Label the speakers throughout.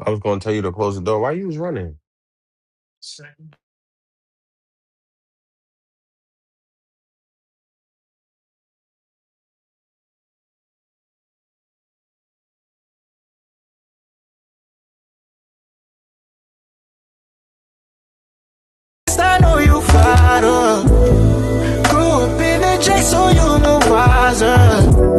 Speaker 1: I was gonna tell you to close the door. Why you was running?
Speaker 2: Yes, I know you fighter. Grew up in the J, so you know wiser.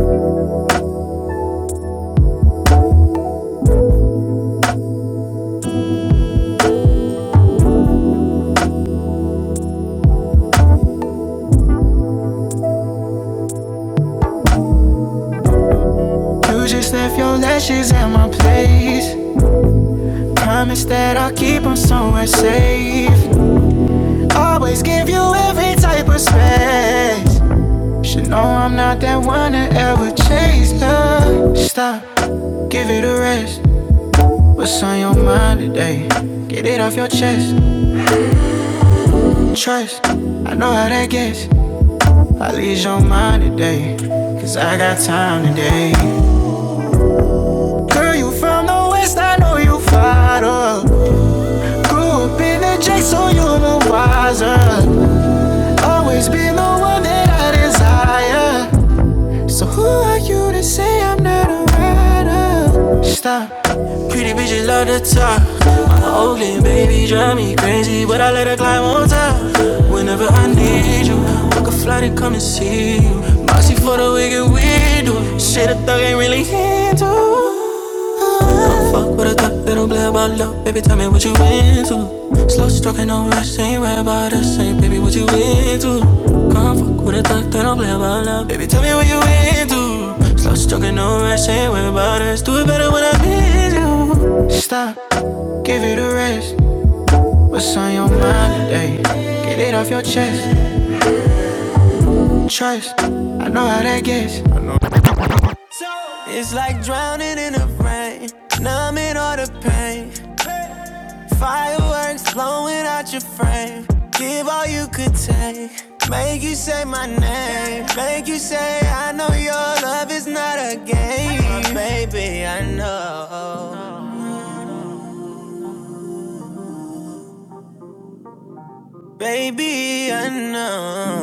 Speaker 2: You just left your lashes at my place. Promise that I'll keep them somewhere safe. Always give you every type of space. Should know I'm not that one that ever chased love. Stop, give it a rest. What's on your mind today? Get it off your chest. Trust, I know how that gets. I leave your mind today, cause I got time today. Girl, you from the west, I know you fired up. Grew up in the J, so you're the wiser. Always been the one that I desire. So who are you to say I'm not a rider? Stop. Pretty bitches love to talk. My Oakland baby drive me crazy, but I let her climb on top. Whenever I need you, I could fly to come and see you. Bossy for the wicked window. Shit, a thug ain't really into. Don't fuck with a thug that don't play about love, baby. Tell me what you into. Slow stroking, no rush, ain't worried about us, ain't baby. What you into? Come fuck with a thug that don't play about love, baby. Tell me what you into. Slow talking over, I say what about us? Do it better when I miss you. Stop, give it a rest. What's on your mind today? Get it off your chest. Trust, I know how that gets. It's like drowning in the rain, numbing all the pain. Fireworks blowing out your frame. Give all you could take. Make you say my name. Make you say, I know your love is not a game. Oh Baby, I know. Baby, I know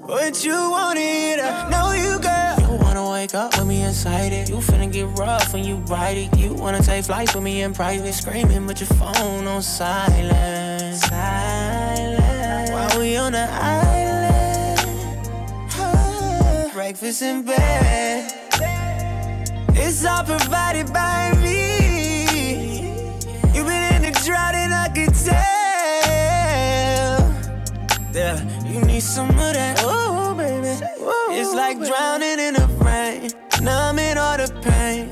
Speaker 2: what you wanted. I know you got. You wanna wake up with me inside it. You finna get rough when you ride it. You wanna take flight with me in private, screaming with your phone on silent.
Speaker 3: Uh,
Speaker 2: Silent. While we on the island, huh? breakfast in bed. It's all provided by me. You've been in the drought and I could tell. Yeah, you need some of that. Oh, baby. It's like drowning in the rain, numbing all the pain.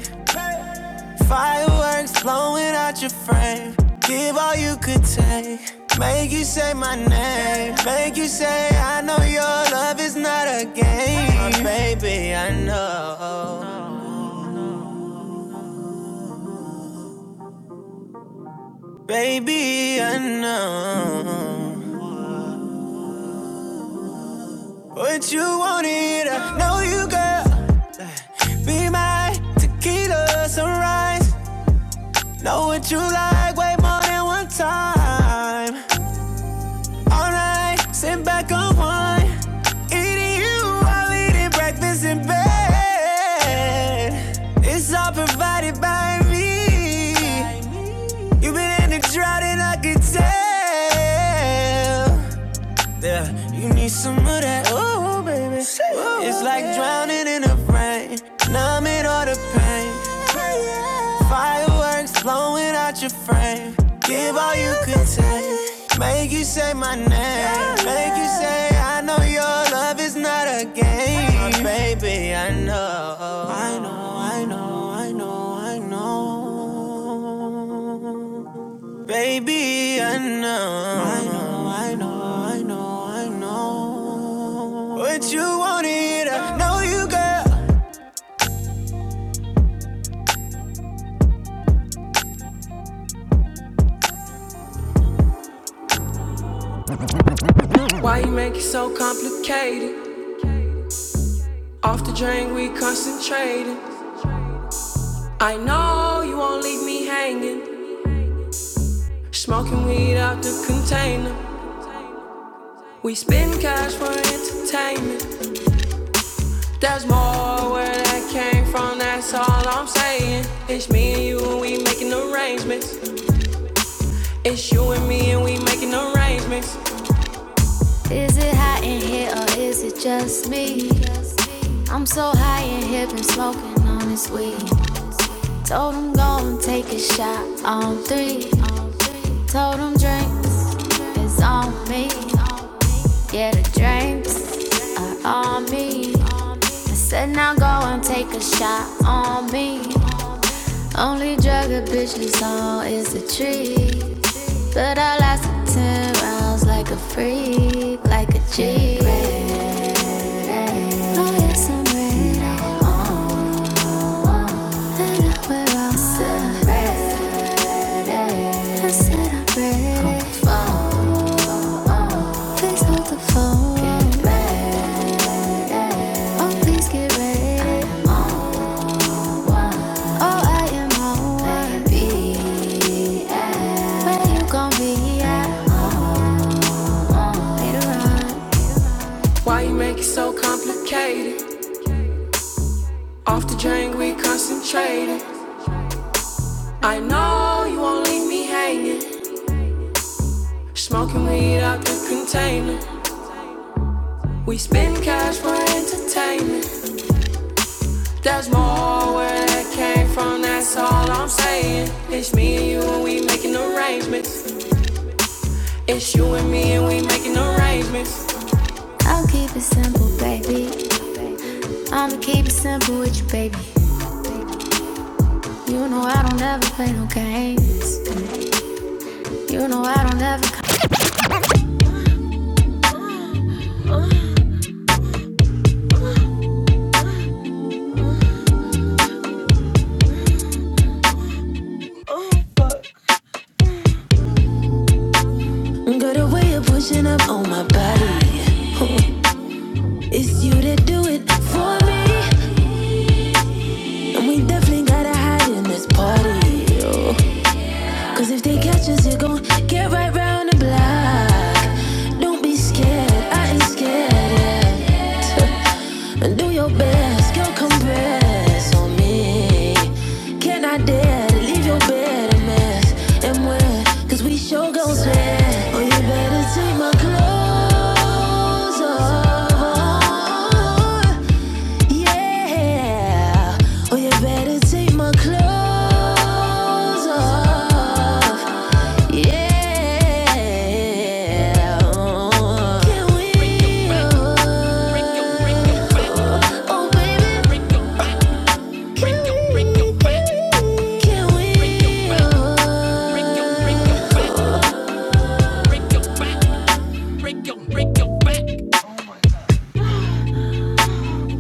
Speaker 2: Fireworks blowing out your frame. Give all you could take. Make you say my name. Make you say, I know your love is not a game. Oh, baby, I know. Baby, I know. What you wanted, I know you, girl. Be my tequila sunrise. Know what you like way more than one time. All night, sit back and wine. Eating you while eating breakfast in bed. It's all provided by me. You've been in the drought and I can tell. Yeah, you need some of that. Oh, baby. It's like drowning in the rain. Numbing all the pain. Fireworks blowing out your frame. Give all you can take. Make you say my name. Make you say, I know your love is not a game. Oh, baby, I know. I know, I know, I know, I know. Baby, I know. I know, I know, I know, I know. What you wanted, I know you got. Why you make it so complicated? Off the drain, we concentrating. I know you won't leave me hanging. Smoking weed out the container. We spend cash for entertainment. There's more where that came from, that's all I'm saying. It's me and you, and we making arrangements. It's you and me, and we making arrangements. Is it hot in here or is it just me? I'm so high in here, been smoking on this weed. Told him go and take a shot on three. Told him drinks is on me. Yeah, the drinks are on me. I said now go and take a shot on me. Only drug a bitch is on is a tree. But I lasted ten rounds like a freak, like a G. Why you make it so complicated? Off the drain, we concentrated. I know you won't leave me hanging. Smoking weed out the container. We spend cash for entertainment. There's more where that came from, that's all I'm saying. It's me and you and we making arrangements. It's you and me and we making arrangements. I'll keep it simple, baby. I'ma keep it simple with you, baby. You know I don't ever play no games. You know I don't ever. come. Girl, the way you're pushing up on my body. It's you that do it for me. And we definitely gotta hide in this party. yo. Cause if they catch us, it gon' get right round the block. Don't be scared, I ain't scared. Yeah. And do your best, girl, compress on me. Can I dare to leave your bed a mess? And when, cause we sure gon' sweat. Oh, you better Take my clothes off, yeah. Oh, you better take my clothes off, yeah. Can we? Oh, baby, can we? Can we?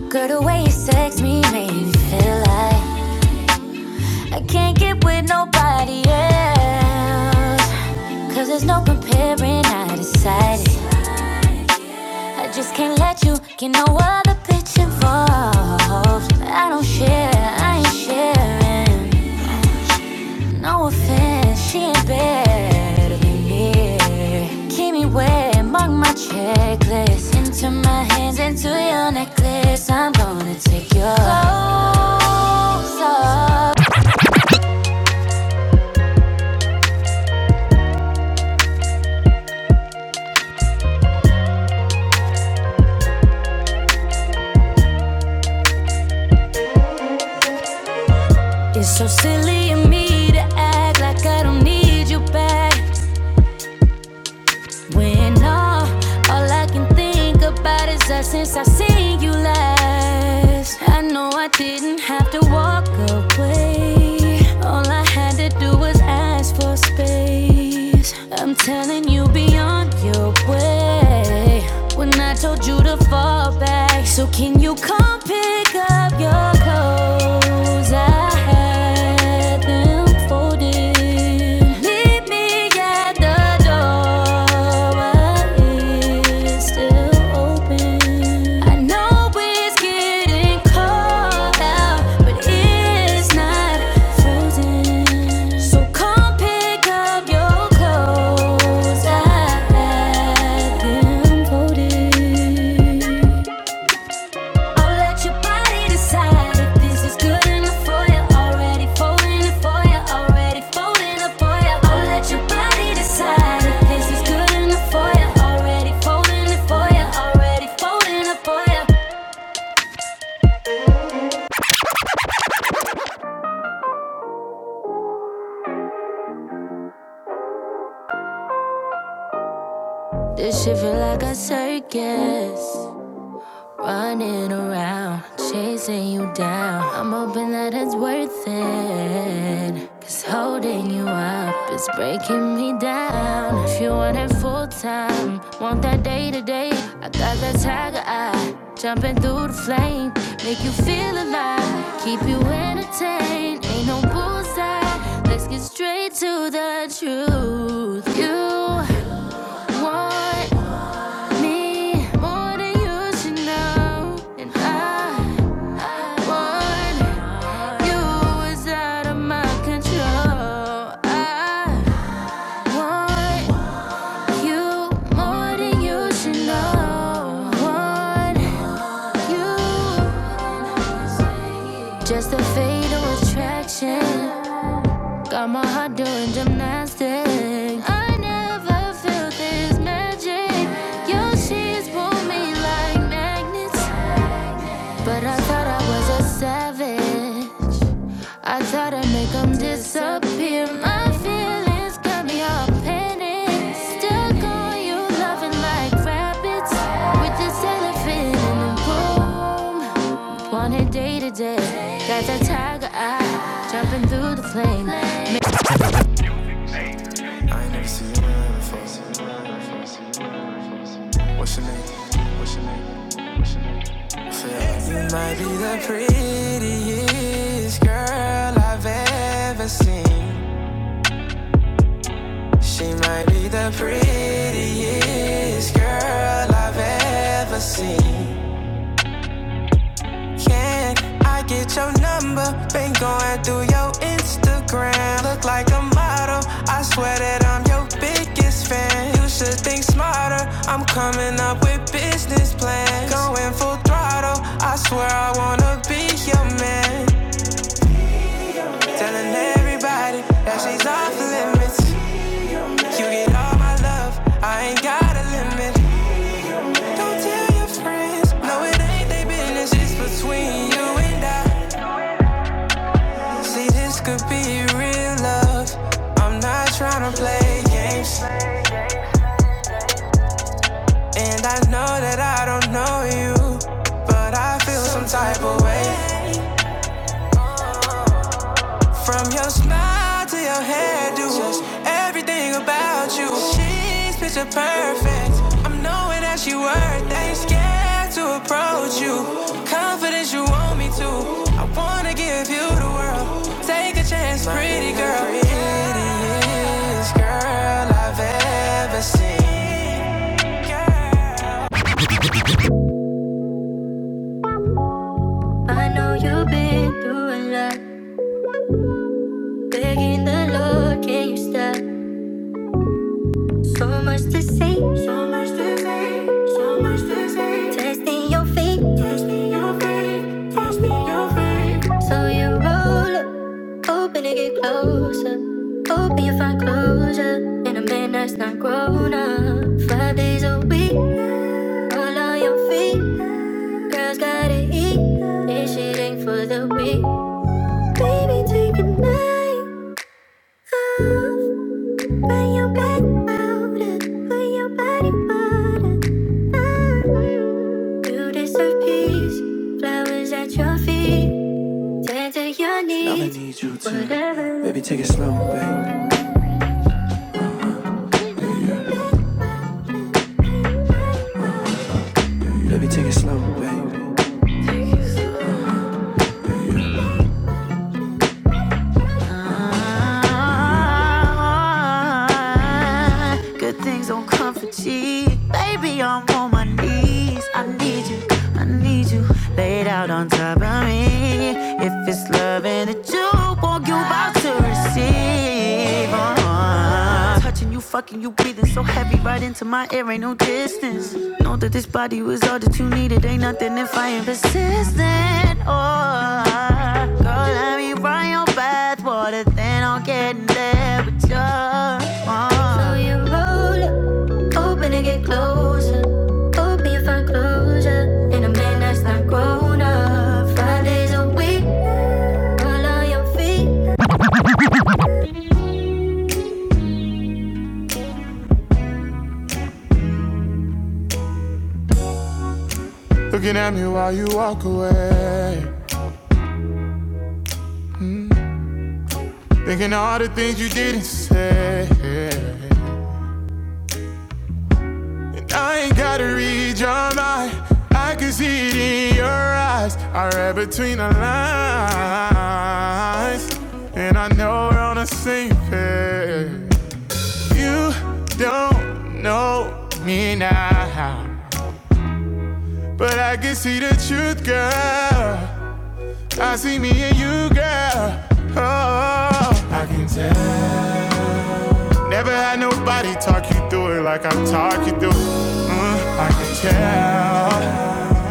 Speaker 2: Girl, the way you sex me made me feel like I can't get with nobody else. Cause there's no comparing, I decided. I just can't let you get no other bitch involved. I don't share, I ain't sharing. No offense, she ain't better than me. Keep me wet, mark my checklist. Into my hands, into your necklace. I'm gonna take your clothes off. It's so silly of me to act like I don't need you back. When all, all I can think about is us since I seen you last. I know I didn't have to walk away. All I had to do was ask for space. I'm telling you beyond your way. When I told you to fall back, so can you come pick up your clothes? I let them fold in. Meet me at the door while it's still open. I know it's getting cold out, but it's not frozen. So come pick up your clothes. I had them folded. I'll let your body decide if this is good enough for you. Already falling for you, already falling for you. I'll let your body decide if this is good enough for you. Already falling for you, already falling for you. This shit feel like a circus. Running around, chasing you down. I'm hoping that it's worth it. Cause holding you up is breaking me down. If you want it full time, want that day to day. I got that tiger eye, jumping through the flame. Make you feel alive, keep you entertained. Ain't no bullseye, let's get straight to the truth. You want me more than you should know. And I, want you is out of my control. I want you more than you should know. Want you just a fatal attraction. Got my heart doing gymnastics. I never felt this magic. Your sheets pull me like magnets. But I thought I was a savage. I thought I'd make 'em disappear. My feelings got me all panicked. Stuck on you, loving like rabbits. With this elephant in the room. Wanted day to day. Got that tiger eye. Jumping through the flame. I ain't never seen you around before. What's your name? What's your name? What's your name? You might be the prettiest girl I've ever seen. She might be the prettiest girl I've ever seen. Can I get your number? Been going through your Instagram. Look like a model. I swear that I'm your biggest fan. You should think smarter. I'm coming up with business plans. Going full throttle. I swear I wanna be your man. Telling everybody that she's off limits. You get all my love, I ain't got a limit. Don't tell your friends, no, it ain't they business. It's between you and I. See, this could be real love. I'm not tryna play games, and I know that I don't know you, but I feel some type of way. From your smile to your hairdo, just everything about you. She's picture perfect. I'm knowing that she worth it. Ain't scared to approach you. Confidence you want me to. I wanna give you the world. Take a chance, pretty girl. Prettiest girl I've ever seen. Girl. I know you've been through a lot, begging the Lord, can you stop? So much to say, so much to say, so much to say. Testing your faith, testing your faith, testing your faith. So you roll up, hoping to get closer. Hoping you find closure in a man that's not grown up. Five days a week, all on your feet. Girls gotta eat, this shit ain't for the weak. Baby, take a night off. Your knees. Baby, take it slow, babe. Baby, take it slow, babe. mind. Good things don't come for cheap. Baby, I'm on my knees. I need you, I need you. Laid out on top of me. If it's love and that you want, you about to receive. Touching you, fucking you, breathing so heavy right into my air, ain't no distance. Know that this body was all that you needed, ain't nothing if I ain't persistent. Oh, girl, let me run your bathwater, then I'll get in there with you. Oh. So you roll up, open and get closer. Hope you find closure in a man that's not grown up. Five days a week, all on your feet. Looking at me while you walk away. Thinking all the things you didn't say. I ain't gotta read your mind. I can see it in your eyes. I read between the lines. And I know we're on the same page. You don't know me now. But I can see the truth, girl. I see me and you, girl. Oh, I can tell. Never had nobody talk you through it like I talk you through. it. Mm, I can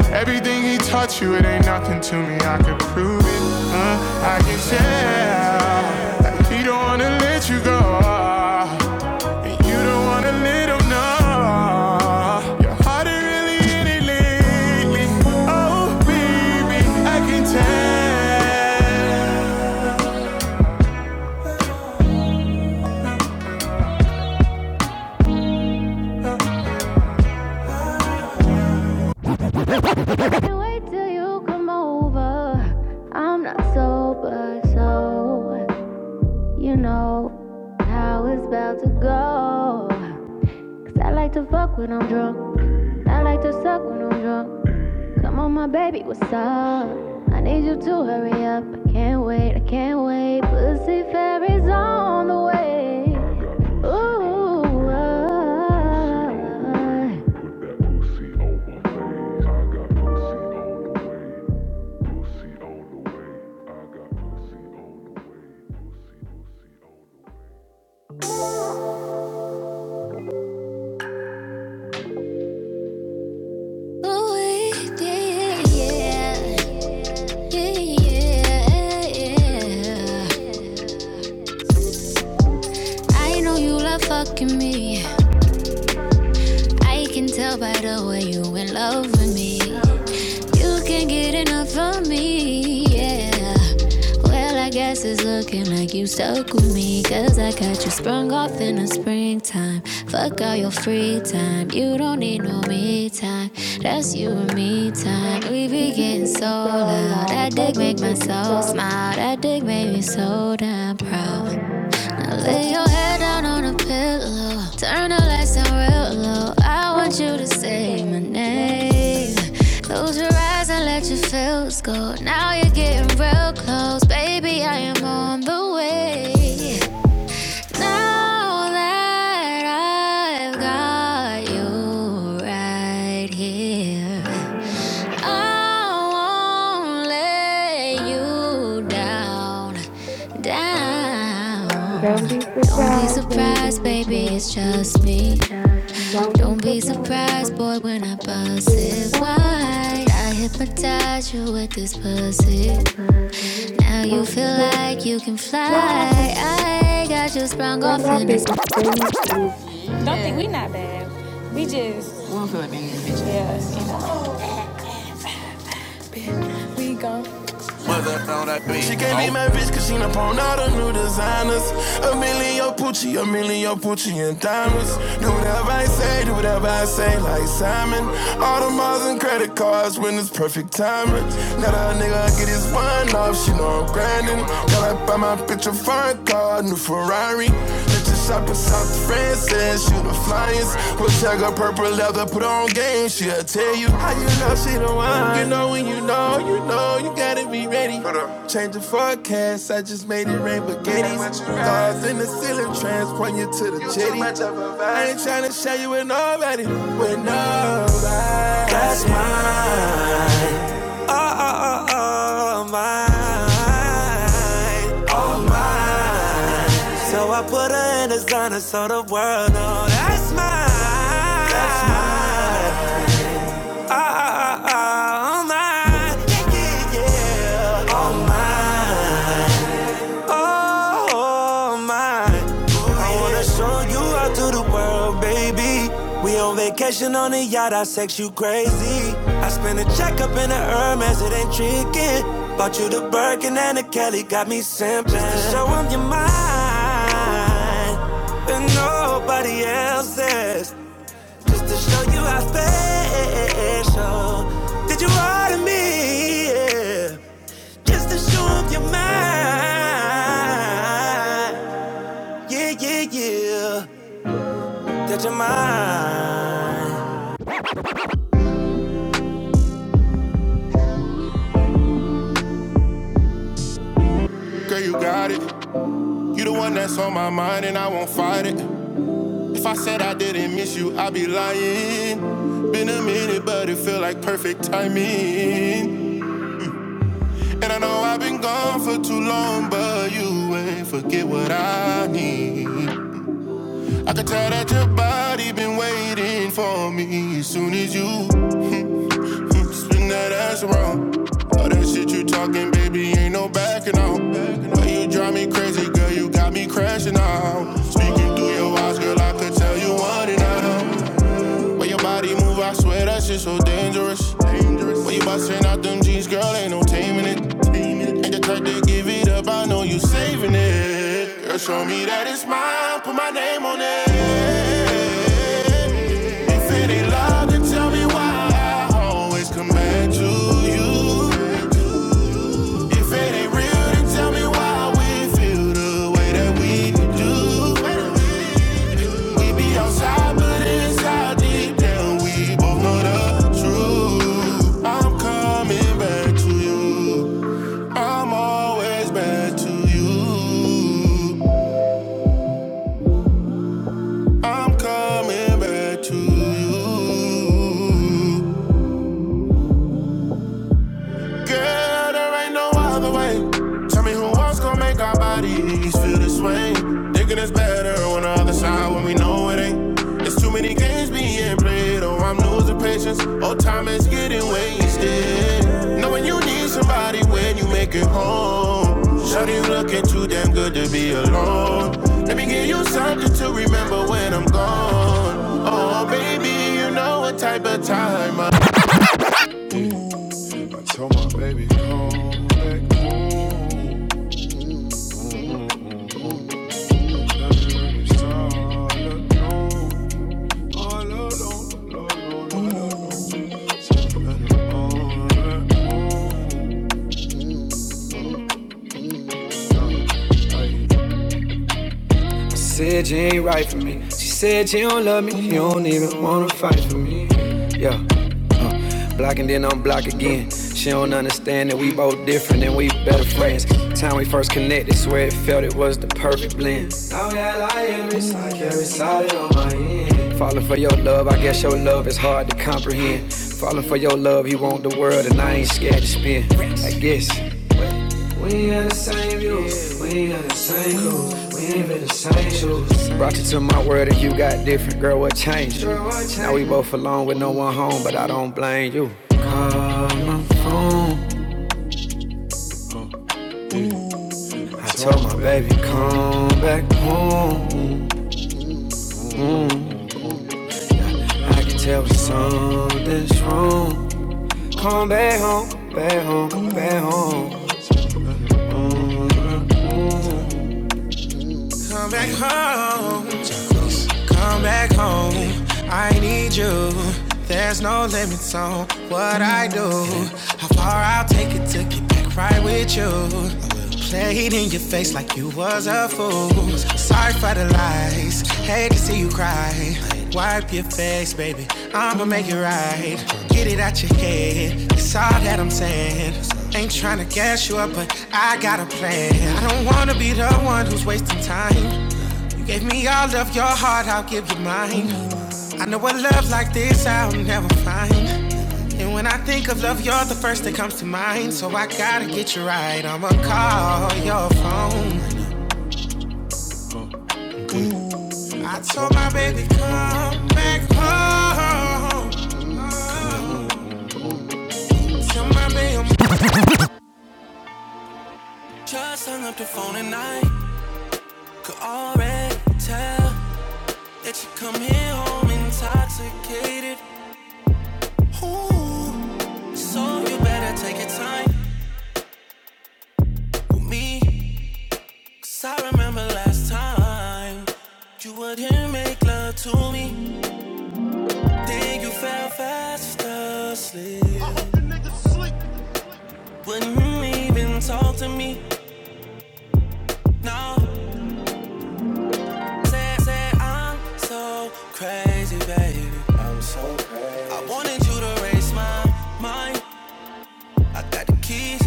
Speaker 2: tell. Everything he taught you, it ain't nothing to me. I can prove it. Mm, I can tell. Like he don't wanna let you go. And you don't wanna let him know. Your heart ain't really in it lately. Oh, baby, I can tell. Can't wait till you come over. I'm not sober, so you know how it's about to go. Cause I like to fuck when I'm drunk. I like to suck when I'm drunk. Come on, my baby, what's up? I need you to hurry up. I can't wait, I can't wait. Pussy fairies on the way. Ooh, ah. Ooh, yeah, yeah. Yeah, yeah, yeah. I know you love fucking me. I can tell by the way you in love with me. You can't get enough of me, yeah. Well, I guess it's looking like you stuck with me 'cause I got you sprung off in the springtime. Fuck all your free time. You don't need no me time. That's you and me time. We be getting so loud. That dick make my soul smile. That dick made me so damn proud. Now lay your head down on a pillow. Turn the lights down real low. I want you to say my name. Close your eyes and let your feels go. Now you're getting real close, baby. I am on the way. Now that I've got you right here, I won't let you down, down.
Speaker 4: Don't be
Speaker 2: Don't be
Speaker 4: surprised, baby,
Speaker 2: surprised,
Speaker 4: it's
Speaker 2: baby,
Speaker 4: just
Speaker 2: it's
Speaker 4: you.
Speaker 2: just me.
Speaker 4: Don't be
Speaker 2: Don't be
Speaker 4: surprised, my
Speaker 2: surprised, boy, when I bust
Speaker 4: this?
Speaker 2: it
Speaker 4: Why?
Speaker 2: wide. I hypnotize you with this pussy. Now you
Speaker 4: Not
Speaker 2: feel
Speaker 4: a good
Speaker 2: like you can fly. I got you sprung off
Speaker 4: When I've
Speaker 2: in a.
Speaker 4: been saying things,
Speaker 2: Don't think we not bad. We just we gon' She can't be Oh. my bitch cause she done pawned all the new designers. A million Pucci, a million Pucci and diamonds. Do whatever I say, do whatever I say, like Simon. All the miles and credit cards when it's perfect timing. Now that nigga get his wine off, she know I'm grinding. Got up by my picture, fine car, new Ferrari. Shop in South France and shoot the flyers. We'll check her purple leather, put on game. She'll tell you how you know she the one. You know when you know, you know you gotta be ready. Change the forecast, I just made it rain spaghettis. Stars in the ceiling, transport you to the jetty. I ain't tryna share you with nobody, with nobody. That's mine. Oh, oh, oh, oh, mine. Oh, mine. So I put her in designer so the world know that's mine. That's mine all mine. Yeah, yeah, yeah. All mine. All mine. I wanna show you out to the world, baby. We on vacation on a yacht, I sex you crazy. I spent a check up in the Hermes, it ain't tricking. Bought you the Birkin and the Kelly, got me simping. Just to show 'em your mind, and nobody else's. Just to show you how special that you are to me. yeah. Just to show 'em you're mine. Yeah, yeah, yeah. That you're mine. Girl, you got it. You the one that's on my mind, and I won't fight it. If I said I didn't miss you, I'd be lying. Been a minute, but it feel like perfect timing. And I know I've been gone for too long, but you ain't forget what I need. I can tell that your body been waiting for me as soon as you mm, spin that ass around. All that shit you talking, baby, ain't no backing out. But you drive me crazy, girl, you got me crashing out. Speaking through your eyes, girl, I could tell you want it now. When your body move, I swear that shit so dangerous. Dangerous. When you busting out them jeans, girl, ain't no Taming it. Ain't the type to give it up, I know you saving it. Girl, show me that it's mine, put my name on it. If it ain't love, then tell me why I always come back to you. If it ain't real, then tell me why we feel the way that we do. We be outside, but inside deep down, we both know the truth. I'm coming back to you. I'm always back to you. I'm coming back to you. Girl, there ain't no other way. Tell me who else gon' make our bodies feel this way. Thinking it's better on the other side when we know it ain't. It's too many games being played. Oh, I'm losing patience. Oh, time is getting wasted. Knowing you need somebody when you make it home. Shawty, you looking too damn good to be alone. Let me give you something to remember when I'm gone. Oh, baby, you know what type of time I I told my baby, come back home. That's when we started, no. All alone, no, no, no, no, no. Something on that home. She said you ain't right for me. She said you don't love me. You don't even wanna fight for me. Yeah. Uh, block and then unblock again. She don't understand that we both different and we better friends. Time we first connected, swear it felt it was the perfect blend. Now that I am, it's like every solid on my end. Falling for your love, I guess your love is hard to comprehend. Falling for your love, you want the world, and I ain't scared to spend. I guess. We ain't got the same views, we ain't got the same crew, we ain't been the same shoes. Brought you to my world and you got different, girl, what changed? Girl, Now we both alone with no one home, but I don't blame you. On my phone, I told my baby, come back home. I can tell you. come back home. I need you. There's no limits on what I do. How far I'll take it to get back right with you. Played in your face like you was a fool. Sorry for the lies. Hate to see you cry. Wipe your face, baby. I'ma make it right. Get it out your head. That's all that I'm saying. Ain't tryna gas you up, but I got a plan. I don't wanna be the one who's wasting time. Gave me all of your heart, I'll give you mine. I know a love like this I'll never find. And when I think of love, you're the first that comes to mind. So I gotta get you right. I'ma call your phone. I told my baby, come back home. Oh, Tell my baby I'm Just hung up the phone and I could already tell that you come here home intoxicated. Ooh, so you better take your time. with me. Cause I remember last time you wouldn't make love to me. Then you fell fast asleep. Wouldn't even talk to me. No, say, say I'm so crazy, baby. I'm so crazy. I wanted you to raise my mind. I got the keys,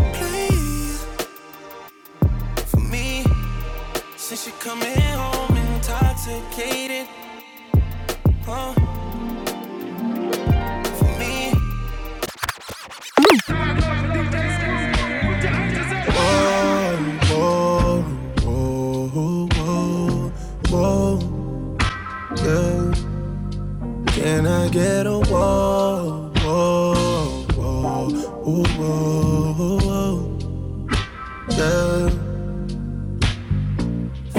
Speaker 2: please, for me. Since you're coming home intoxicated, huh? For me. Whoa, whoa, whoa, whoa, whoa, yeah. Can I get a whoa, whoa, whoa, ooh, whoa, whoa, yeah?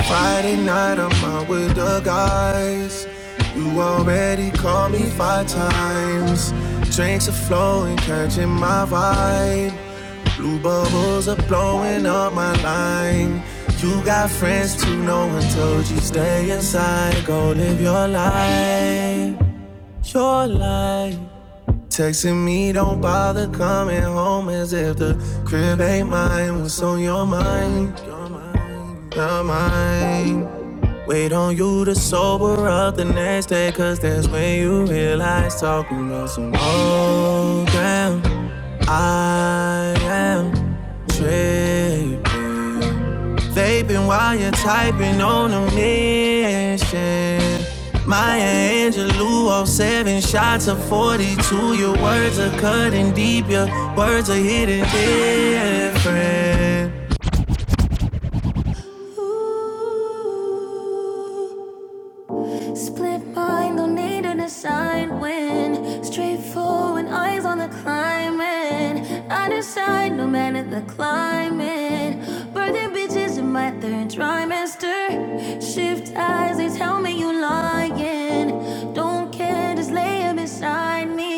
Speaker 2: Friday night, I'm out with the guys. You already called me five times. Drinks are flowing, catching my vibe. Blue bubbles are blowing up my line. You got friends too, no one told you stay inside. Go live your life, your life. Texting me, don't bother coming home as if the crib ain't mine. What's on your mind? Your mind, your mind. Wait on you to sober up the next day, cause that's when you realize talking about some old ground. I am tripping. Vaping while you're typing on a mission. Maya Angelou, 07 shots of 42. Your words are cutting deep, your words are hitting different. Ooh. Split mind, don't need an assignment. win. Straightforward, eyes on the climbing. I decide no matter the climate. Birthing bitches in my third trimester. Shift eyes, they tell me you lying. Don't care, just lay it beside me.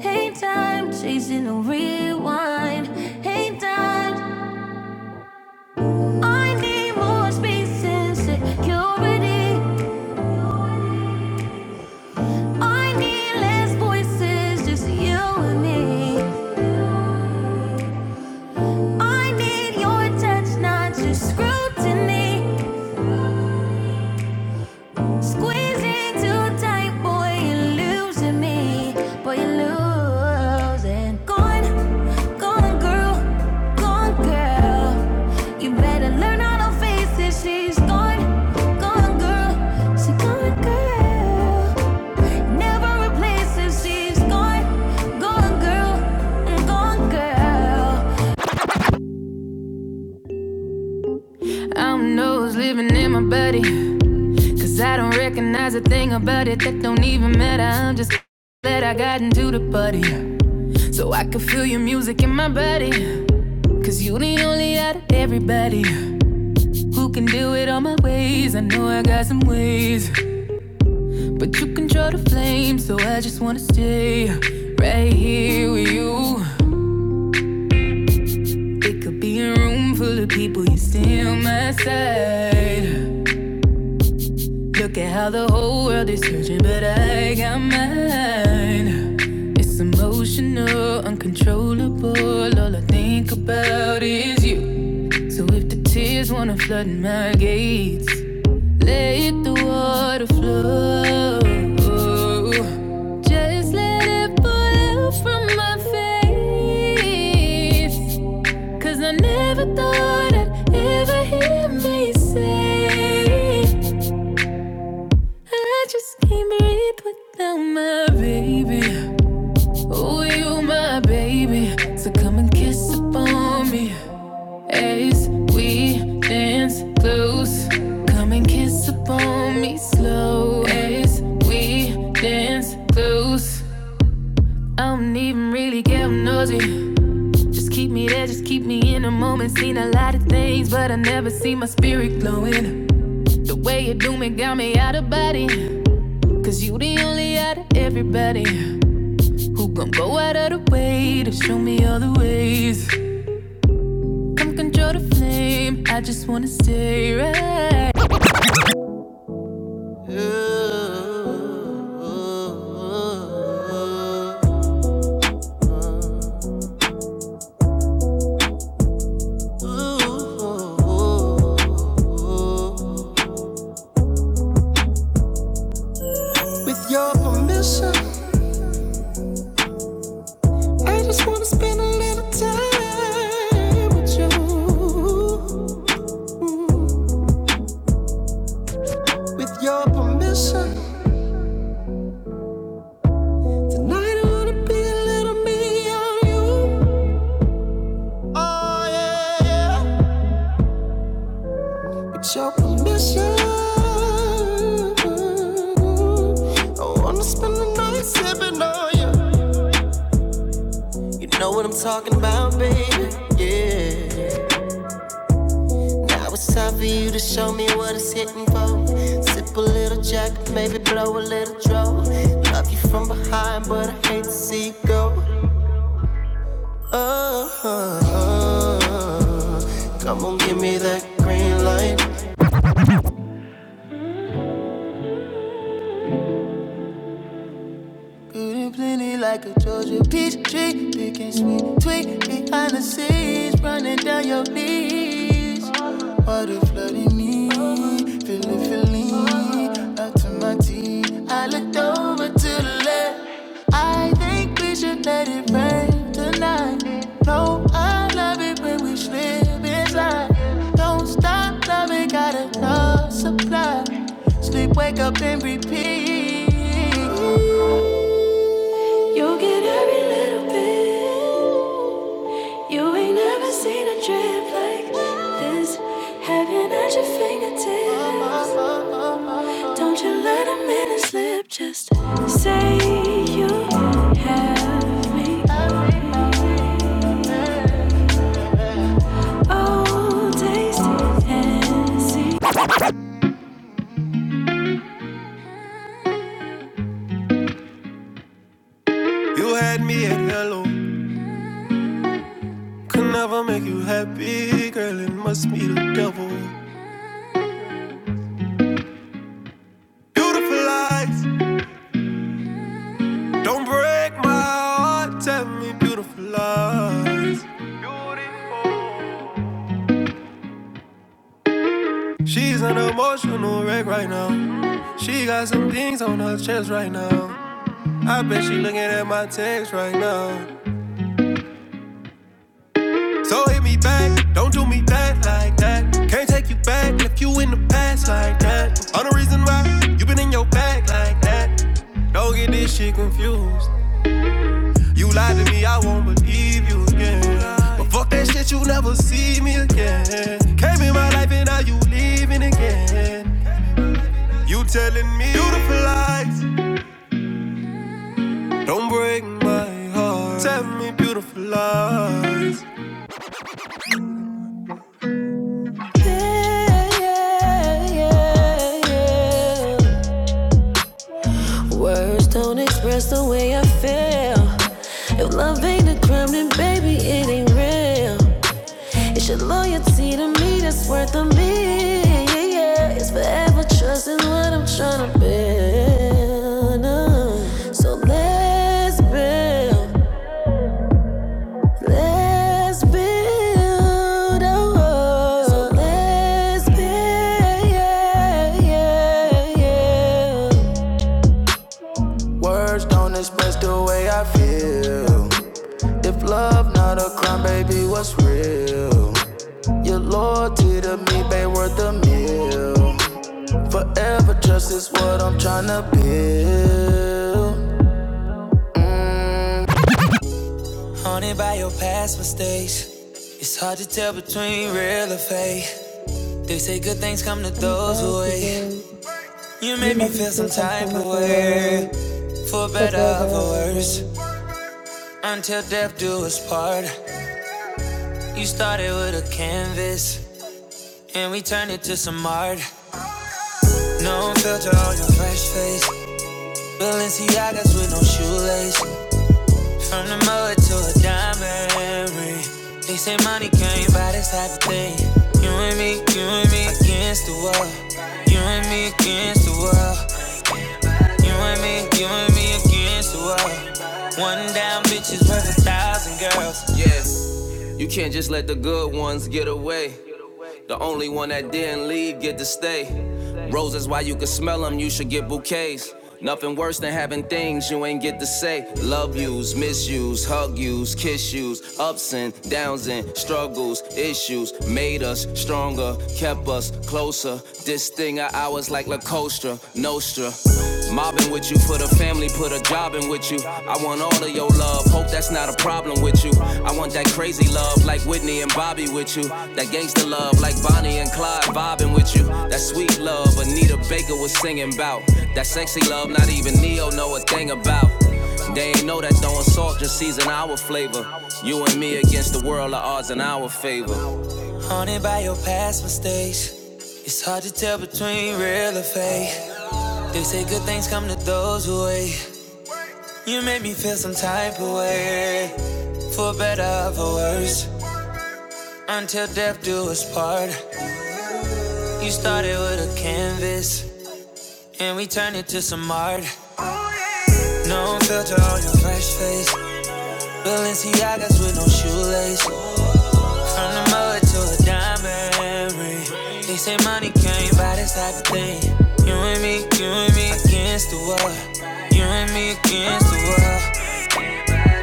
Speaker 2: Hate time, chasing a rewind. Hate time, I need more space and security. I need less voices, just you and me. I need your touch, not just scrutiny. Squeezing too tight, boy, you're losing me. Boy, you're losing. Gone, gone, girl, gone, girl. You better learn how to face it. She's gone, gone, girl. She gone, girl. Never replaces. She's gone, gone girl, gone girl. I don't living in my body. Cause I don't recognize a thing about it that don't even matter. I'm just glad I got into the party. So I can feel your music in my body. Cause you the only out of everybody who can do it all my ways. I know I got some ways. But you control the flame, so I just wanna stay right here with you. It could be a room full of people, you stay on my side. Look at how the whole world is searching, but I got mine. It's emotional, uncontrollable. All I think about is you. So if the tears wanna flood my gates, let the water flow. Just let it pour out from my face. Cause I never thought I'd ever hear me say, I just can't breathe without my baby. Oh, you, my baby. So come and kiss upon me as we dance close. Come and kiss upon me slow as we dance close. I don't even really get nosy. Just keep me there, just keep me in the moment. Seen a lot of things, but I never see my spirit glowing. The way you do me got me out of body. Cause you the only out of everybody who gon' go out of the way to show me all the ways. Come control the flame, I just wanna stay right. I'm missing tonight I wanna be a little me on you. Oh yeah. yeah. It's your permission. I wanna spend the night sipping on you. Yeah. I was time for you to show up. is. What a flooding me, feeling, feeling, up to my teeth. I looked over to the left. I think we should let it rain tonight. No, I love it when we slip inside. Don't stop loving, got enough supply. Sleep, wake up and repeat. You ain't never seen a drip like this. Heaven at your fingertips. Don't you let a minute slip. Just say you have me. Old tasty and see. You had me at hello. Could never make you happy, girl. It must be the devil. Beautiful lies. Don't break my heart. Tell me beautiful lies. She's an emotional wreck right now. She got some things on her chest right now. I bet she looking at my text right now. So hit me back, don't do me back like that. Can't take you back, left you in the past like that. All the reason why you been in your bag like that. Don't get this shit confused. You lied to me, I won't believe you again. But fuck that shit, you never see me again. Came in my life and now you leaving again. You telling me beautiful lies, don't break my heart. Tell me beautiful lies. Yeah, yeah, yeah, yeah. Words don't express the way I feel. If love ain't a crime, then baby, it ain't real. It's your loyalty to me that's worth a million. Yeah, yeah. It's forever trusting what I'm trying to build. Uh, So let's build. Let's build a world. So let's build, yeah, yeah, yeah. Be what's real. Your loyalty to me, babe, worth a meal. Forever trust is what I'm tryna build. Haunted by your past mistakes. It's hard to tell between real or fake. They say good things come to
Speaker 4: I'm
Speaker 2: those who
Speaker 4: so
Speaker 2: wait.
Speaker 4: good.
Speaker 2: You
Speaker 4: You
Speaker 2: made me
Speaker 4: make
Speaker 2: feel
Speaker 4: me
Speaker 2: some
Speaker 4: feel like some
Speaker 2: type
Speaker 4: kind
Speaker 2: of
Speaker 4: of the
Speaker 2: way,
Speaker 4: way,
Speaker 2: for
Speaker 4: so
Speaker 2: better or for
Speaker 4: better
Speaker 2: worse.
Speaker 4: way.
Speaker 2: Until death do us part. You started with a canvas, and we turned it to some art. No filter on your fresh face. Balenciagas with no shoelace. From the mud to a diamond ring. They say money can't buy this type of thing. You and me, you and me against the world. You and me against the world. You and me, you and me against the world. One down bitch is worth a thousand girls. Yes, you can't just let the good ones get away. The only one that didn't leave get to stay. Roses, why you can smell them, you should get bouquets. Nothing worse than having things you ain't get to say. Love yous, misuse, hug yous, kiss yous, ups and downs and struggles, issues made us stronger, kept us closer. This thing of ours like La Costa Nostra. Mobbing with you, put a family, put a job in with you. I want all of your love, hope that's not a problem with you. I want that crazy love like Whitney and Bobby with you. That gangsta love like Bonnie and Clyde vibing with you. That sweet love Anita Baker was singing about. That sexy love not even Neo know a thing about. They ain't know that throwing salt just season our flavor. You and me against the world are odds in our favor. Haunted by your past mistakes. It's hard to tell between real or fake. They say good things come to those who wait. You made me feel some type of way, for better or for worse. Until death do us part. You started with a canvas, and we turned it to some art. No filter on your fresh face. Balenciagas with no shoelace. From the mud to a diamond ring. They say money can't buy this type of thing. You and me, you and me against the world. You and me against the world.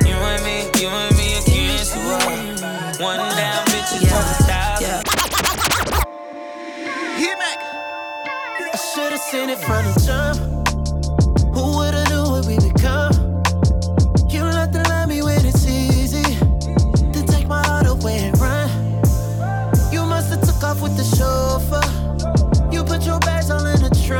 Speaker 2: You and me, you and me against the world. One down, bitches yeah. on a thousand. Yeah. Seen it from the jump. Who would've knew what we become? You don't have to lie me when it's easy. to tr-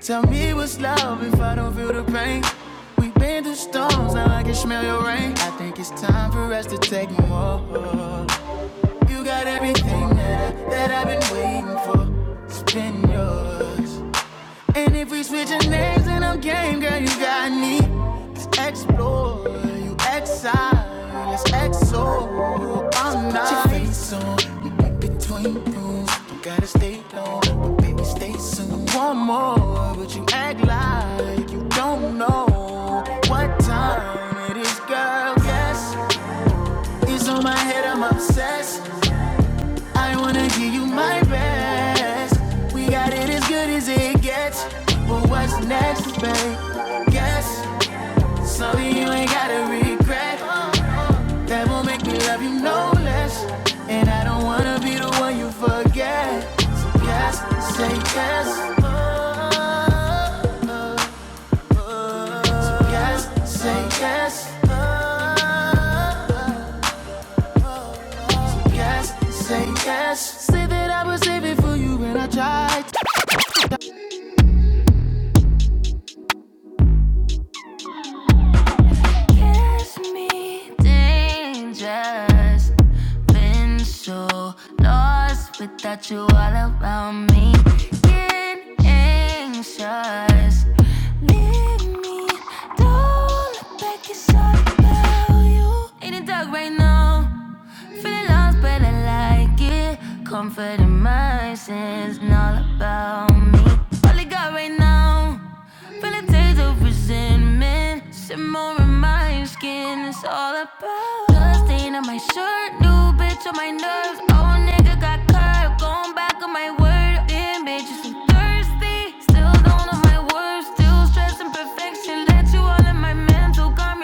Speaker 2: Tell me what's love if I don't feel the pain. We have been through storms, now I can smell your rain. I think it's time for us to take more. You got everything that, I, that I've been waiting for. Spin yours. And if we switching names, then I'm game, girl, you got me. Let's explore, you exile, let's exo. I'm not your face on, we in between rooms. You gotta stay long, but baby, stay soon. One more, but you act like you don't know what time it is, girl. Yes, it's on my head, I'm obsessed. I wanna give you my best. We got it as good as it gets. But what's next, babe? Guess. Something you ain't gotta regret. Yes, Say yes, I Kiss me dangerous. Been so lost without you all around me. Getting anxious. Leave me. Don't look back. It's all about you. In the dark right now. Feeling lost but alive like it. Comfort in my sins, and all about me. All I got right now, feeling days of resentment. Simmer in my skin, it's all about. Blood stain on my shirt, new bitch on my nerves. Old nigga got curved, going back on my word. Damn, bitch, you so thirsty. Nailed got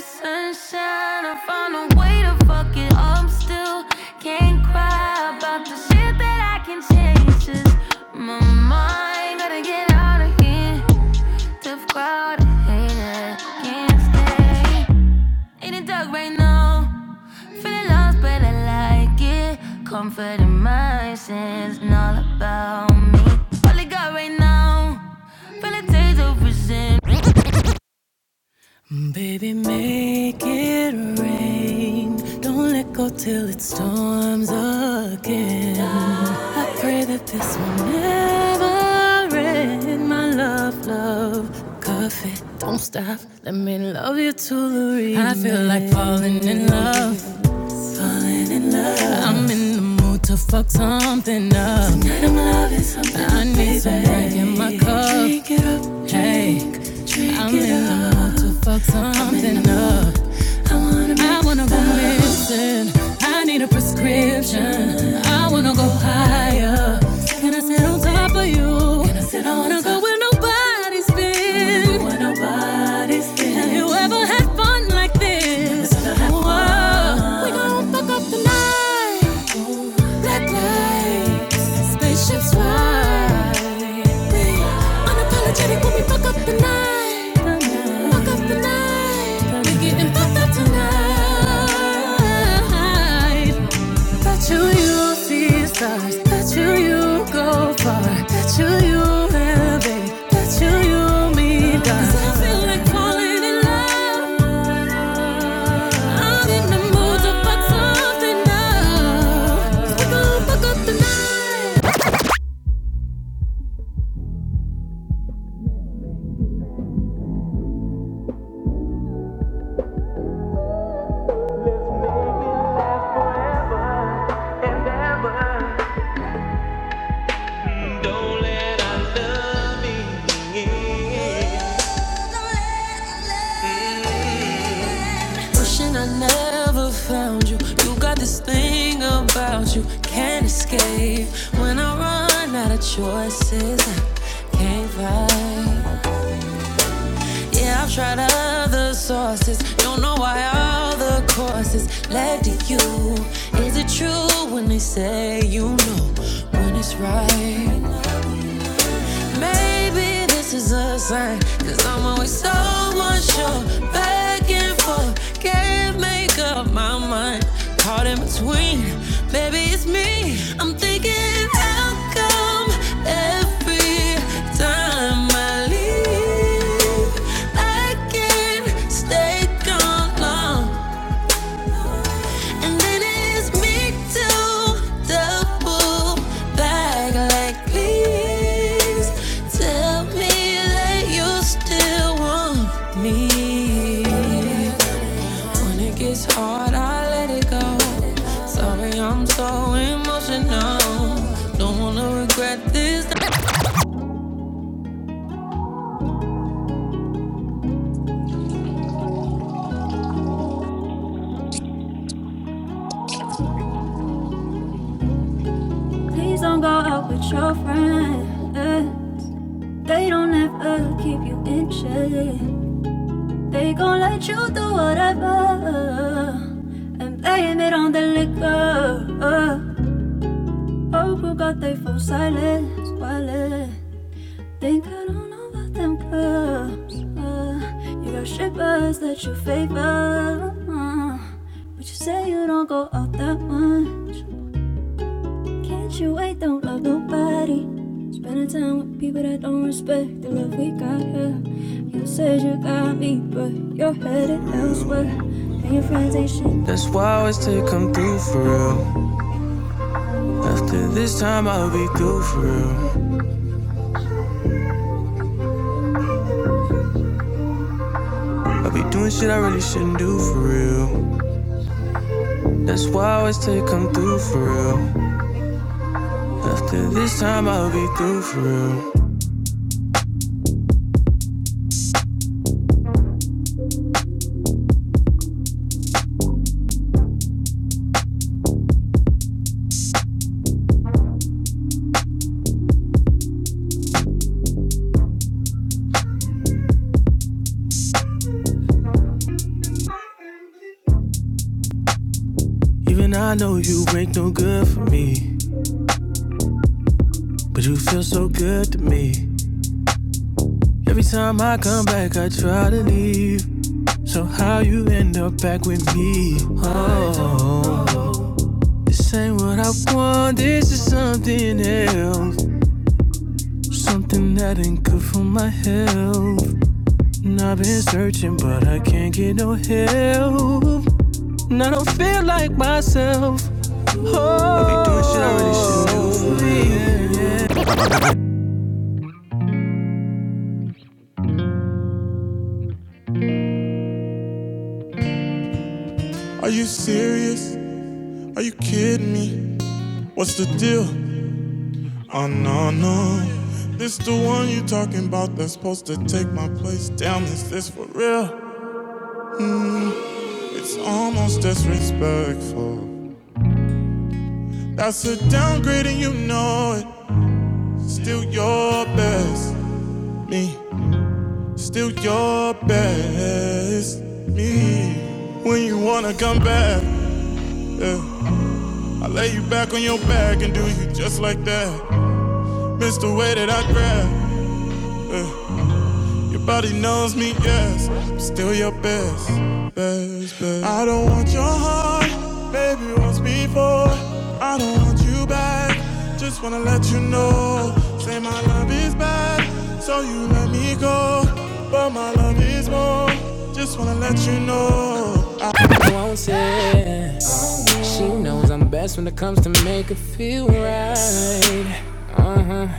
Speaker 2: sunshine, I found a way to fuck it up. Still can't cry about the shit that I can change. Just my mind, got get out of here. Tough crowd, I hate it, can't stay. In the dark right now, feeling lost, but I like it. Comfort in my sins, and all about me. All I got right now, feeling days of resentment. Baby, make it rain. Don't let go till it storms again. I pray that this will never end. My love, love, cuff it. Don't stop. Let me love you till the end. I feel like falling in love falling in love. I'm in the mood to fuck something up. Tonight I'm loving something. I need some baby. Some drink in my cup. Drink it up, drink, Hey, drink I'm it in up. the mood to fuck something up. I wanna I wanna go missing. I need a prescription. I wanna go higher. Can I sit on top of you? Can I sit I wanna go with nobody nobody's been. Where nobody's been. Have you ever had fun like this? Whoa, we gon' fuck up the night. Black lights, spaceships fly. We unapologetic when we fuck up the night. Fuck up the night. We getting fucked up tonight. Bet you you see stars. Bet you you go far. Bet you you elevate. Bet you you meet God. 'Cause I feel like falling in love. I'm in the mood to fuck something up. We're gonna fuck up the night. Don't let Wishing I never found you. You got this thing about you. Can't escape. When I run out of choices, I can't fight. Yeah, I've tried other sources. Don't know why all the courses led to you. Is it true when they say you know when it's right? Maybe this is a sign, i I'm always so unsure. Back and forth. Can't make up my mind. Caught in between. Baby, it's me. I'm thinking, how come every time I leave, I can't stay gone long? And then it is me to the back like please tell me that you still want me. When it gets hard, I let it go. Sorry, I'm so emotional. Don't wanna regret this. Please don't go out with your friend. eh. They don't ever keep you in check. They gon' let you do whatever and blame it on the liquor. Oh, who got they phone silence? Wallet. Think I don't know about them clubs. Uh, you got shippers that you favor. Uh, but you say you don't go out that much. Can't you wait? Don't love nobody. Spending time with people that don't respect the love we got here. You said you got me, but you're headed elsewhere. And your friends ain't shit. That's why I always tell you come through for real. After this time, I'll be through for real. I'll be doing shit I really shouldn't do for real. That's why I always tell you come through for real. After this time, I'll be through for real. Even I know you ain't no good for me, but you feel so good to me. Every time I come back, I try to leave. So how you end up back with me? Oh, this ain't what I want. This is something else, something that ain't good for my health. And I've been searching, but I can't get no help. Are you serious? Are you kidding me? What's the deal? Oh no no. This the one you talking about that's supposed to take my place. Damn, is this for real? It's almost disrespectful. That's a downgrade and you know it. Still your best me. Still your best me. When you wanna come back, yeah. I lay you back on your back and do you just like that. Miss the way that I grab. yeah. Your body knows me, yes. I'm still your best, best, best. I don't want your heart, baby, once before. I don't want you back. Just wanna let you know. Say my love is bad, so you let me go. But my love is more. Just wanna let you know. I- uh-huh.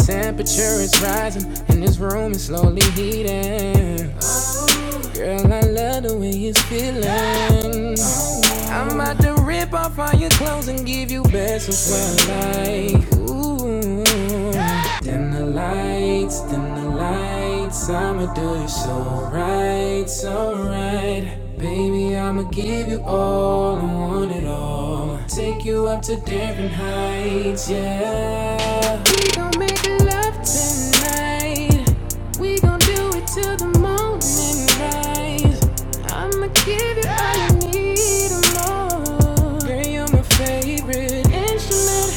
Speaker 2: The temperature is rising, and this room is slowly heating. Girl, I love the way it's feeling. I'm about to rip off all your clothes and give you best of my life. Ooh. Dim the lights, dim the lights. I'ma do you so right, so right. Baby, I'ma give you all, I want it all i to take you up to different heights, yeah. We gon' make love tonight. We gon' do it till the morning rise. I'ma give you all you need and more. Girl, you're my favorite instrument.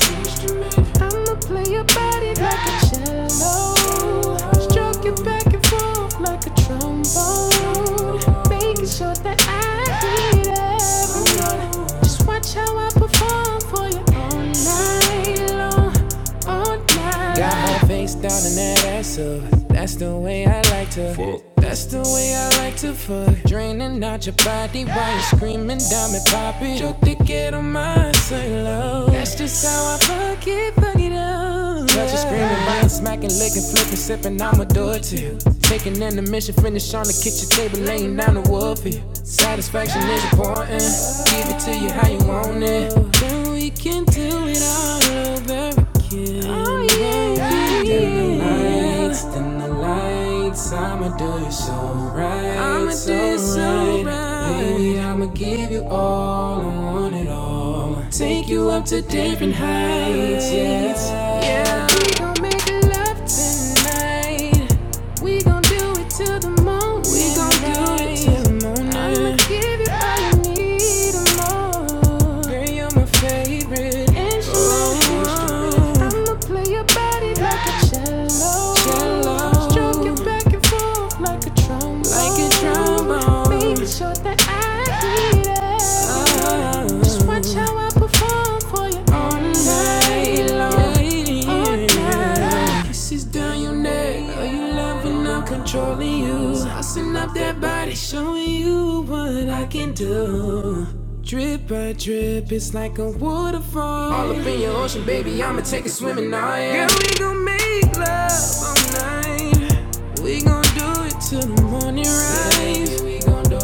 Speaker 2: I'ma play your body like a cello. Stroke you back and forth like a trombone. Making sure that I hit every note. Just watch how I perform for you all night long all night. Got my face down and that ass up. That's the way I like to. Fuck. That's the way I like to fuck. Draining out your body while you're screaming, diamond popping. Your thick head on mine, say low. That's just how I fuck it, fuck it up. Touch you screaming, biting, smacking, licking, flipping, sipping. I'ma do it to you. Taking in the mission, finish on the kitchen table, laying down the wood for you. Satisfaction is important. Give it to you how you want it we can do it all over again. Oh, yeah, yeah. Dim the lights, dim the lights. I'ma do it so right, I'ma so do so it so right. right. Baby, right. I'ma give you all, I want it all. Take you up to different heights. Yeah. Yeah, we gon' make love tonight. We gon' do it till the moon. We gon' do it till the morning. I'ma give you all you need and more. Girl, you're my favorite. And she Oh, knows i am going you play your body like a cello. cello. Stroke it back and forth like a trombone. like a trombone. Make sure that I need it. Oh. Just watch how I perform for you all night long. All night. Kisses down your neck. Are you loving? I'm controlling you. Saucing up that body, showing you what I can do. Drip by drip, it's like a waterfall. All up in your ocean, baby, I'ma take a swimming now, yeah. Girl, we gon' make love all night. We gon' do it till the morning rise. Yeah, we gon' do it.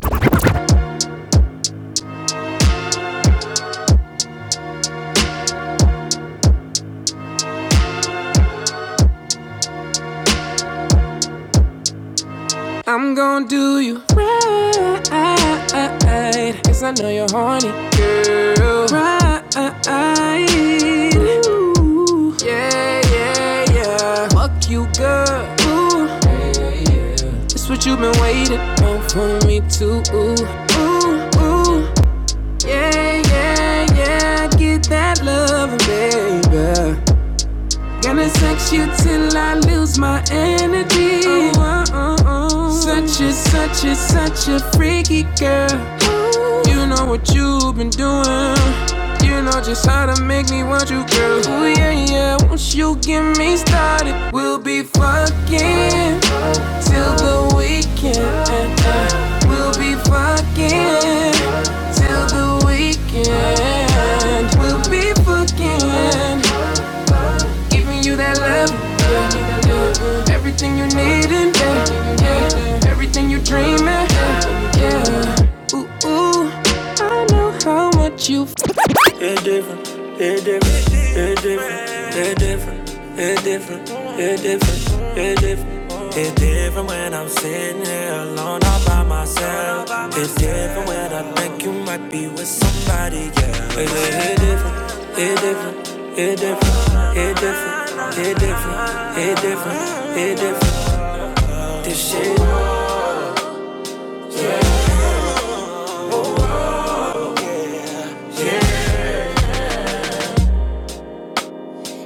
Speaker 2: I'm gon' do you right. Cause I know you're horny, girl. Right. Ooh. Yeah, yeah, yeah. Fuck you, girl. Ooh. yeah, yeah, It's what you've been waiting on for me to. Ooh, ooh, ooh. Yeah, yeah, yeah. Get that love, baby. Gonna sex you till I lose my energy. Oh, oh, oh, oh. Such a, such a, such a freaky girl. Ooh. You know what you've been doing. You know just how to make me want you, girl. Ooh, yeah, yeah. Once you get me started, we'll be fucking till the weekend. We'll be fucking till the weekend. We'll be fucking giving you that love. yeah. Everything you needin', yeah. Yeah. everything you dreamin'. Yeah. Ooh, ooh, I know how much you different, It's different, It's different, It's different, It's different, It's different, It's different. It's different when I'm sitting here alone all by myself. It's different when I think you might be with somebody, yeah. It's different, It's different, It's different, It's different, It's different, It's different, It's different. This shit.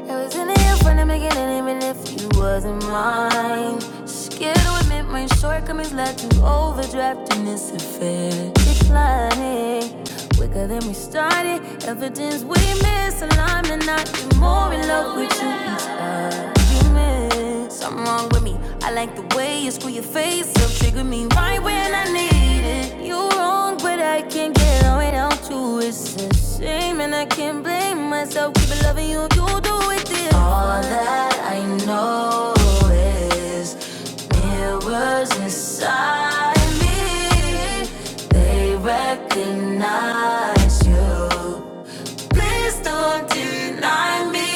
Speaker 2: It was in the here from the beginning, even if you wasn't mine. Scared to admit my shortcomings led to overdraft in this affair. Declining, quicker than we started. Evidence we misaligned, and I get more in love with you each argument. Something wrong with me. I like the way you screw your face up, trigger me right when I need it. You are wrong, but I can't get on without you. It's a shame, and I can't blame myself. Keep loving you, you do it. this. All that I know is mirrors inside me. They recognize you. Please don't deny me.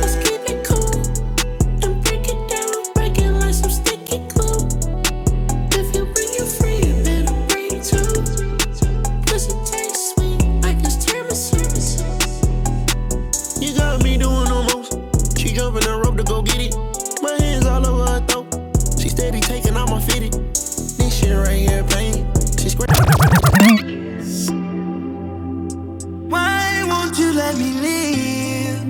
Speaker 2: Let's keep it cool and break it down, break it like some sticky glue. If you bring your friend, you better bring two. Pussy tastes sweet, like it's tiramisu. You got me doing almost. She jumping the rope to go get it. My hands all over her throat. She steady taking out my fitted. This shit right here pain. Hey, won't you let me live?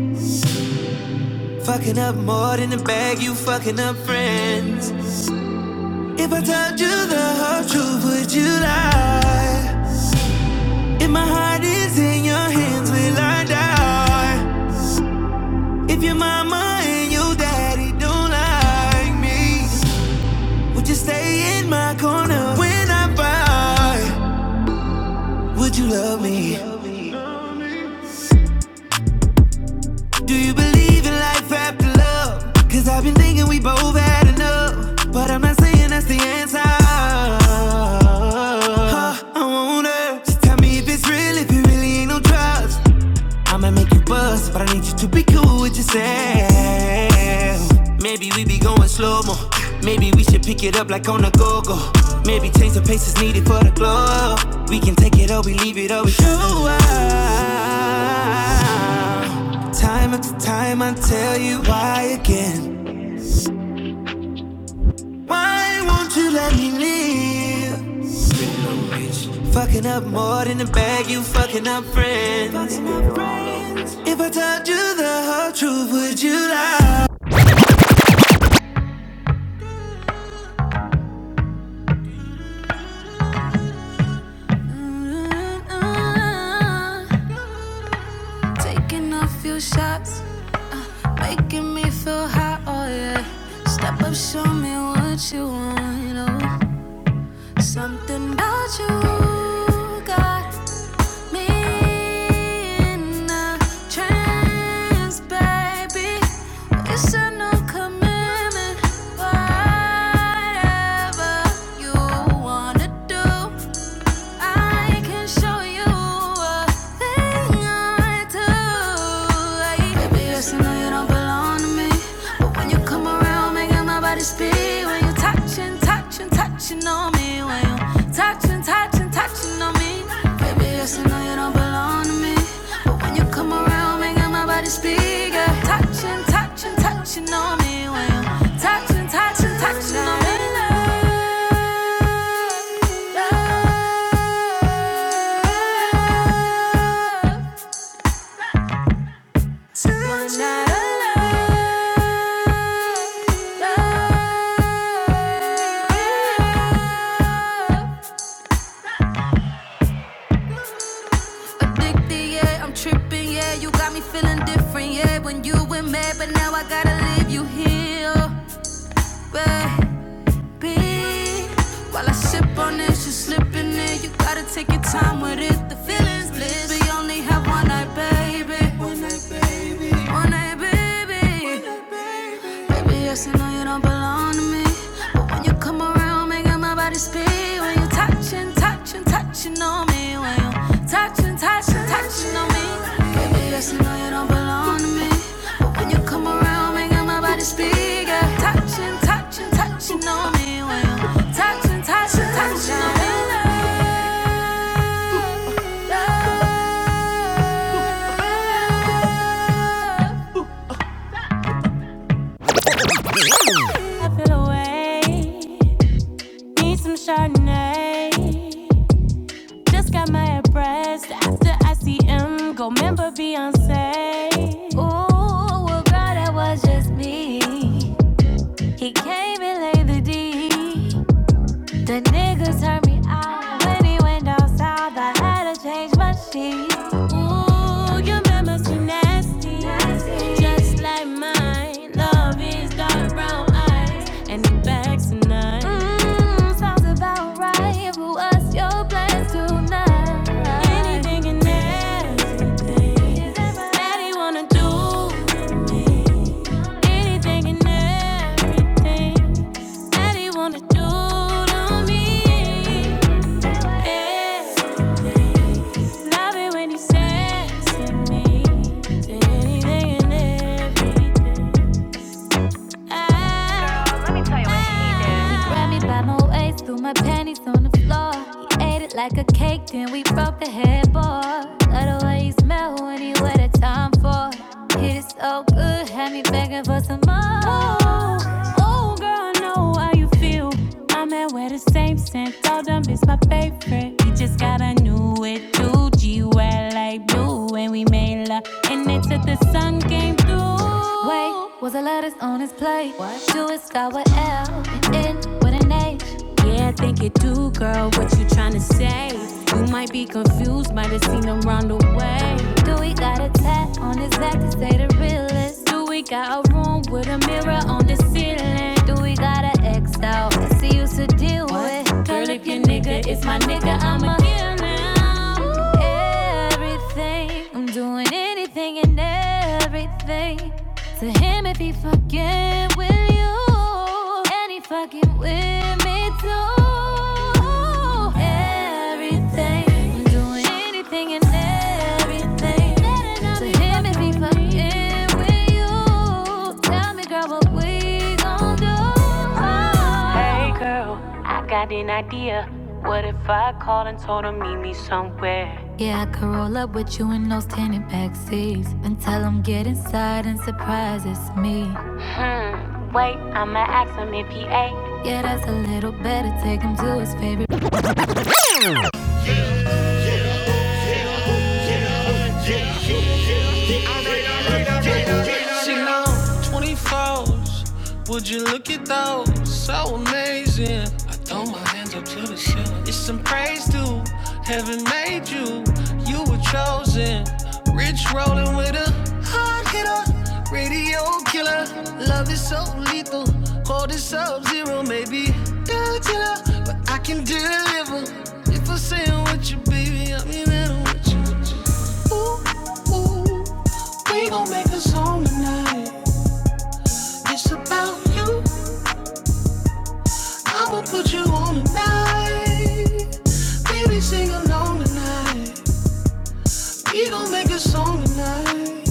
Speaker 2: Fucking up more than the bag, you fucking up friends. If I told you the whole truth, would you lie? If my heart is in your hands, will I die? If your mama and your daddy don't like me, would you stay in my corner when I fight? Would you love me? Do you believe in life after love? Cause I've been thinking we both had enough, but I'm not saying that's the answer. Huh, I want her. Just tell me if it's real, if it really ain't no trust. I'ma make you buzz, but I need you to be cool with yourself. Maybe we be going slow mo. Maybe we should pick it up like on a go go. Maybe change the pace is needed for the glow. We can take it or we leave it or we show up. Time after time I tell you why again. Why won't you let me live? Fucking up more than the bag, you fucking up friends. If I told you the whole truth, would you lie? Mm-hmm. Taking a few shots, making me feel hot, oh yeah. Step up, show me what you want, oh. Something about you got me in a trance, baby. It's a no commitment, whatever you wanna do. Baby, yes, I know you don't belong to me. But when you come around, making my body speak. When you touching, touching, touching on me. When you touching, touching, touching on me. Baby, yes, I know you don't belong to me. But when you come around, making my body speak. Yeah. Touching, touching, touching on me. When you touching, touching, touching on me. One night alone. Yeah. Addicted, yeah, I'm tripping, yeah. You got me feeling different, yeah. When you were mad, but now I gotta leave you here, baby. While I sip on this, you slipping in. You gotta take your time with it. The feeling's bliss. We only have one night, baby. One night, baby. Baby, yes, I know you don't belong to me. But when you come around, making my body speak. When you touching, touching, touching on me. When you touching, touching, touching on me. Baby, yes, I know you don't belong to me. But when you come around, making my body speak. Yeah. Touching, touching, touching on me. When you touching, touching, touching on me. Love, love, love, love away. Need some Chardonnay. Just got my head pressed after I see him. Go member Beyonce. Ooh, well, girl, that was just me. He came and laid the D. The niggas turned me out. When he went down south, I had to change my sheet. Ooh, your mama's too nasty. Nasty. Like mine, love is dark brown eyes. And the bad Mm, sounds about right. But what's your plans tonight? Anything and everything. that right? he wanna do with me. Anything and everything. That he wanna do to me. Yeah. Love it when he says to me. Say anything and everything. I. it when he did. He grabbed me by my waist, threw my panties on the floor. He ate it like a cake, then we broke the headboard. Love the way he smelled when he wear that time for. Hit it so good, had me begging for some more. Oh, girl, I know how you feel. I'm at where the same scent. Told them it's my favorite. We just got a new it. too. G wear like blue. And we made love. And it's till the sun came through. Wait, was the letters on his plate? What? Do it start with L and end with an H? Yeah, I think it do, girl. What you tryna say? You might be confused, might have seen him run away. Do we got a tat on his back to say the realest? Do we got a room with a mirror on the ceiling? Do we got an ex out that's he used to deal What? with? Girl, if your nigga is my nigga, I'ma kill him. everything. I'm doing anything and everything to him if he fucking with you and he fucking with me too. Everything, I'm doing anything and everything to him if he fucking with you. Tell me, girl, what we gon' do? Hey girl, if I call. Meet me somewhere. Yeah, I could roll up with you in those tinted back seats and tell him get inside and surprise it's me. Yeah, that's a little better. Take him to his favorite. She long, 24s. Would you look at those? So amazing. I throw my in. Rich roll, hard hitter. Love is so lethal, cold is sub zero, maybe Godzilla, but I can deliver. If I'm saying what you, baby, I mean it with you. Ooh, ooh, we gon' make a song tonight. It's about you, I'ma put you on tonight. Baby, sing on tonight. We gon' make a song tonight.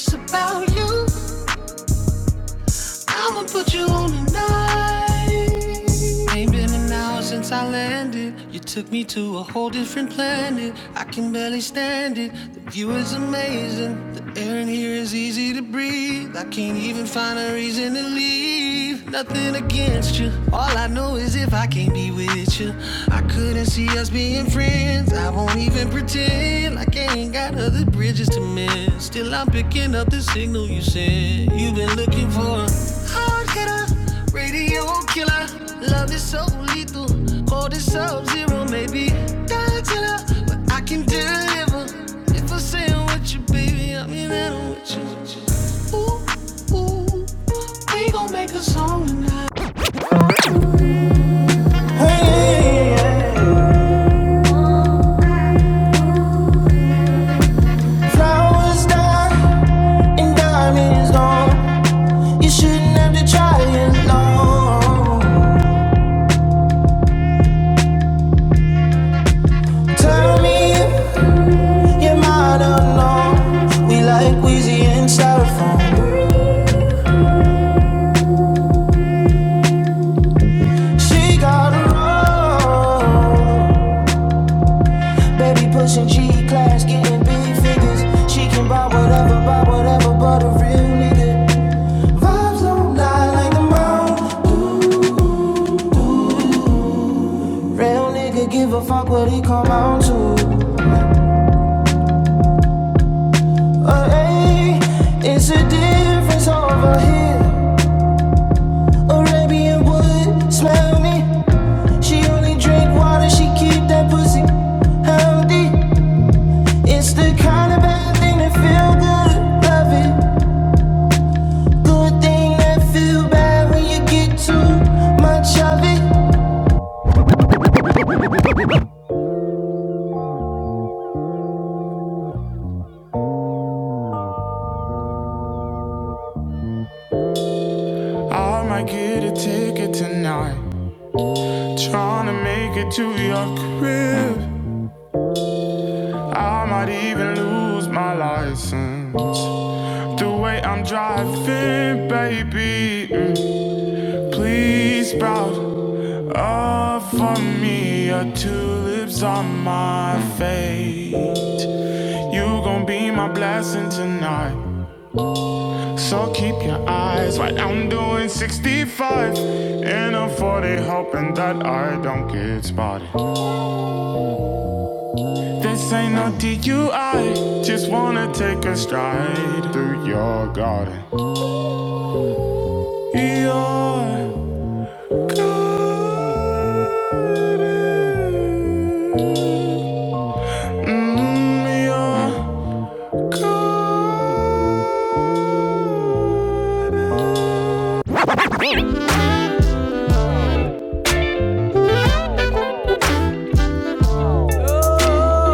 Speaker 2: It's about you on tonight. Since I landed, you took me to a whole different planet. I can barely stand it. The view is amazing. The air in here is easy to breathe. I keep dancing. I don't with you, baby. I mean, I don't with you. with you. Ooh, ooh, we gon' make a song tonight. Hey, yeah. flowers die and diamonds gone. You shouldn't have to try it long. Tell me if I'm not alone. We like Weezy and Baby pushing G class, getting big figures. She can buy whatever, buy whatever, but a real nigga. Vibes don't lie like the mom. Real nigga give a fuck what he come out to. Uh, hey, it's a difference over here. Arabian wood, smell me. She only drink water, she keep that pussy healthy. It's the kind of bad thing that feel good, love it. But then that feel bad when you get too much of it. I might get a ticket tonight. tryna make it to your crib. I might even lose my license. The way I'm driving, baby. mm, Please sprout up for me. Your tulips are my fate. You gon' be my blessing tonight. So keep your eyes wide. I'm doing 65 in a 40, hoping that I don't get spotted. This ain't no DUI, just wanna take a stride through your garden.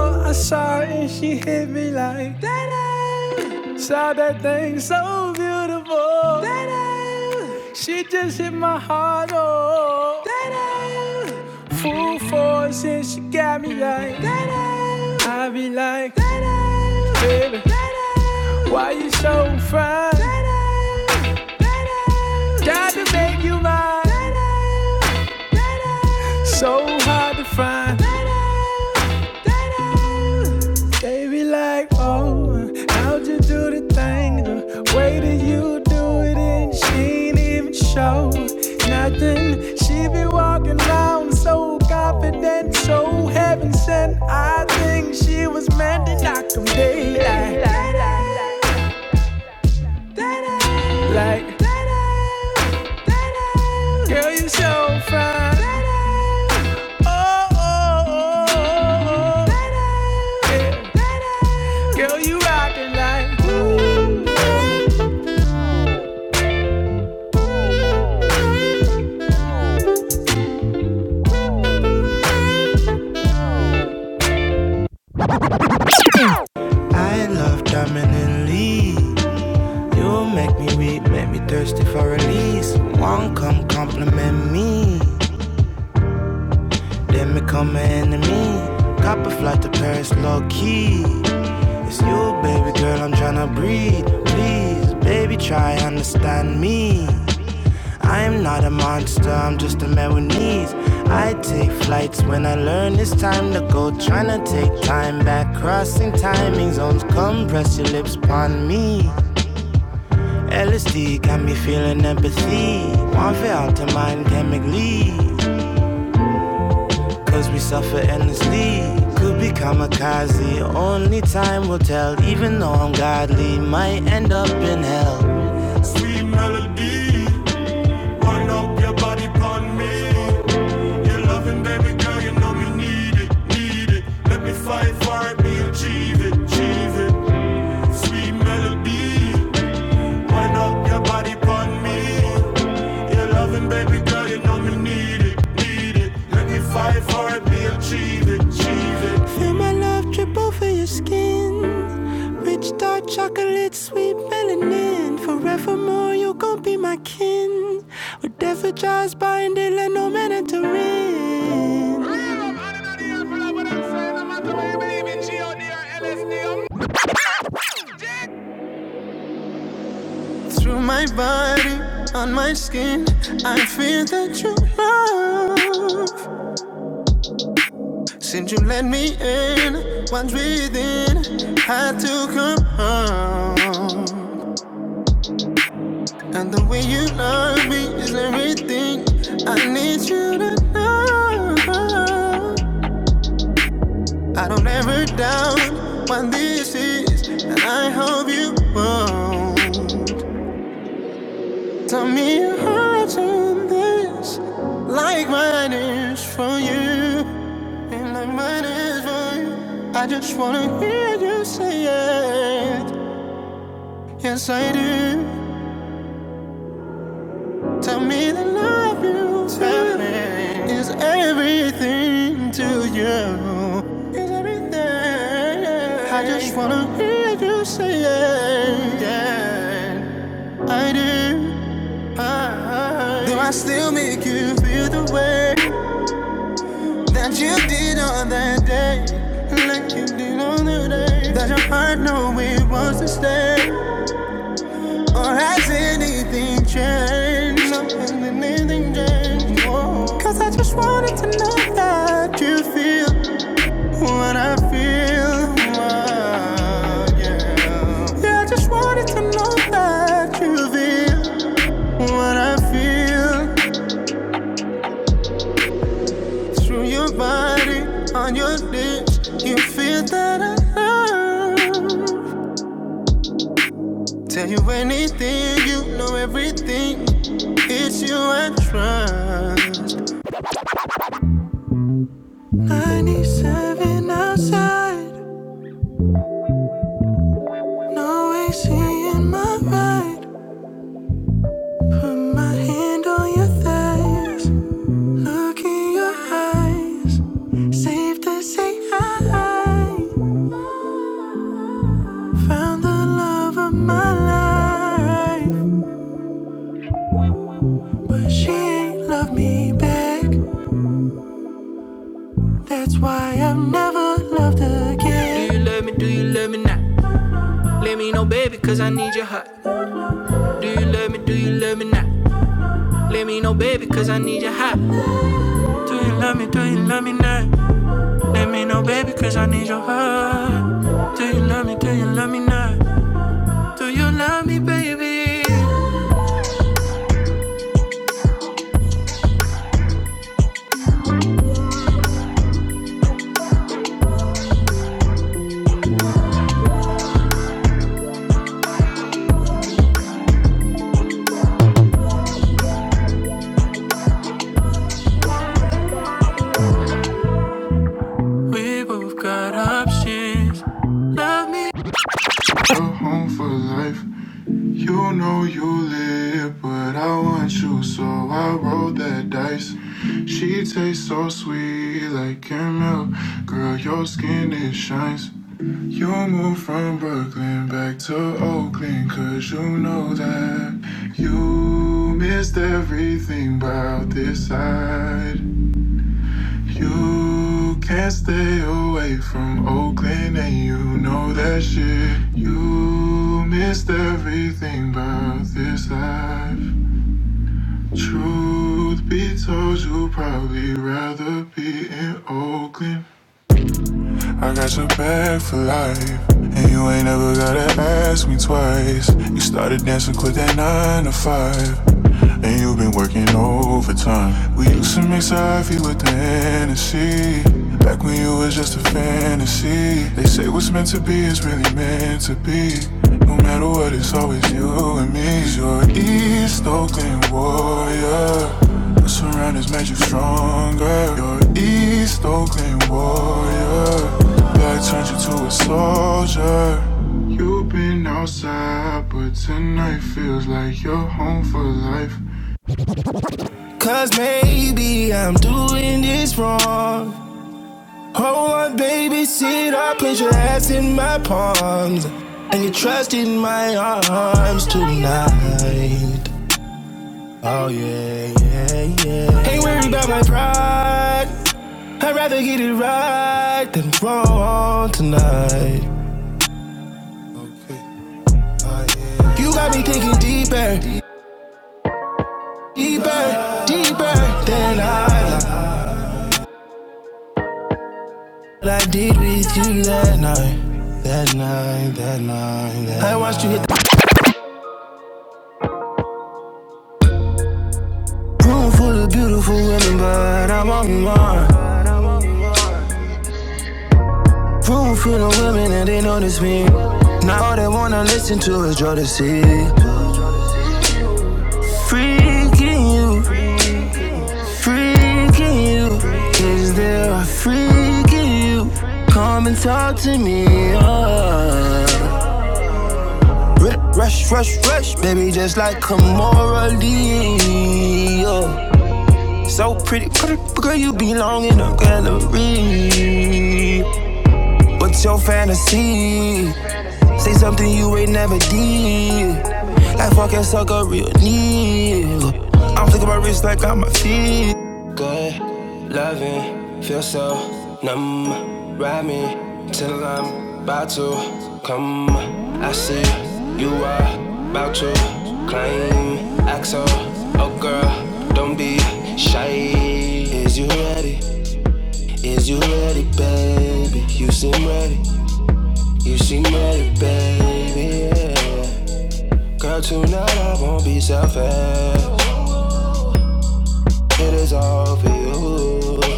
Speaker 2: I saw it and she hit me like that. Saw that thing so beautiful. da da. she just hit my heart. Oh, da. full force and she got me like that. I be like, da da, baby, Da da, why you so fine? Da da, Got to make you mine. Da da, So hard to find. Da da. They be like, oh, how'd you do the thing? The way that you do it, and she ain't even show nothing. She be walking around so confident, so heaven sent. I think she was meant to knock 'em dead. Like, like, girl, you so fine. I love drumming You make me weak, make me thirsty for release. One come compliment me. Then become an enemy. Cop a flight to Paris, low key. It's you, baby girl, I'm tryna breathe. Please, baby, try understand me. I'm not a monster, I'm just a man with needs. I take flights when I learn it's time to go. Tryna take time back, crossing timing zones. Come press your lips upon me. LSD got me feeling empathy. One fail to mind chemically. Cause we suffer endlessly. Could be kamikaze. Only time will tell. Even though I'm godly, might end up in hell. Sweet melody, wind up your body upon me. Your loving, baby girl, you know you need it, need it. Let me fight for it, we achieve it, achieve it. Sweet melody, Wind up your body upon me. Your loving, baby girl, you know me need it, need it. Let me fight for it, me achieve it, achieve it. Feel my love drip over your skin. Rich dark chocolate, sweet melanin. Forevermore, you gon' be my kin. Whatever jaws bind it, let no man enter in. Real, out of the apple, I would have said, no matter where believe in, G.O.D. or LSD, Through my body, on my skin, I feel that you love. Since you let me in, once within had to come home. And the way you love me is everything I need you to know. I don't ever doubt what this is, and I hope you won't. Tell me your heart's in this, like mine is for you, and like mine is for you. I just wanna hear you say it. Yes, I do. Tell me that it is everything to you. Is everything. I just wanna say it. Yeah, I do. I, I- do I still make you feel the way? That you did on that day, like you did on the day that your heart knew it was to stay. Or has anything changed? No, has anything changed? Whoa. Cause I just wanted to know that you feel what I feel. Oh, yeah. yeah, I just wanted to know that you feel what I feel. Through your body, on your lips, you feel that I love. Tell you anything, you know everything. It's you I trust. I need seven outside, no AC in my ride. Put my hand on your thighs, look in your eyes. Safe to say I found the love of my life. She ain't love me back. That's why I'm never loved again. Do you love me? Do you love me not? Let me know, baby, cause I need your heart. Do you love me? Do you love me not? Let me know, baby, cause I need your heart. Do you love me? Do you love me not? Let me know, baby, cause I need your heart. Do you love me? Do you love me not? Do you love me, baby? Roll that dice, it tastes so Girl, your skin, it shines You move from burning back, so clean, cause you know it You missed everything about this side. Truth be told, you probably. I got your back for life. And you ain't never gotta ask me twice. You started dancing, quit that nine to five. And you've been working overtime. We used to mix Ivy with the Hennessy. Back when you was just a fantasy. They say what's meant to be is really meant to be. No matter what, it's always you and me. 'Cause You're an East Oakland warrior. What's around has made you stronger. You're an East Oakland warrior, that turned you to a soldier. You've been outside, but tonight feels like you're home for life. I didn't wrong tonight. You got me thinking deeper, deeper, deeper than I like what I did with you that night. That night, that night, that night. I watched you hit the room full of beautiful women, but I'm on mine. Room full of wanna listen to it. Freaking you. Is there a freak call to you? Uh, Rush, rush, rush, baby, like Cardi. I'm through, yeah, out to claim. Axel, oh girl, don't be shy. Is you ready? Is you ready, baby? You seem ready, you seem ready, baby. Yeah. Girl, tonight I won't be selfish. It is all for you.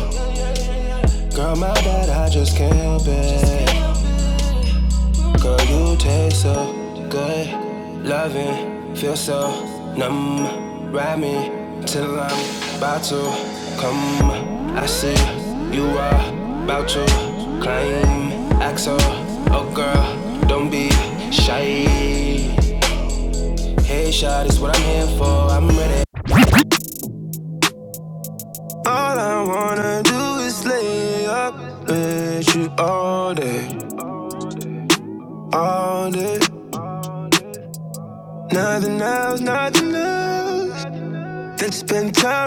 Speaker 2: Girl, my bad, I just can't help it. Girl, you taste so good. Loving, feel so numb. Ride me till I'm about to come. I see you are about to climb. Axel, oh girl, don't be shy. Hey, shot is what I'm here for. I'm ready. All I wanna do is lay up with you all. Spend time.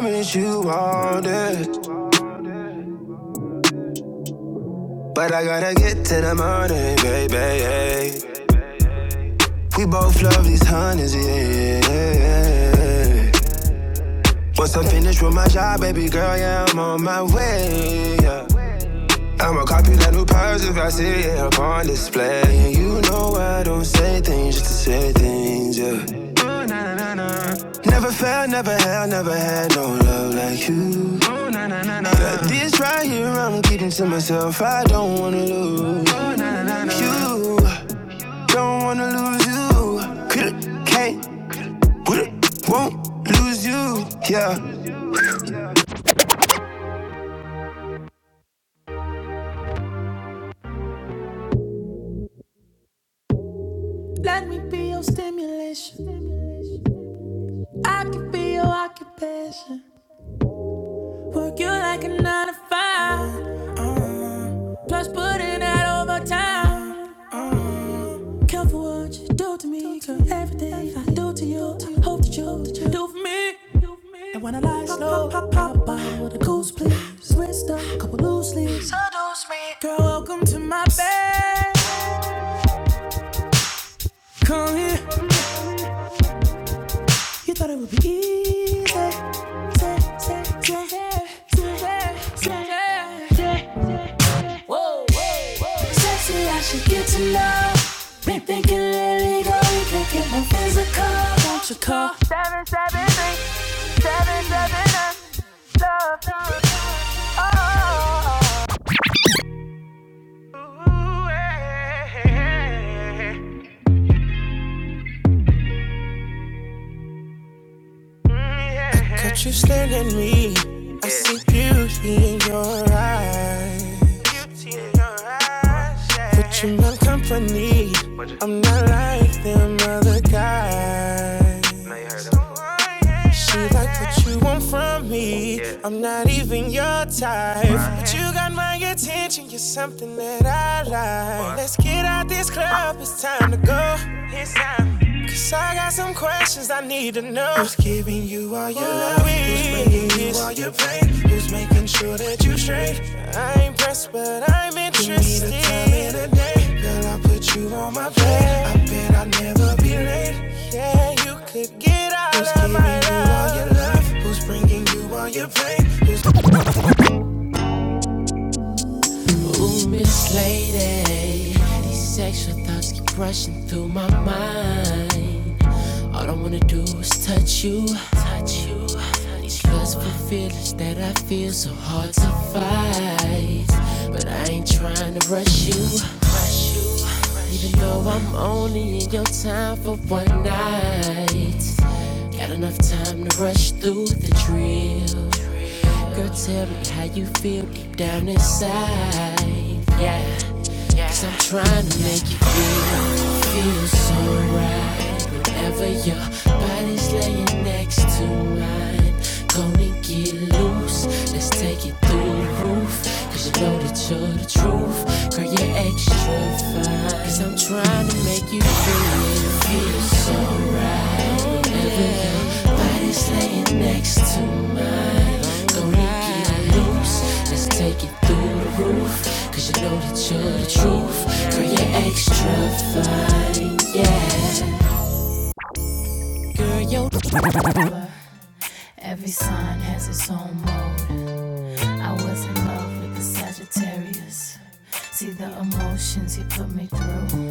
Speaker 2: Finished with my job, baby girl, yeah, I'm on my way. Yeah. I'ma copy that new purse if I see it yeah, up on display. And you know I don't say things just to say things, yeah. Never felt, never had, never had no love like you. This right here, I'm keeping to myself. I don't wanna lose you, don't wanna lose you. Coulda, can't, woulda, won't lose you, yeah. Let me be your stimulation. I can be your occupation. Work you like a nine to five. uh Plus put in that overtime. uh Careful what you do to me. Cause everything Everything I do to you, I hope that you that you do for me. Do for me. And when I lie slow, pop, pop, pop pop, with a goose, please. Twist up, couple loose leaves. Girl, welcome to my bed. Come here. You thought it would be easy. Say, say, say, say, say, say. Whoa, whoa, whoa. Sexy, I should get to know. Been thinking lately, girl, we can get more physical. Don't you call? But you staring at me. I see beauty in your eyes. You want, I'm not even your type. But you think you're something that I like. Let's get out this club, it's time to go. Got some questions I need to know. Who's giving you all your love? Who's bringing you all your pain? Who's making sure that you straight? I Lady, sexual thoughts keep rushing through my mind. All I wanna do is touch you. These lustful feelings that I feel so hard to fight. But I ain't trying to rush you. Even though I'm only in your time for one night. Got enough time to rush through the drill. Girl, tell me how you feel deep down inside. Yeah. Cause I'm trying to make you feel, feel so right. Whenever your body's laying next to me, get loose, judge. Girl, you're extra fat. Every sign has its own mode. I was in love with the Sagittarius. See the emotions he put me through.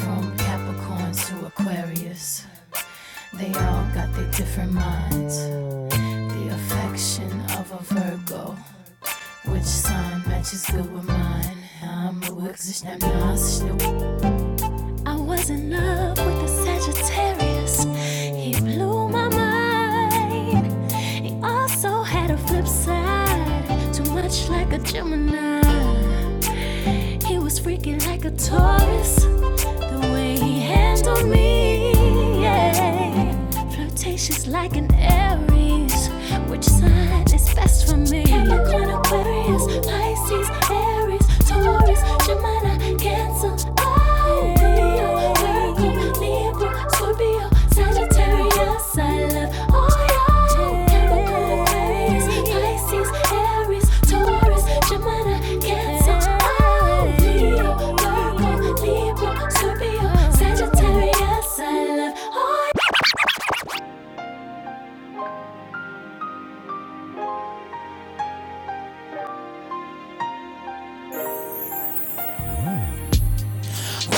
Speaker 2: From Capricorns to Aquarius, they all got their different minds. The affection of a Virgo Which sign matches good with mine? I'm a work, sure. I was in love with a Sagittarius. He blew my mind. He also had a flip side, too much like a Gemini. He was freaking like a Taurus. The way he handled me, yeah. Flirtatious like an Aries. Which sign is best for me? Capricorn, Aquarius, Pisces, Aries, Taurus, Gemini, Cancer. Oh, Leo, Virgo, Libra, Scorpio, Sagittarius. I love all y'all. Capricorn, Aquarius, Pisces, Aries, Taurus, Gemini, Cancer, oh, Leo, Virgo, Libra, Scorpio, Sagittarius. I love all you.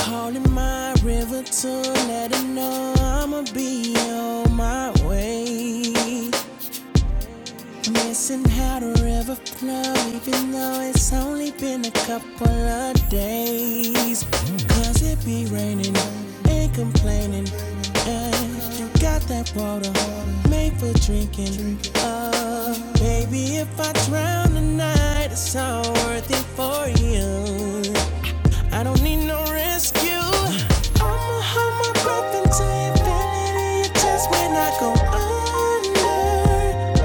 Speaker 2: Calling my river to let it know I'ma be on my way. Missing how the river flows, even though it's only been a couple of days. Cause it be raining and complaining. And you got that water, make for drinking. Oh, baby, if I drown tonight, it's all worth it for you. I don't need no rescue. I'ma hold my breath until infinity. It's Just when I go under,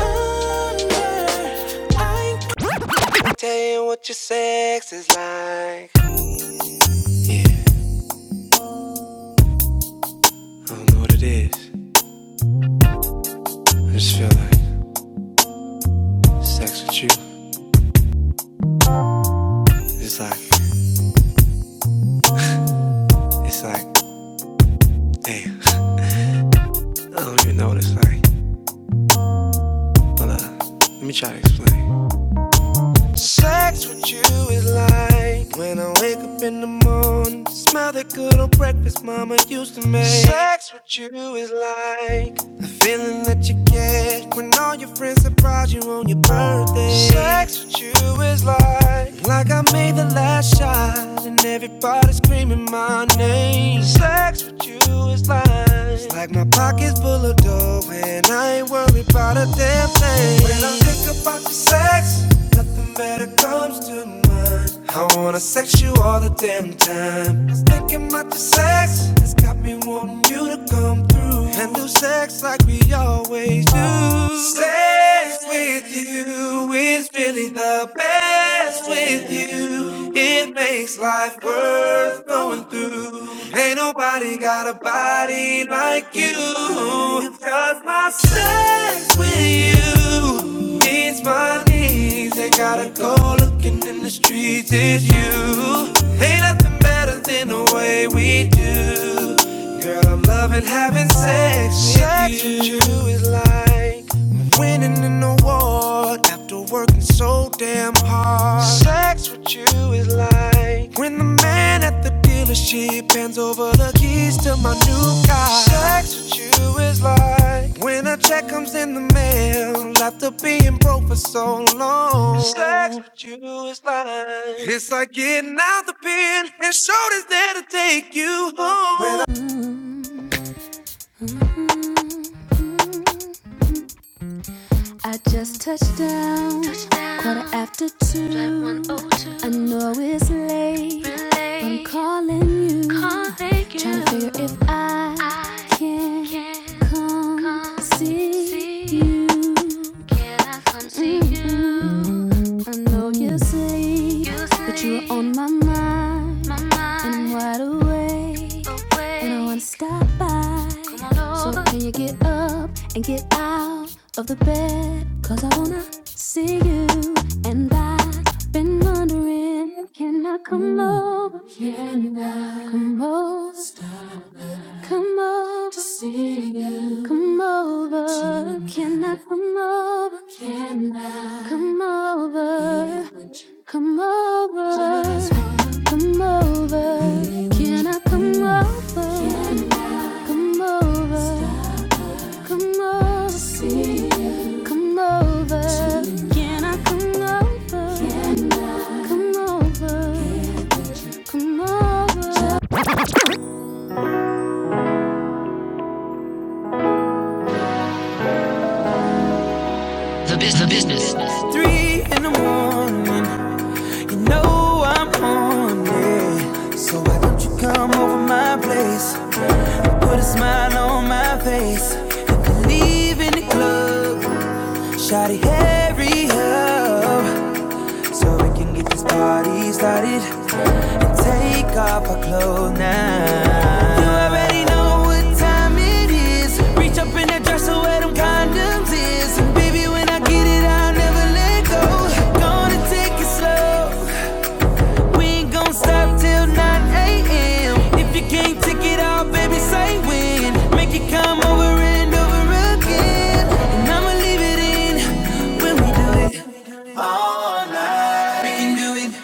Speaker 2: under. I ain't tell you what your sex is like. It's, I just feel like sex with you. It's like, it's like, damn. I don't even know what it's like. But uh, let me try to explain. Sex always like when I wake up in the morning. Smell that good old breakfast mama used to make. Sex with you is like the feeling that you get when all your friends surprise you on your birthday. Sex with you is like like I made the last shot and everybody screaming my name. Sex with you is like it's like my pockets full of dough and I ain't worried about a damn thing. When I think about the sex, nothing better comes to me mind. I wanna sex you all the damn time. Just thinking about the sex has got me wanting you to come through and do sex like we always do. Sex with you is really the best with you. It makes life worth going through. Ain't nobody got a body like you. Cause my sex with you means my knees. They gotta go looking in the street. We did you. Ain't nothing better than the way we do. Girl, I'm loving having sex. But man at the dealership hands over the keys to my new car. Sex with you is like check comes in the mail after being broke for so long. Sex, it's like getting out the pen and shoulders there to take you home. I just touched down, Touchdown. quarter after two. Drive one oh two. I know it's late, but I'm calling you. calling you. Trying to figure if I I can can come come see see you. Can I come mm you? I know you sleep, You sleep, but you're on my mind, my mind. and I'm wide awake, awake, and I wanna stop by. So can you get up and get out of the bed? Cause I wanna see you, and I've been wondering, can I come over? Can I come over? Stop. Come over, yeah. come over, just come over, can come over? Three in the morning, you know I'm on it. So why don't you come over my place? Put a smile on my face. If you leave in the club, shawty hurry up so we can get this party started. Take off our clothes now. You already know what time it is. Reach up in that dresser where them condoms is. And baby, when I get it, I'll never let go. Gonna take it slow. We ain't gonna stop till 9 a.m. If you can't take it out, baby, say when. Make it come over and over again. And I'ma leave it in when we do it.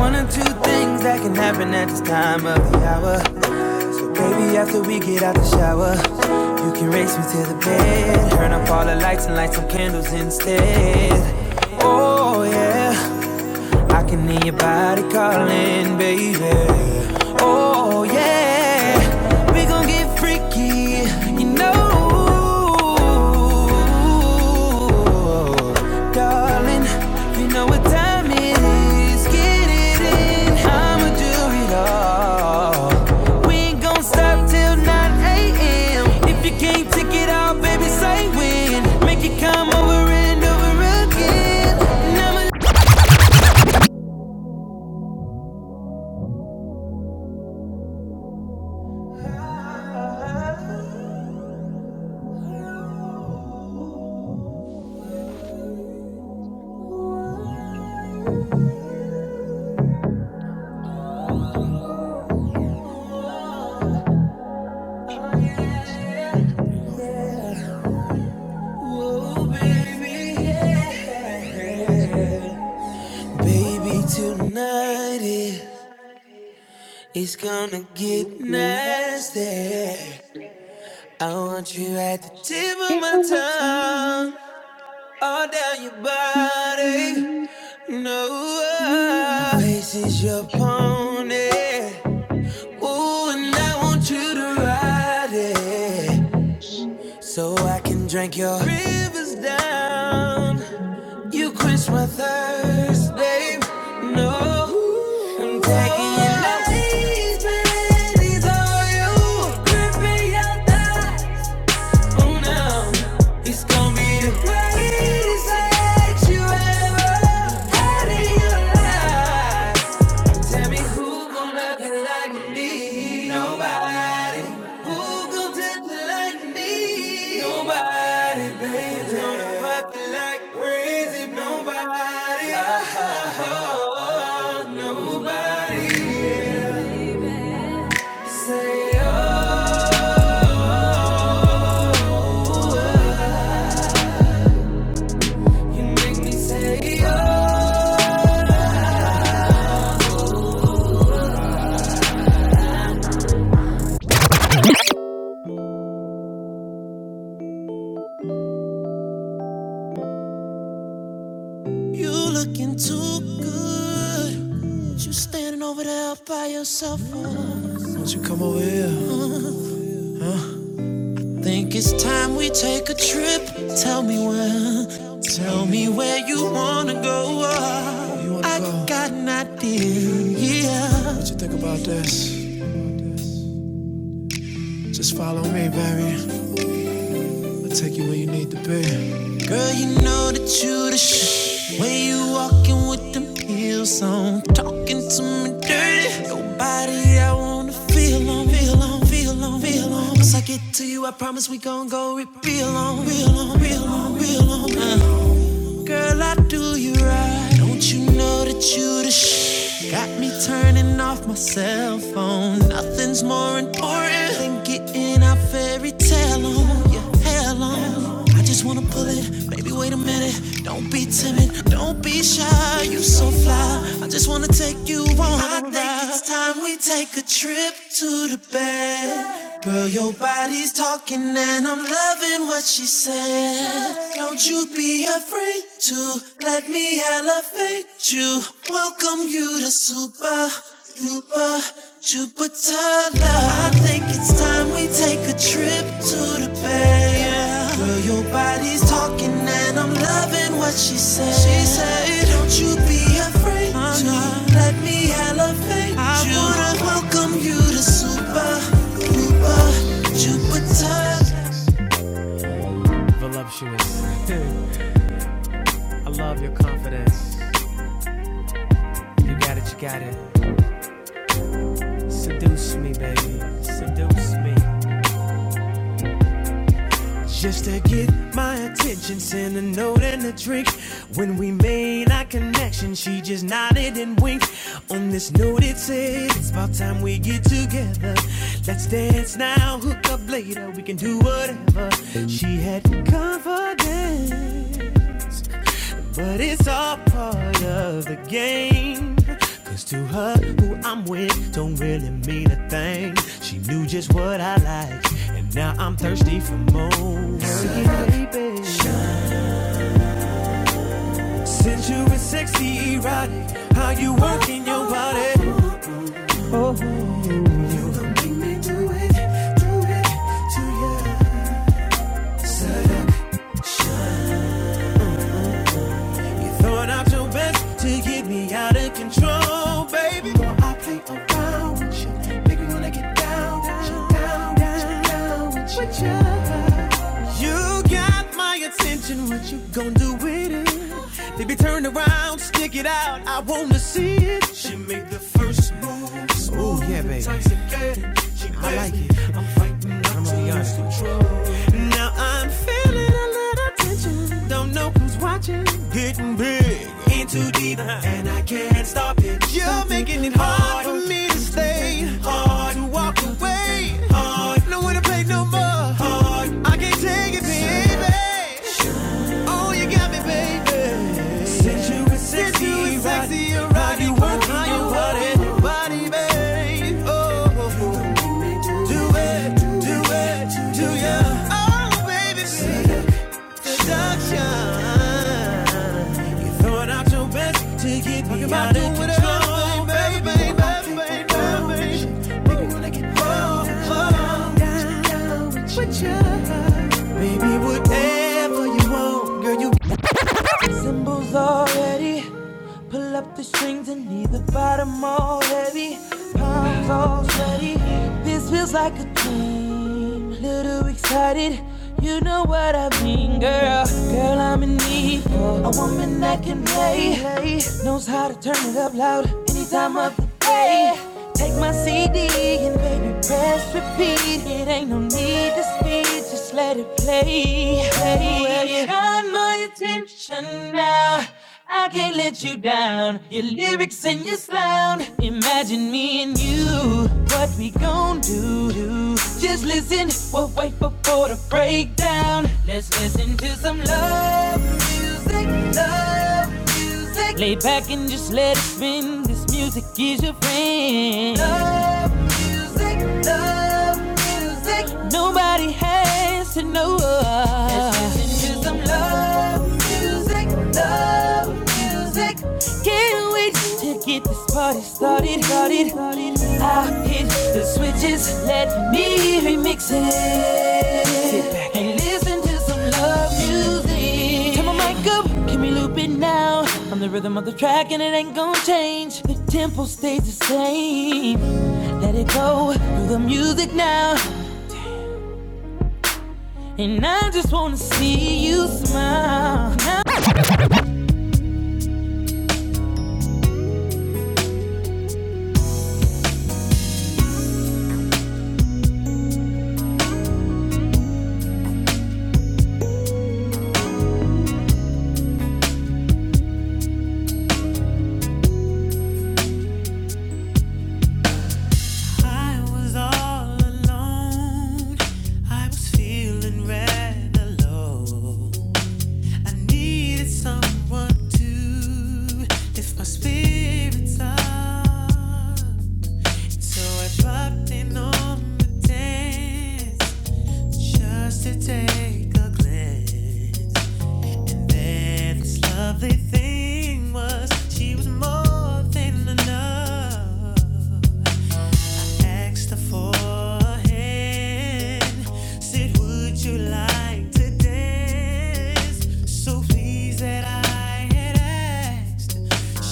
Speaker 2: One or two things that can happen at this time of the hour. Baby, after we get out the shower, you can race me to the bed. Turn up all the lights and light some candles instead. Oh, yeah. I can hear your body calling, baby. Oh, yeah. We gon' get freaky, you know. Darling, you know what time it is. Get it in. I'ma do it all. We ain't gon' stop till 9 a.m. If you can't take it out, baby, say when. Make it come over and over again. And I'ma baby, yeah. tonight it- it's gonna get nasty. I want you at the tip of
Speaker 5: Take
Speaker 2: my
Speaker 5: on my
Speaker 2: tongue, all down your body. No,
Speaker 5: time.
Speaker 2: place is your pony. Ooh, and I want you to ride it, so I can drink your rivers down. You quench my thirst, babe. No, I'm taking your love, panties Though you grip me out that, oh no, it's gonna be the greatest sex you ever had in your life. Tell me who gonna be like me? Nobody. Who gonna do it like me? Nobody, baby. Who's gonna fuck you like crazy? Nobody. Oh, nobody. Say oh, you make me say oh. You looking too good. But you standing over there by yourself. Oh. Won't you come over here? Think it's time we take a trip. Tell me where. Tell me where you wanna go. I got an idea. What you think about this? Just follow me, baby. I'll take you where you need to be. Girl, you know that you the shit. When you walking with them heels on, talking to me dirty. Your body, I wanna feel on, feel on, feel on, feel on. Once I get to you, I promise we gon' go real on, real on, real on, real on. Uh. Girl, I do you right. Don't you know that you the sh? Got me turning off my cell phone. Nothing's more important than getting our fairy tale on. Your hell on. I just wanna pull it. Baby, wait a minute. Don't be timid. Don't be shy. You so fly. I just wanna take you on. I think it's time we take a trip to the bed. Girl, your body's talking and I'm loving what she said. Don't you be afraid to let me elevate you. Welcome you to super, super, Jupiter love. I think it's time we take a trip to the bay. Yeah. Girl, your body's talking and I'm loving what she said. She said, Don't you be afraid to let me elevate you. welcome you the super, super Jupiter. Just to get my attention, send a note and a drink. When we made our connection, she just nodded and winked. On this note, it said, It's about time we get together. Let's dance now, hook up later, we can do whatever. She had confidence. But it's all part of the game. Cause to her, who I'm with don't really mean a thing. She knew just what I like, and now I'm thirsty for more. Girl, baby. Since you were sexy, erotic, how you working your body? Oh, you gon' make me do it, do it to you. Shut up, shine. You throwing out your best to get me out of control, baby. Boy, I play around with you. Make me wanna get down with you, down, down, down with you. You got my attention, what you gon' do with it? Baby, turn around, stick it out, I wanna see it. She make the first move. Ooh, yeah, baby. She I like it. I'm fighting, I'm on the honest. Now I'm feeling attention. Don't know who's watching. Getting big. In too deep, and I can't stop it. You're making it hard for me to stay. Hard to walk away. Hard. No way to play no more. Hard. I can't take it, baby. Oh, you got me, baby. Since you were sexy, Since you right, were sexy, you're how right. you work, how you want Body, babe. Oh, do it, do it, do ya? Oh, baby. Seduction. You're throwing out your best to get me out of control, baby, baby, baby, baby, baby. Make me wanna get down, down, down, down with you. Baby, whatever you want, girl, you Symbols already. Pull up the strings and need the bottom all heavy. Palms all sweaty. This feels like a dream. Little excited. You know what I mean, girl. Girl, I'm in need for a woman that can play. Knows how to turn it up loud anytime of the day. Take my CD and baby press repeat. It ain't no need to speed, just let it play. play. Well, you got my attention now. I can't let you down. Your lyrics and your sound. Imagine me and you. What we gon' do, do? Just listen. We'll wait for for the breakdown. Let's listen to some love music. Love music music. Lay back and just let it spin. This music is your friend. Love music. Love music. Nobody has to know. Let's listen to some love music. Love music. Can't wait to get this party started. started. I hit the switches, let me remix it. Sit back and listen to some love music. Turn my mic up, can we loop it now? I'm the rhythm of the track and it ain't gonna change. The tempo stays the same. Let it go through the music now. And I just wanna see you smile. Now- I was all alone. I was feeling rather low. I needed someone to lift my spirits up. So I popped in on the dance just to take a glance. And then this lovely thing was she was more than enough. Extra forehead said, Would you like to dance? So pleased that I had asked.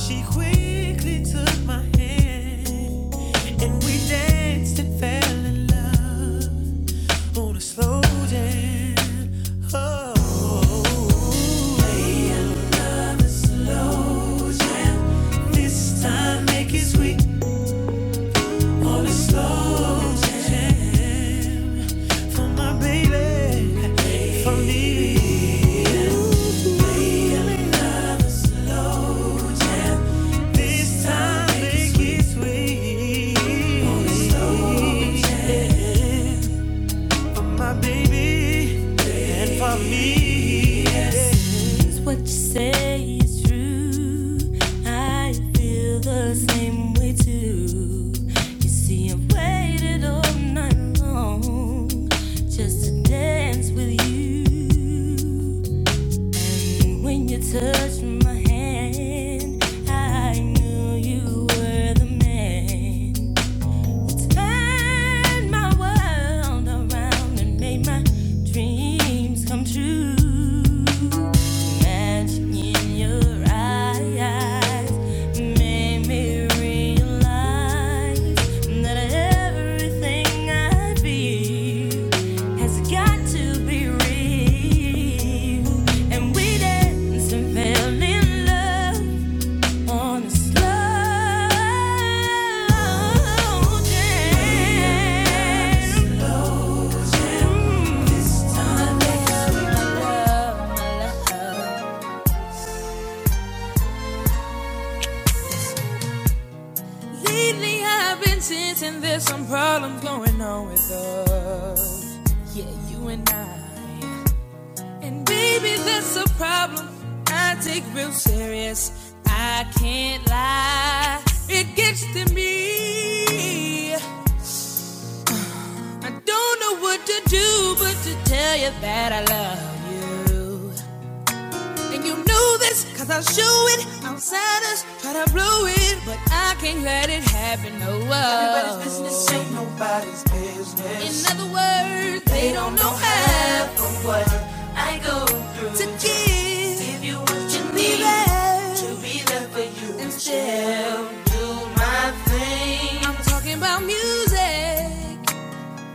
Speaker 2: She quickly took my hand and we danced and fell in love on a slow jam. Oh, play a love another slow jam. This time make it sweet. On a slow jam for my baby. It's time to get sweet. On a slow jam for my baby and for me. I feel the same way too. You see, I'm well not long just to dance with you. And when you touched my hand, I knew you were the man. Turned my world around and made my dreams come true. Magic in your eyes made me realize that everything I feel has got to be real. And we danced and fell in love. On this slow jam. Mm. Lately, I've been sensing there's some problems going on with us. Yeah, you and I. And baby, that's a problem I take real serious. I can't lie, it gets to me. I don't know what to do but to tell you that I love you. And you know that's good, but I can't let it happen. No, Everybody's business ain't nobody's business. In other words, they, they don't don't know how or what to give. If you and be need there to be there for you instead. My I'm talking about music.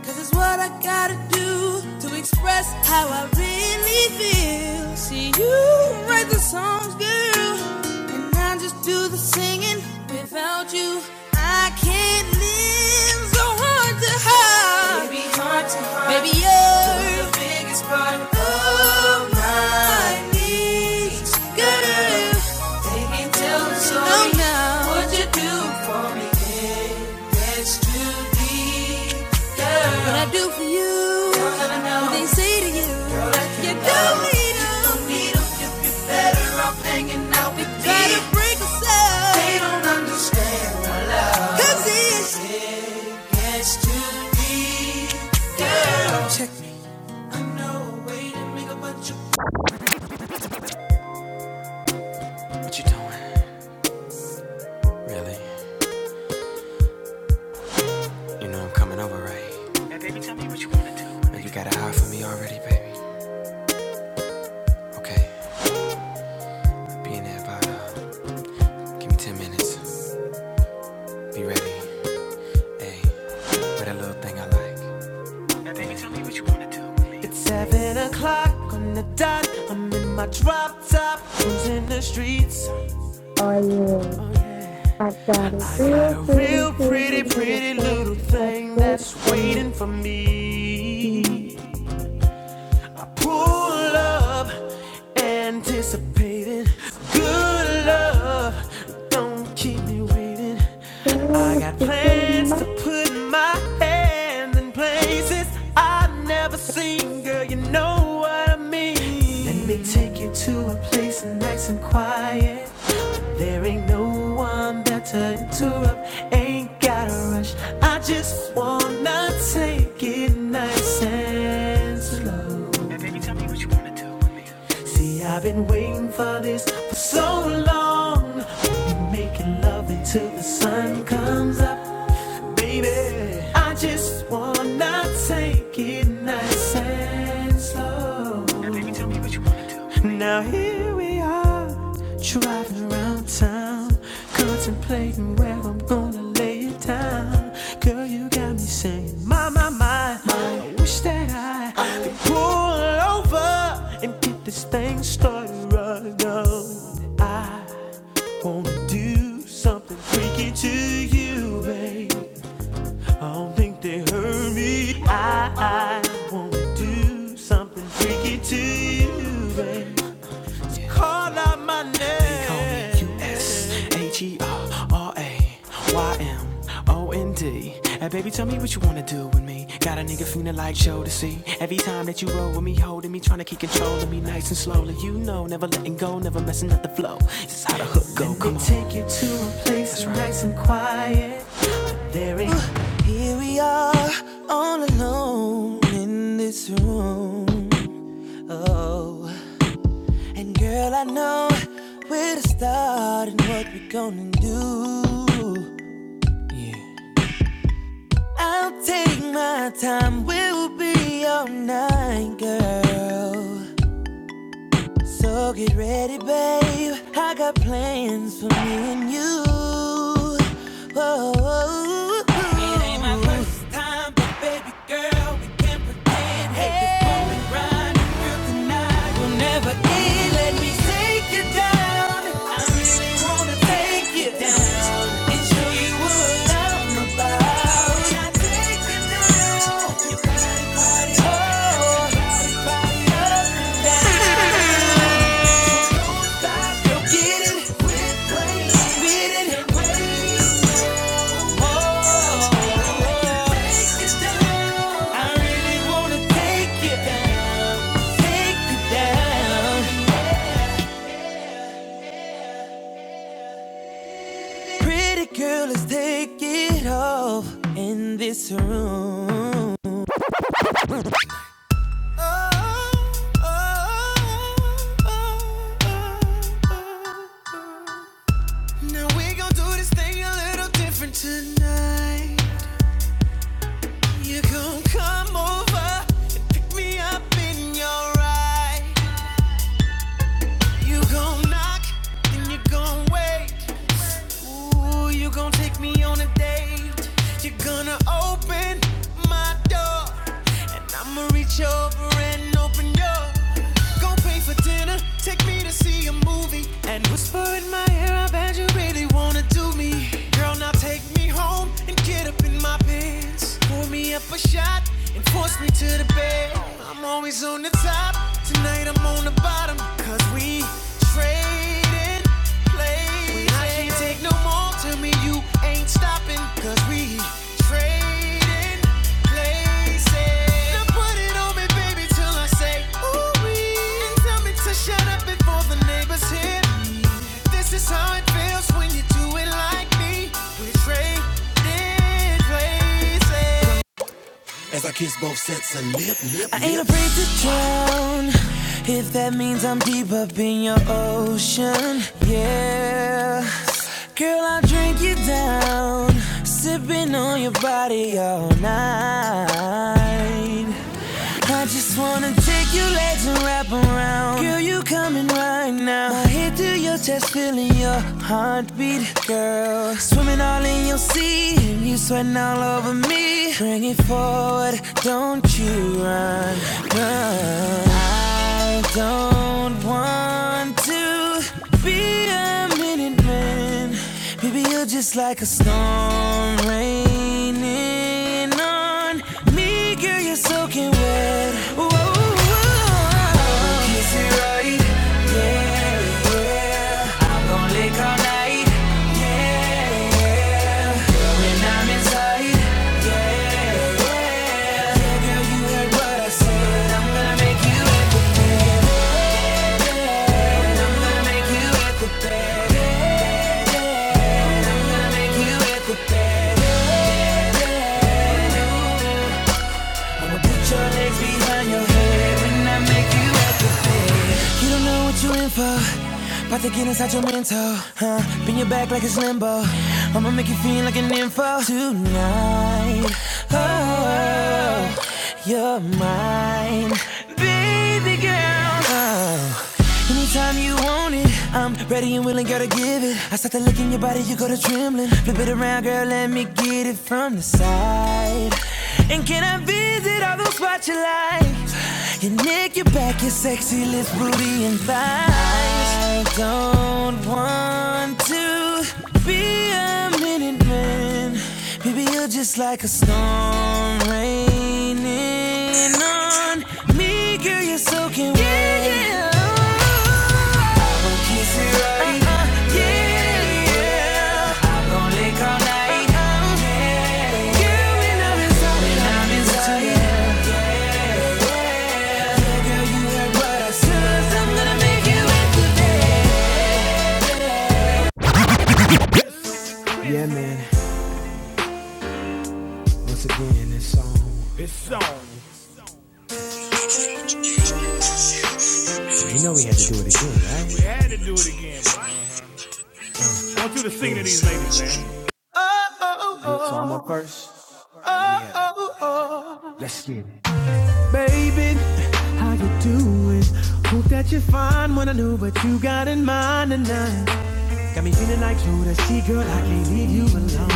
Speaker 2: This is what I gotta do to express how I really feel. See, you write the songs, girl, and I just do the singing. Without you, I can't live. So hard to hide. Baby, hard to hide. Baby, you're the biggest part of my needs, girl. Take me till the story. Oh, no. What you do for me, it gets too deep, girl. What you doing? Really? You know I'm coming over, right? you got a eye for me already, baby. Okay, be in there by uh, give me ten minutes. Be ready. Hey, with that little thing I like. Seven o'clock on the dot. I'm in my drop top, cruising the streets.
Speaker 4: Oh, yeah. I got a
Speaker 2: I got
Speaker 4: real
Speaker 2: a
Speaker 4: pretty
Speaker 2: real
Speaker 4: pretty
Speaker 2: pretty,
Speaker 4: little
Speaker 2: pretty
Speaker 4: girl
Speaker 2: little
Speaker 4: I
Speaker 2: thing
Speaker 4: stay
Speaker 2: that's
Speaker 4: for me.
Speaker 2: waiting for
Speaker 4: Mm.
Speaker 2: me. Pull love, anticipating. Good love, don't keep me waiting. I
Speaker 4: so
Speaker 2: got
Speaker 4: to pretty
Speaker 2: plans to
Speaker 4: much.
Speaker 2: put my hands in places I've never seen. Girl, you know what I mean. Let me take you to a place nice and quiet. There ain't no one better to interrupt. Ain't gotta rush. I just wanna take it nice and slow. See, I've been waiting for this for so long. We'll Making love until the sun comes up, baby. I just wanna take it nice and slow. Now here we are, driving around town, contemplating where I'm gonna lay it down. Girl, you got me saying, my, my, my, I wish that I could pull over and get this thing started right now. I wanna do something freaky to you, babe. I don't think they heard me. I, I wanna do something freaky to you, babe. Call out my name. They call me name. U-S-H-E-R-R-A-Y-M-O-N-D. Hey, baby, tell me what you wanna do with me. Got a nigga feeling like Joe to see. Every time that you roll with me, holding me, trying to keep control of me, nice and slowly. You know, never letting go, never messing up the flow. This is how the hook go. Come on. Take you to a place right. nice and quiet. Uh, Here we are, all alone in this room. Oh, and girl, I know where to start and what we're gonna do. Yeah. I'll take my time, we'll be all night, girl. So get ready, babe. I got plans for me and you. Whoa. It ain't my first time, but baby girl, we can not pretend. Hey, this moment right, girl, tonight will never end. Let me take you down. I really wanna take you down and show you what I'm about. When I take you down. Your body Pretty girl, let's take it off in this room. Now we gon' do this thing a little different tonight. You gon' come over and pick me up in your ride. You gon' knock, then you gon' wait. Ooh, you gon' take me on a date. You're gonna open my door, and I'ma reach over and open your. Go pay for dinner, take me to see a movie, and whisper in my ear, I bet you really wanna do me. Girl, now take me home and get up in my pants. Pour me up a shot and force me to the bed. I'm always on the top. Tonight I'm on the bottom. Cause we trading places. When I can't take no more, tell me you ain't stopping. Cause we trading places. Now put it on me, baby, till I say, ooh, wee. And tell me to shut up before the neighbors hear me. This is how it feels when you do it like me. We trading places. I ain't afraid to drown if that means I'm deep up in your ocean. Yeah, girl, I'll drink you down, sipping on your body all night. I just wanna. Take your legs and wrap around. Girl, you coming right now. My head to your chest, feeling your heartbeat, girl. Swimming all in your sea, and you sweating all over me. Bring it forward, don't you run, run. I don't want to be a minute man. Baby, you're just like a storm raining on me, girl. You're soaking wet. Whoa. Is it right? Yeah, yeah. I'm gon' lick all night. Yeah, yeah. When I'm inside. Yeah, yeah. Yeah, girl, you heard what I said. When I make you, I'ma put your legs behind your head. When I make you. You don't know what you are in for. About to get inside your mental, huh? Bend your back like it's limbo. I'ma make you feel like an info tonight. Oh, you're mine, baby girl. Oh, anytime you want it, I'm ready and willing, girl, to give it. I start to look in your body, you go to trembling. Flip it around, girl, let me get it from the side. And can I visit all those spots you like? Your neck, your back, your sexy lips, booty and thighs. I don't want to be a minute man. Maybe you're just like a storm raining on me, girl. You're soaking wet. Yeah, yeah. I'm gonna kiss it right. Uh-uh. Yeah, yeah. I'm gonna lick all night. Yeah, yeah. Girl, when I'm inside, when I'm inside. Once again, it's on. This song. You know we had to do it again, right? We had to do it again, boy. I want you to sing to these ladies,
Speaker 6: Ah.
Speaker 2: man. One more verse. How you doing? Hope that you find what I know what you got in mind tonight. Got me feeling like Judas. See, girl, I can't leave you alone.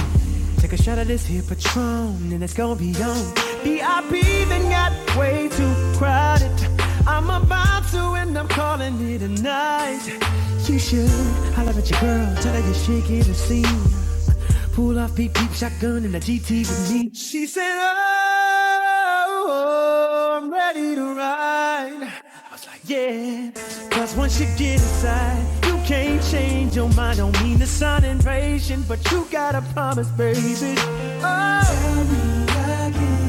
Speaker 2: Take a shot of this here Patron, and it's gonna be on. VIP then got way too crowded. I'm about to end up calling it a night. You should. I love at your girl. Tell her you are shaking the scene. Pull off beep beep, shotgun in the GT with me. She said, Oh, oh, oh, I'm ready to ride. Yeah, cause once you get inside, you can't change your mind. Don't mean to sound impatient, but you gotta promise, baby. Oh, tell me again,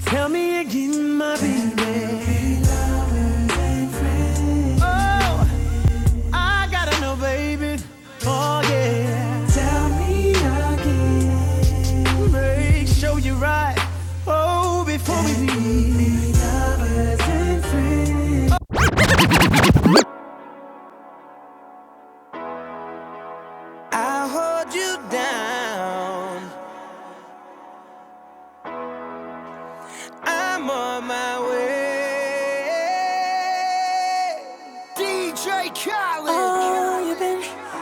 Speaker 2: tell me again, my baby. Oh, I gotta know, baby. Oh, yeah. Tell me again. Make sure you're right. Oh, before we leave. lovers and friends. I'll hold you down. I'm on my way. Oh, you've been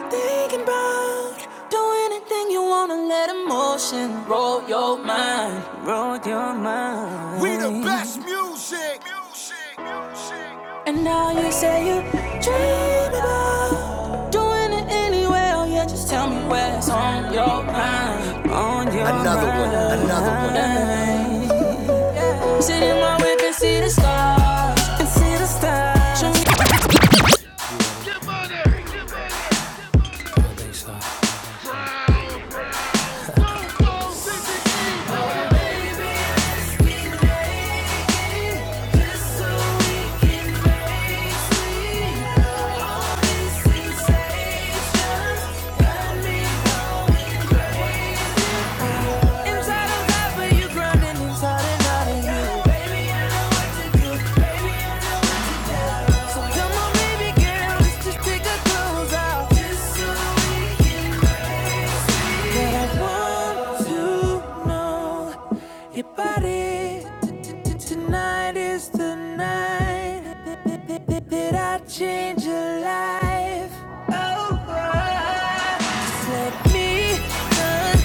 Speaker 2: thinking about doing anything you wanna let emotion roll your mind, roll your mind. We the best music. Music, music. And now you say you dream about doing it anywhere. Oh, yeah, just tell me what's on your mind, on your Another one, mind. One, another one. Yeah. Sit in my whip and see the stars, and see the stars. But I want to know your body. Tonight is the night that- I change your life. Oh, oh. just let me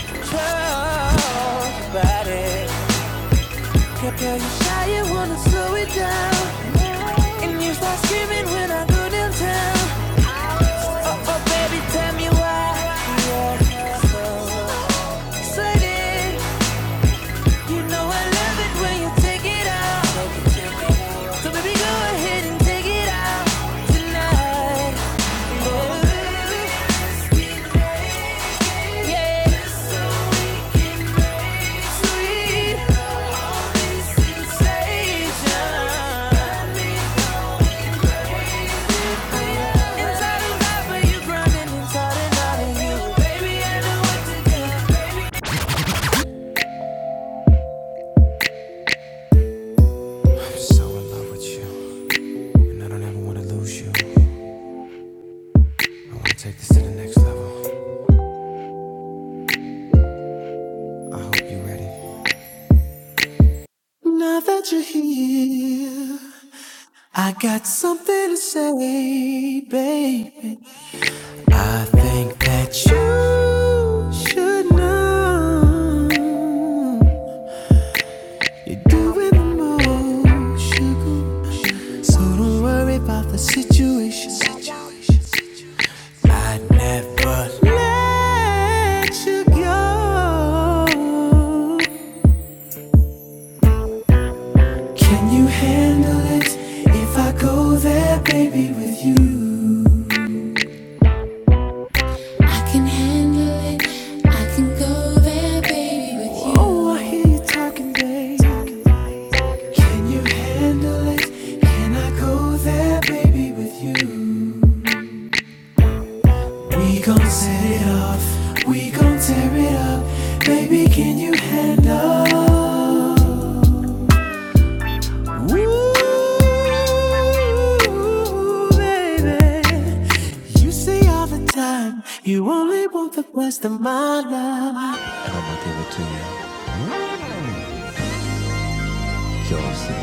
Speaker 2: control your body. Girl, girl, you shy, you wanna slow it down, and you start screaming when I go downtown. Oh, oh, baby, tell me why you're so excited. So Oh, yeah. So So in love with you, I don't ever want to lose you. Take this to the next level. I hope you're ready. Now that you're here, I got something to say, baby. I think that you should know you're doing the most, sugar. So don't worry about the situation. I never let you go. Can you handle it if I go there, baby, with you? I can handle it. I can go there, baby, with you. Oh, I hear you talking, babe. Can you handle it? Can I go there, baby, with you? We gon' set it off. We gon' tear it up. Baby, can you handle? Ooh, baby, you say all the time you only want the best of my love. And I'ma give it to you, yours, yours.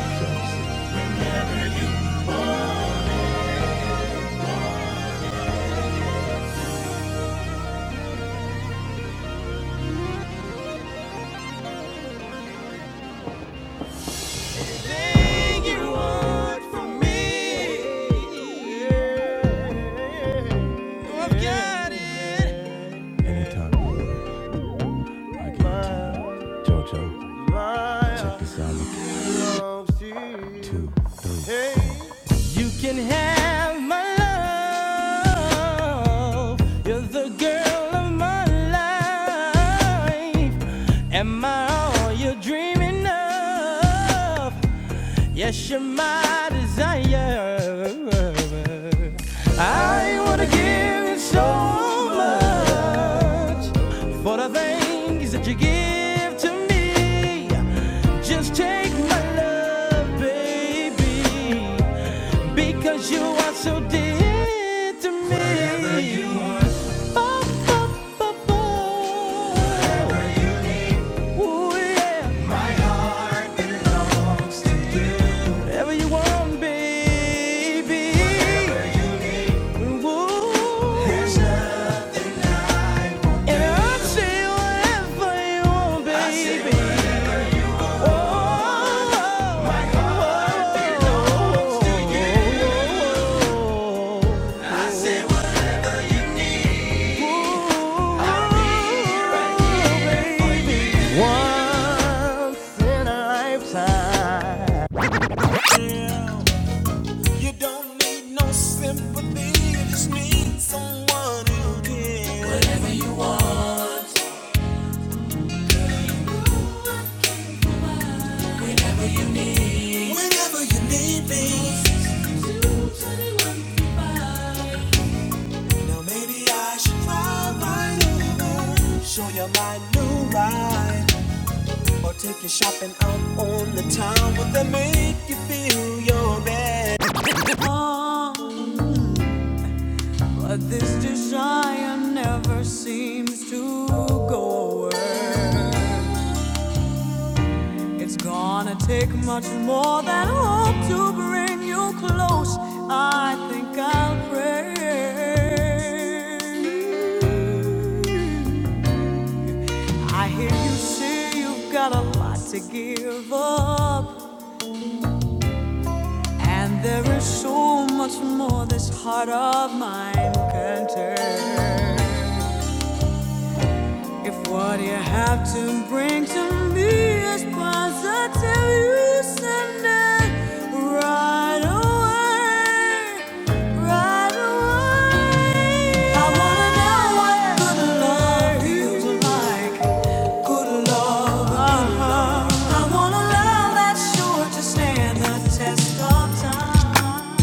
Speaker 2: Everything you want from me, yeah, my love. You're the girl of my life. Am I all you're dreaming of? Yes, you're my desire. I wanna give you so much for the things that you give to me. Just take my love, baby, because you are so dear to me. Whatever you want. Oh, oh, oh, oh. Whatever you want. Ooh, yeah. Whatever you want, baby. Once in a lifetime. You don't need no sympathy. You just need someone who can. Whatever you want. Whenever you need me. Now maybe I should drive right over. Show you my new ride. Or take you shopping out on the town. Would that make you feel your best? Ah, but this desire never seems to go away. It's gonna take much more than hope to bring you close. I think I'll pray. I hear you say you've got a lot to give up. And there is so much more this heart of mine can turn. If what you have to bring to me is positive, you send it right away. Right away. I wanna know what good love feels like. Good love, good love. I want a love that's sure to stand the test of time.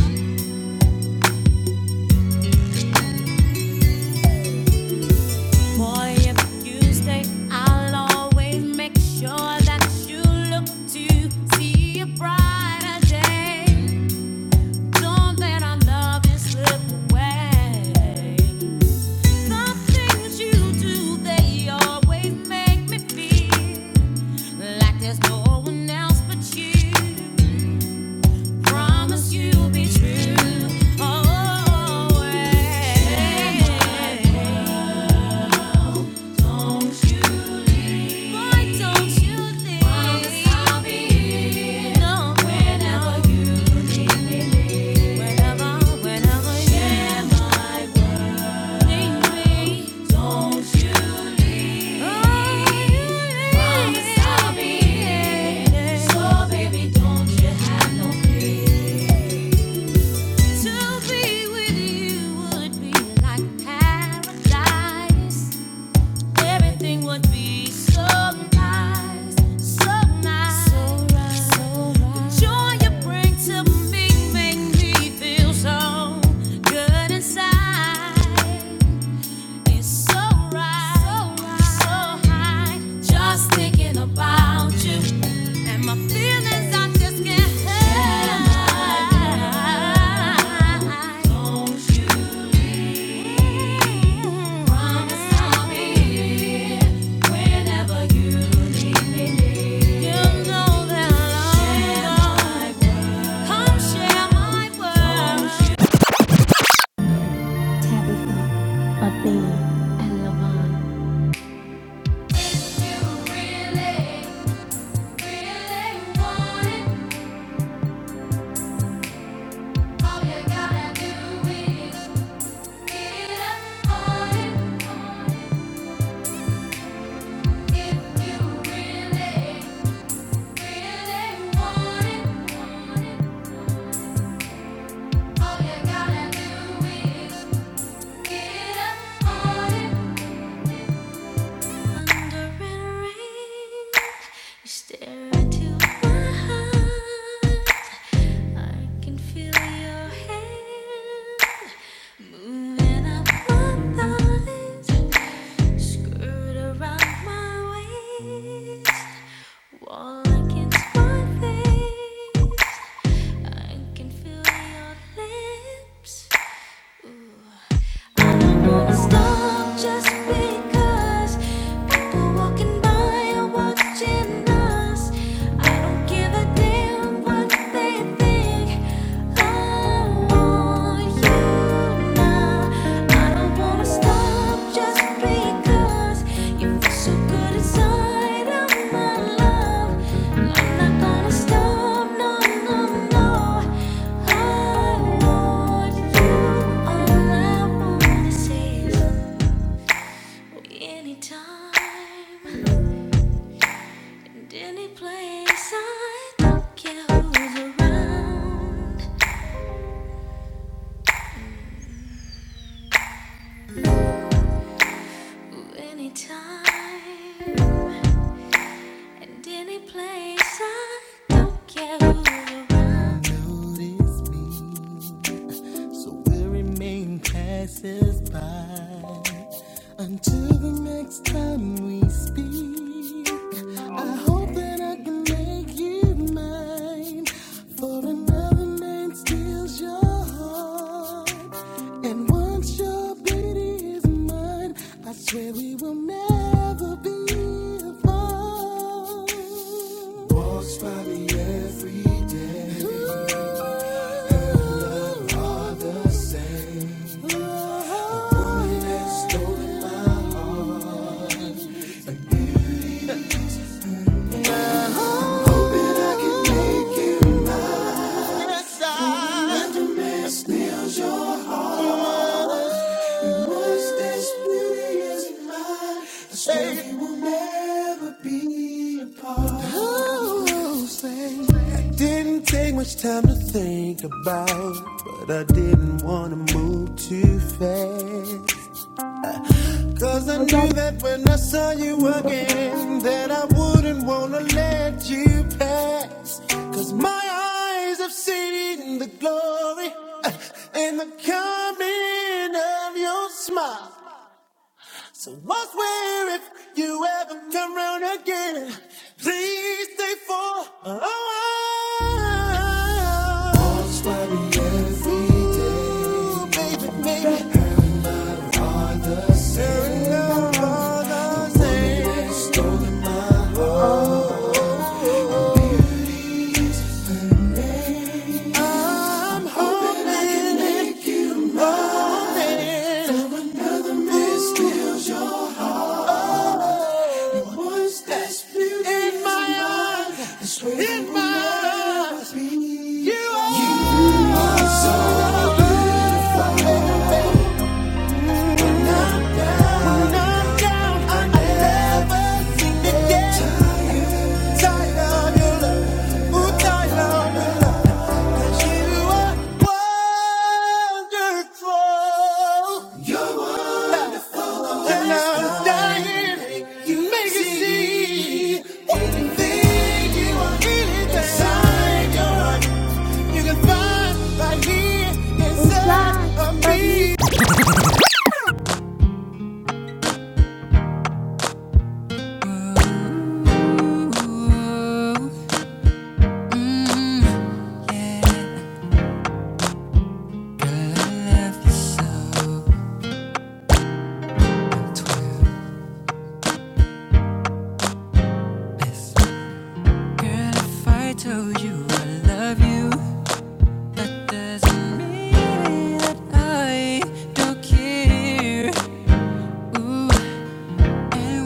Speaker 2: Boy, if you stay, I'll always make sure that you look to see a brighter day. Don't let our love slip away. The things you do, they always make me feel like there's no one else but you. Promise you'll be true. Always. Don't you Why don't you leave? I'll be here. No, whenever you need me. Whenever, whenever share my world. Need me. Don't you leave? Oh, Promise I'll be here. So baby, don't you have no fear. To be with you would be like paradise everything would be so nice, so nice. The joy you bring to me make me feel so good inside. It's so right, so Athena, and Levon. Stare into my heart. All I can feel your hand moving up my thighs, skirt around my waist, wall against my face. I can feel your lips. Ooh. I don't wanna stop just because people walking by are watching us. I don't give a damn what they think. I want you now. I don't wanna stop just because you feel so good inside of my love. I'm not gonna stop, no, no, no. I want you, all I wanna say is anytime, any place. I don't care who's around, anytime. And any place I don't care who's around. So we'll remain passes by until the next time we speak. I hope that I
Speaker 7: Okay.
Speaker 2: can make you mine. For another man steals your heart. And once your beauty is mine, Just let it mine. never be apart. It Didn't take much time to think about, but I didn't want to move too fast. I
Speaker 4: I
Speaker 2: knew
Speaker 4: got
Speaker 2: that when I saw you
Speaker 4: on you
Speaker 2: again, they wouldn't let you pass. 'Cause my eyes have seen the glory uh, and the coming of your smile. So what's where if you ever come round again? Please stay for a while. What's worry every day? Baby,
Speaker 4: every
Speaker 2: baby.
Speaker 4: day.
Speaker 2: Her And love are the same. Her And
Speaker 4: Right
Speaker 2: love
Speaker 4: now.
Speaker 2: are the same. The same. one that stole my
Speaker 4: Oh.
Speaker 2: heart. I'm hoping I can make it. Hoping someone other missteals your heart. It was this beauty in my eyes. I swear In my eyes, you are.
Speaker 4: you
Speaker 2: You can find right here inside
Speaker 4: inside
Speaker 2: of
Speaker 4: of me.
Speaker 2: me. I I I I I love you you you, you you, told that that that doesn't don't don't mean care.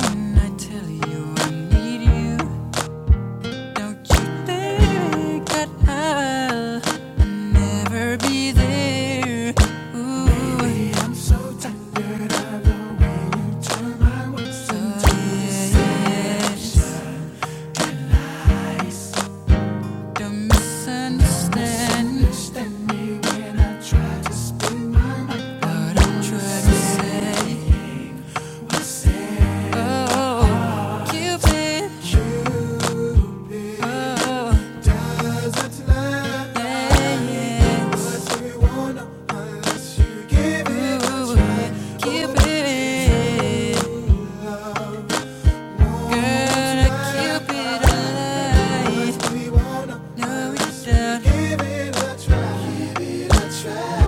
Speaker 2: When I tell you I need you, don't you think that I'll never Be there. Ooh, feel it.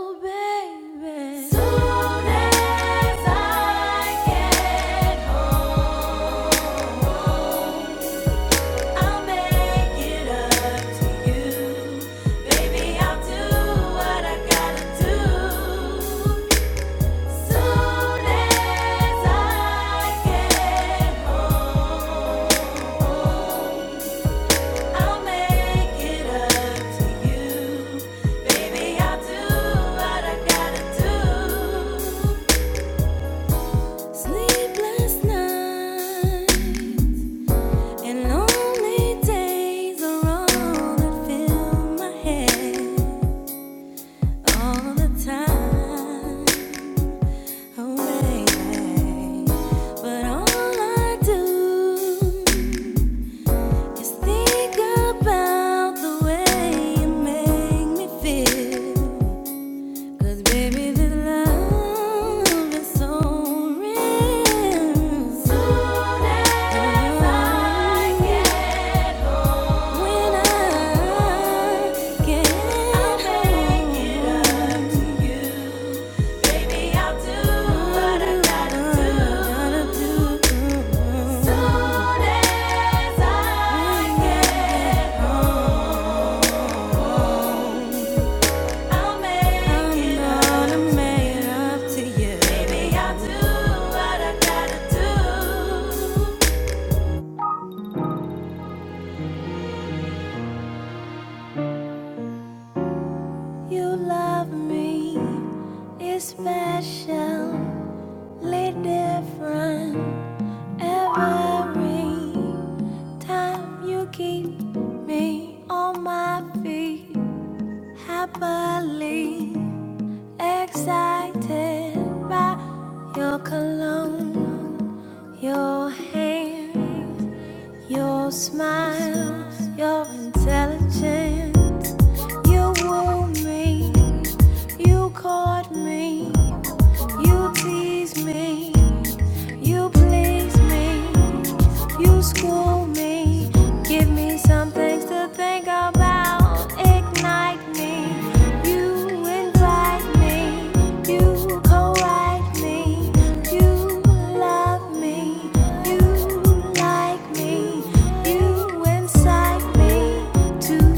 Speaker 2: Oh, Soon as I get home, I'll make it up to you. Baby, I'll do what I gotta do. Soon as I get home. Sleepless nights and lonely days are all that fill my head all the time. Oh, baby. But all I do just think about the way you make me feel. Cause baby, this love is so real. Soon as I get home, when I get home, I'll make it up to you. Baby, I'll do what I gotta do. Soon as I get home. I'll make it to you. Baby, I'll do what I gotta do. You love me, it's specially different every time you keep me on my feet, happily excited by your cologne, your hand. Your smile, your intelligence. You woo me, you caught me. You tease me, you please me, you school me, give me some things to think about, ignite me, you invite me, you co-write me, you love me, you like me, you incite me to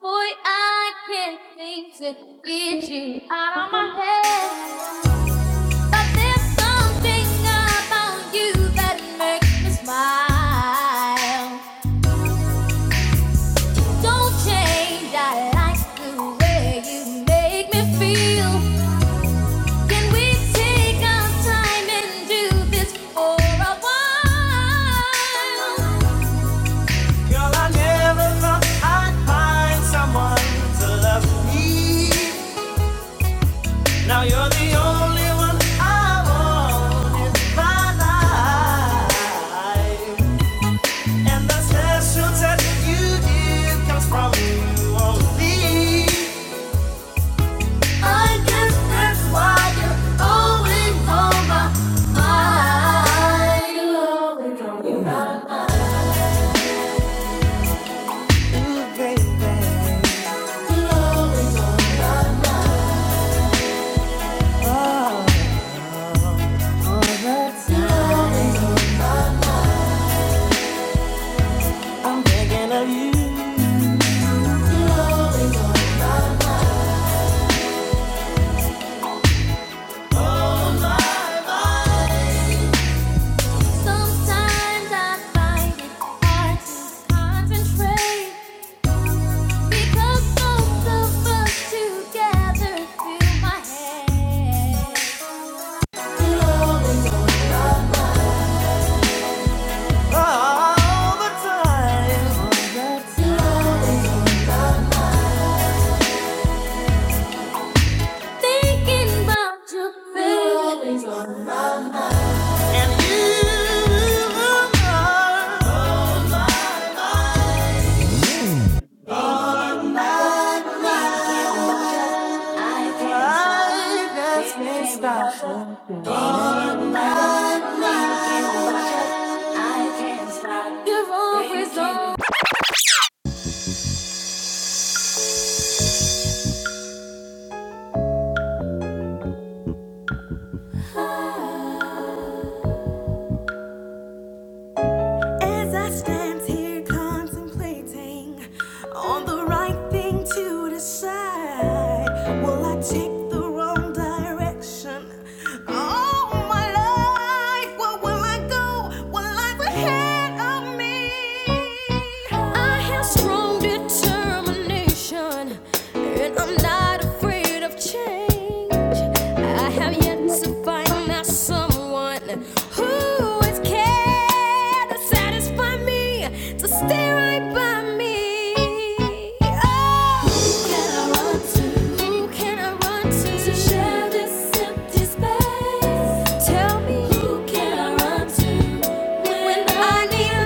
Speaker 2: Boy, I can't seem to get you out
Speaker 4: I
Speaker 2: of my
Speaker 4: am,
Speaker 2: head. But there's something about you that makes me smile. Don't change, I like the way you make me feel. Can we take our time and do this for a while? Girl, I never thought I'd find someone to love me. Now you're the only one I want in my life. And the special touch you give comes from you only. I guess that's why you're always on my mind. Thinking you. Sometimes I find it hard to concentrate because both of us together fill my head. Thinking about your face. As I stand here contemplating on the right thing to decide, will I take the wrong direction? All my life, where will I go? What lies ahead of me? I have strong determination, and I'm not afraid of change. I
Speaker 4: I
Speaker 2: have
Speaker 4: am
Speaker 2: yet
Speaker 4: yet
Speaker 2: to
Speaker 4: to find.
Speaker 2: find out someone who is care to satisfy me, to stay right by me. Oh, who can I run to? Who can I run to to share this empty space? Tell me, who can I run to when when I I need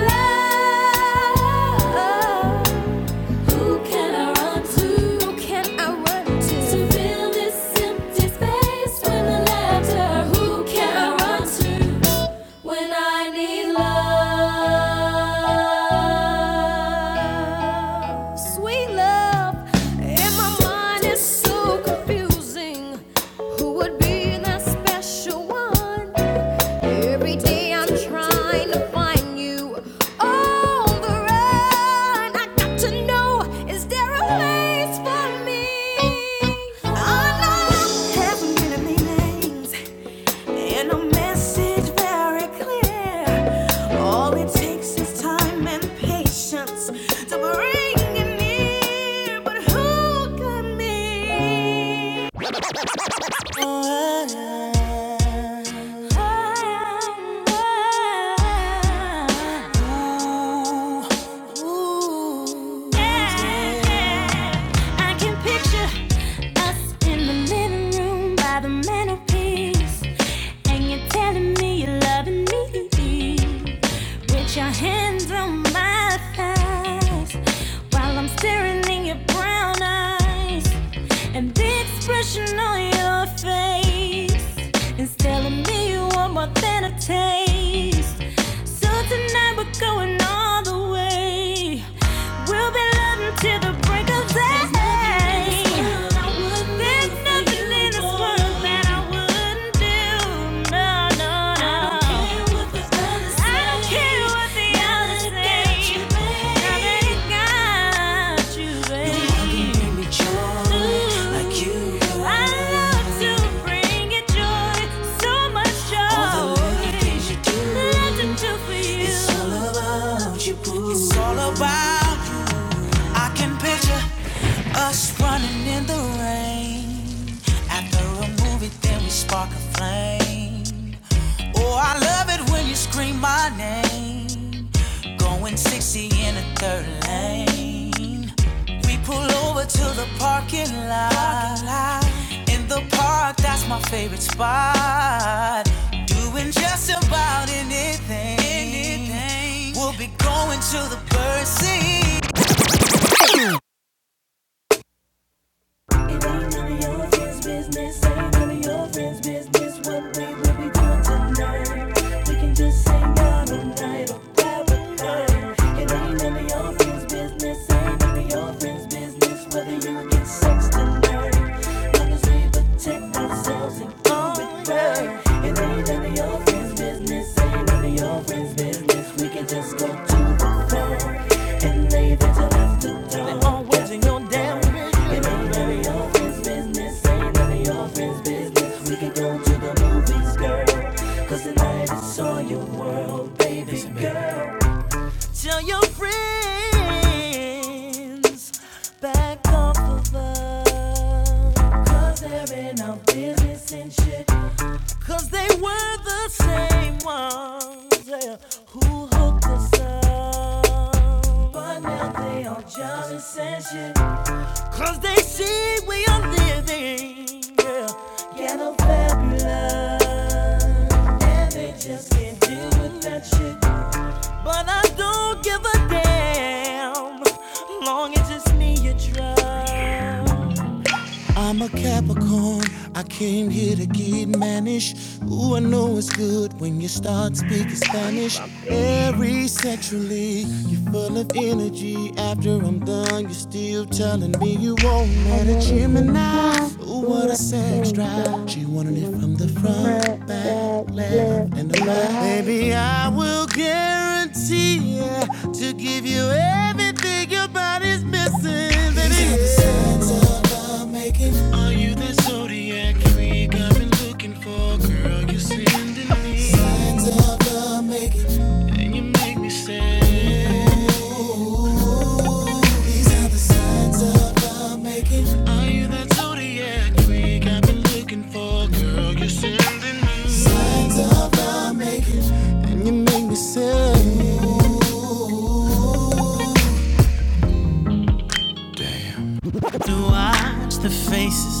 Speaker 2: love? love? Who can I run to? Who can I run To to? fill this empty space with laughter. Who can I run to when I need love? Sweet love, and my mind is so confusing. Who would be that special one? Every day I'm trying to find you on the run. I got to know, is there a place for me? I know I have many many names and a message very clear. All it takes is time and patience to bring it near. But who can me? I can picture us in the living room by the mantelpiece, and you're telling me you're loving me with your hands on my thighs while I'm staring in your brown eyes and the expression on your face is telling me you want more than a taste. So tonight we're going all the way. We'll be loving till the break of day. There's nothing in this world that I wouldn't do. No, no, no. I don't care what the it's all about you. I can picture us running in the rain. After a movie, then we spark a flame. Oh, I love it when you scream my name. Going 60 in a third lane. We pull over to the parking lot. In the park, that's my favorite spot. Doing just about anything. Anything. We'll be going to the bird seat. It ain't none of your friends' business. Ain't none of your friends' business. What we do. Just go to the floor and leave it till after dark. They always in your damn business. It ain't none of your friends' business. Ain't none of your friends' business. We can go to the movies, girl. Cause tonight it's all your world, baby. girl. Tell your friends back off of us, they they're in our business and shit. 'Cause they were the same ones yeah, who hooked us up. But now they are jealous and shit. 'Cause they see we are living. Yeah, ghetto fabulous. And they just can't deal with that shit. But I don't give a damn. Long as it's me you trust. I'm a Capricorn. I came here to get mannish. Ooh, I know it's good when you start speaking Spanish. Every sexually, you're full of energy. After I'm done, you're still telling me you won't
Speaker 4: I
Speaker 2: let a
Speaker 4: never seen the
Speaker 2: Gemini.
Speaker 4: time.
Speaker 2: Ooh, what
Speaker 4: Ooh,
Speaker 2: a
Speaker 4: I
Speaker 2: sex
Speaker 4: said,
Speaker 2: drive.
Speaker 4: God,
Speaker 2: She
Speaker 4: you
Speaker 2: wanted it
Speaker 4: want to
Speaker 2: from the
Speaker 4: see my front,
Speaker 2: front, back,
Speaker 4: back,
Speaker 2: left,
Speaker 4: left,
Speaker 2: and the
Speaker 4: and
Speaker 2: right.
Speaker 4: right.
Speaker 2: Baby, I will guarantee yeah, to give you everything your body's missing. Baby, lines of the making, And you make me say, To watch the faces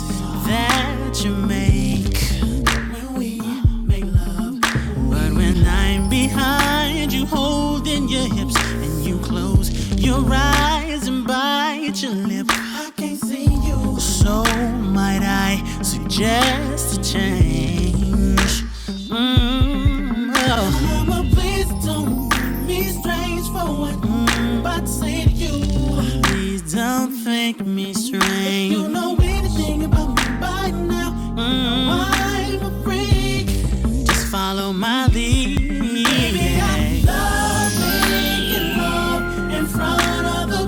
Speaker 2: that you make. when we make love. But when I'm behind you, holding your hips, and you close your eyes and bite your lip, I can't see you. So might I suggest a change? Mm, oh. Mama, please don't me strange for what I'm about to say to you. Please don't think me strange. You know we Anything about me by now. Mm. I'm a freak. Just follow my lead. Baby, I love making love in front of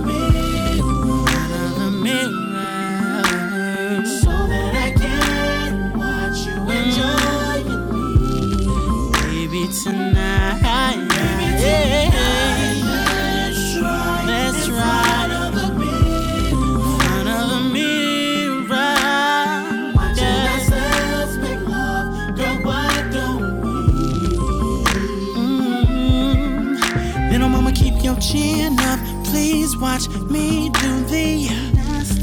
Speaker 2: The mirror. so that I can watch you enjoy your Baby tonight, yeah. Let's ride let's ride in front of a mirror. in front of a mirror. Watching Yeah. Mm. Little mama, keep your chin up. Please watch me do the nasty.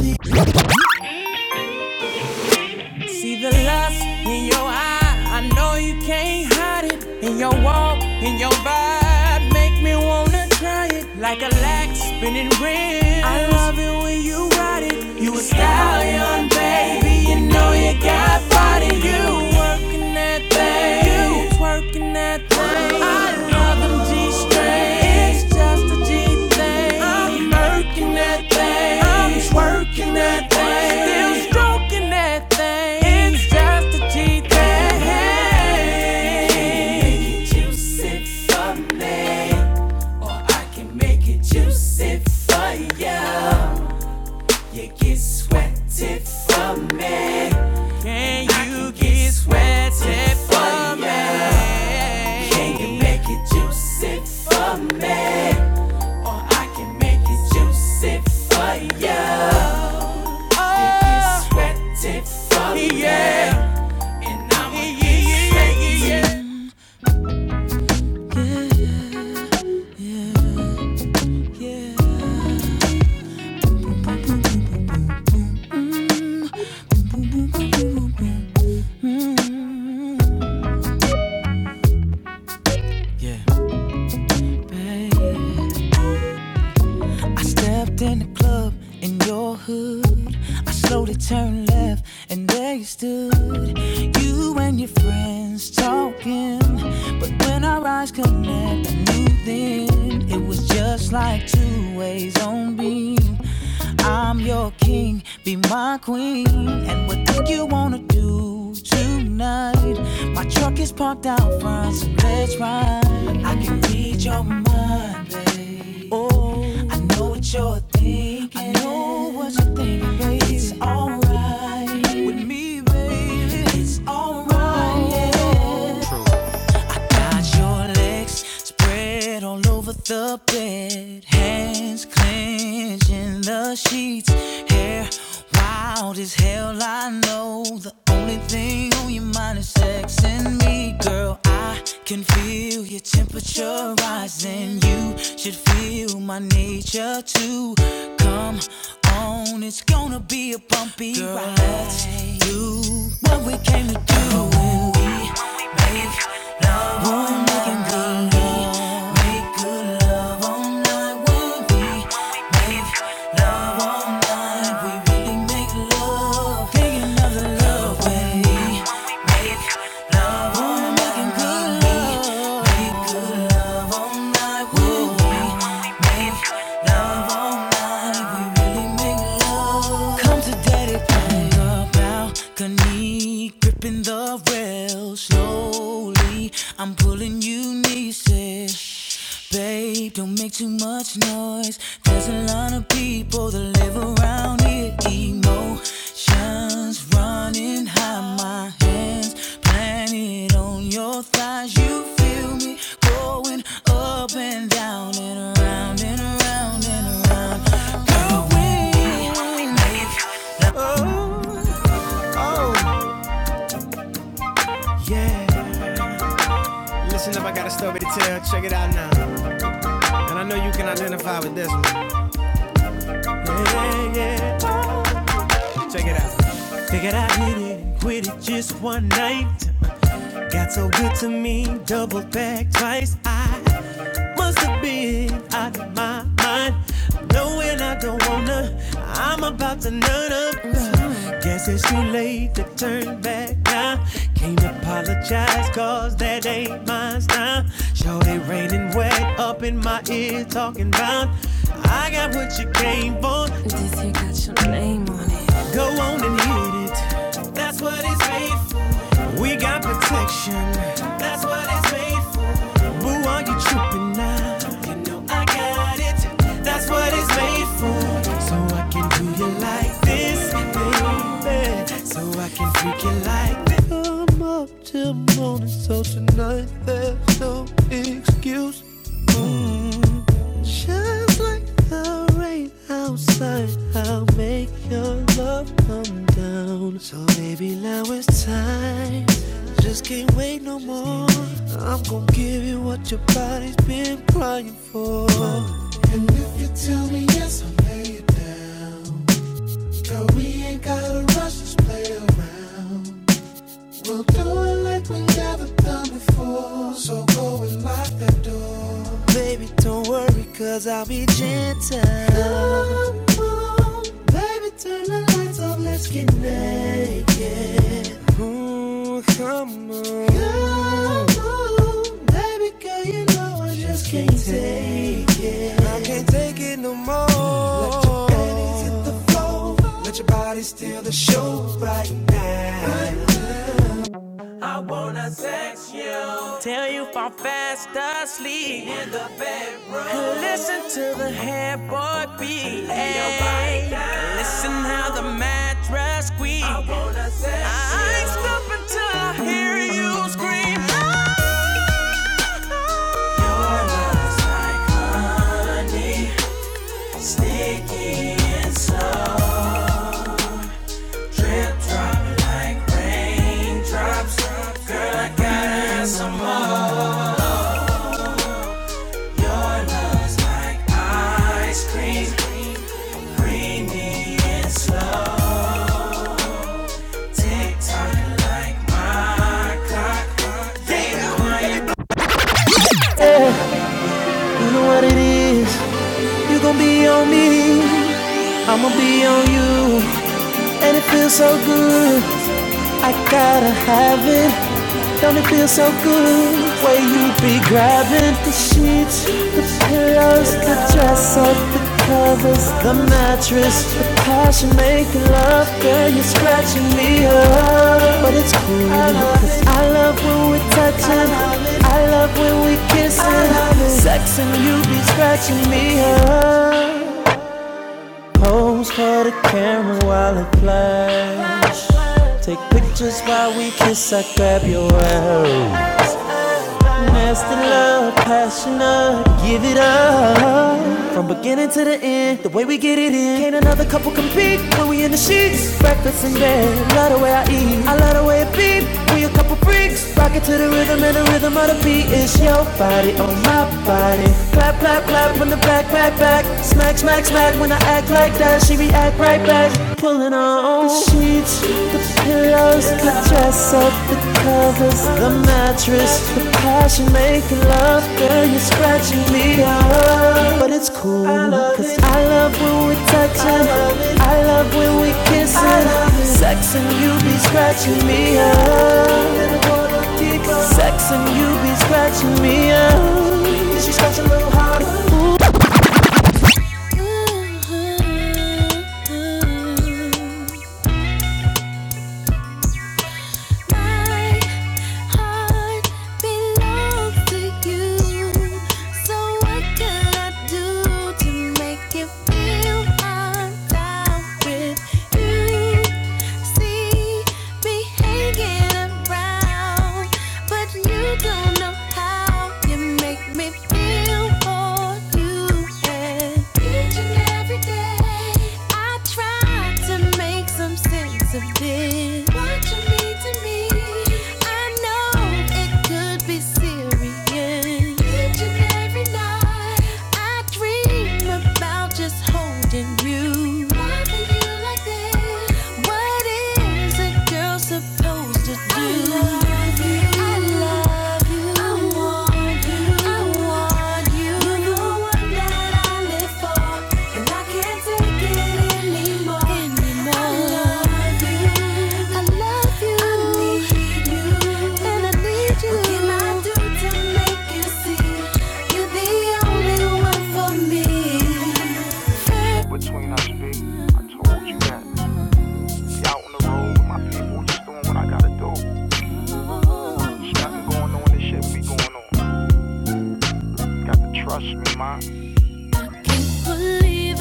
Speaker 2: See the lust in your eye. I know you can't hide it. In your walk, in your vibe, make me wanna try it. Like a lax spinning rim. I love it when you ride it. You a stallion, baby. You know you got body. You working that thing. you Twerking that thing. I love them G strings. It's just a G thing. I'm working that thing. I'm twerking that thing. Still stroking that thing. It's just a G thing. Hey. Make it juicy for me, or I can make it juicy for ya. You get sweaty for me. Can you get sweaty for me? can make it juicy for me, or I can make it juicy for you. You can sweat it for me, and I'ma get sweaty. Yeah, baby. I stepped in the club in your hood. I slowly turned left, and there you stood. You and your friends talking. But when our eyes connect, I knew then it was just like two ways on beam. I'm your king, be my queen. And what do you wanna do tonight? My truck is parked out front, so let's ride. I can read your mind, babe. Oh, I know what you're thinking. I know what you're thinking, babe. It's alright with me, babe. It's alright, yeah. I got your legs spread all over the bed, hands clenching the sheets, hair wild as hell. I know the only thing on your mind is sex and me, girl. I can feel your temperature rising. You should feel my nature too. Come on, it's gonna be a bumpy girl, ride. Let's do what we came to do when we make. Love making good Make good love all night when we we really make love. Making love the love when we making good all night when we really Come to daddy, play the balcony, gripping the rail slowly. I'm pulling you nieces. Babe, don't make too much noise. There's a lot of people that live around here. Emotions running high, my hands planted on your thighs. You feel Listen up, I got a story to tell. Check it out now. And I know you can identify with this one. Yeah, yeah. Check it out. Figured I hit it and quit it just one night. Got so good to me, double back twice. I Must have been out of my mind. Knowing I don't wanna, I'm about to nut up. Guess it's too late to turn back now. Can't apologize, cause that ain't my style. Shorty raining wet up in my ear, talking about I got what you came for. Go on and hit it. That's what it's made for. We got protection. That's what it's made for. Boo, are you tripping now? You know I got it. That's what it's made for. So I come up till morning, so tonight there's no excuse. Shines like the rain outside. I'll make your love come down. So baby, now it's time. Just can't wait no more. I'm gonna give you what your body's been crying for. And if you tell me yes, I'll lay it down. Girl, we ain't gotta rush, just play around. We'll do it like we never done before. So go and lock that door. Baby, don't worry, cause I'll be gentle. Come on, baby, turn the lights off, let's get naked. Ooh, come on. Come on, baby, girl, you know I said, tell you if I'm fast asleep. Listen to the headboard beat. Ay, Listen how the mattress squeaks. I ain't stopping till I hear you scream. I gotta have it, it feels so good. Way you be grabbing the sheets, the pillows, the dress up, the covers, the mattress, the passion of that love. But it's cool, 'cause I love when we're touching. I love I love it. Sex and you be scratching me up. Pose for the camera while it flash. Take pictures while we kiss. I grab your ass. Nasty love, passionate, give it up. From beginning to the end. competing. Can't another couple compete when we in the sheets? Breakfast in bed, love the way I eat. I love the way it beat. We a couple freaks, rock it to the rhythm and the rhythm of the beat It's your body on my body. Clap, clap, clap when the back, back, back. Smack, smack, smack when I act like that. She react right back, pulling on the sheets, the pillows, the dress up, the covers, the mattress, the passion making love, girl, you scratch Cause I love when we're touching, I love when we kissing, sex and you be scratching me up. Sex and you be scratching me up. My heart belongs to you. So what can I do to make you feel I'm down with you? See me hanging around, but you don't know how you make me feel for you and each and every day, I try to make some sense of this. What you mean to me, I know it could be serious. Each and every night, I dream about just holding you. Loving you like this. What is a girl supposed to do? I love you. I love you. I want you're the only one for me. Believe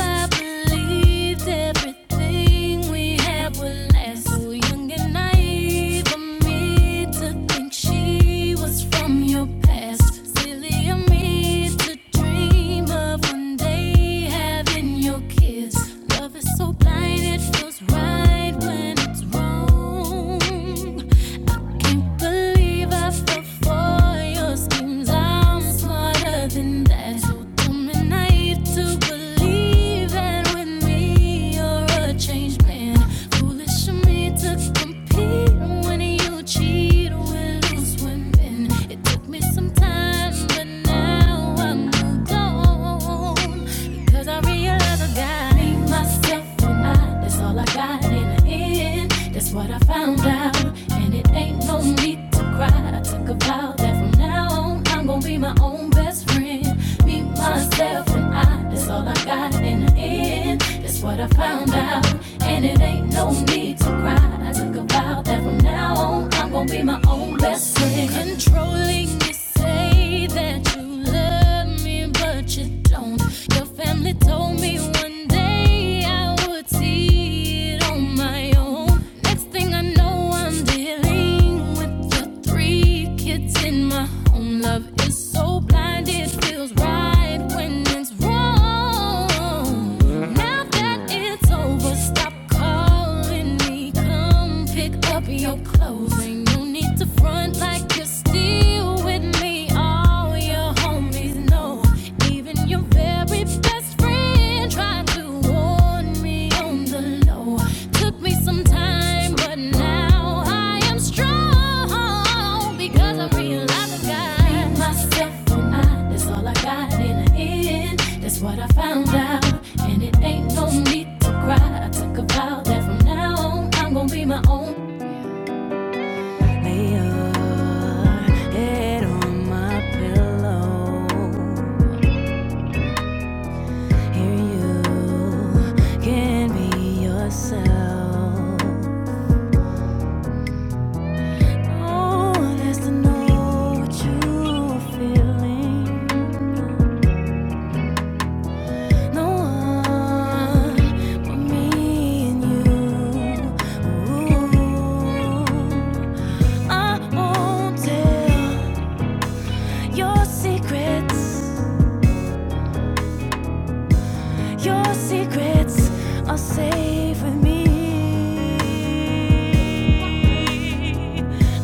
Speaker 2: I fell for your schemes. I'm smarter than that. What I found out, and it ain't no need to cry. I took a alone. I'm gonna be my own best friend. Me, myself, and I. That's all I got in the end. That's what I found out. And it ain't no need to cry. I took a vow that from now on, I'm gonna be my own best friend. Controlling you say that you love me, but you don't. Your family told me one day I would see it on my own. Next thing I know, I'm dealing with the three kids in my home. Love is so blind, it feels right when it's wrong. Now that it's over, stop calling me. Come pick up your clothes. Ain't no need to front like you're still with me. All your homies know, even your very best friend tried to warn me on the low. Took me some but now I am strong because I realized I got myself or That's all I got in the end. That's what I found out, and it ain't no need to cry. I took a vow that from now on I'm gonna be my own player. Head on my pillow, here you can be yourself. Safe with me.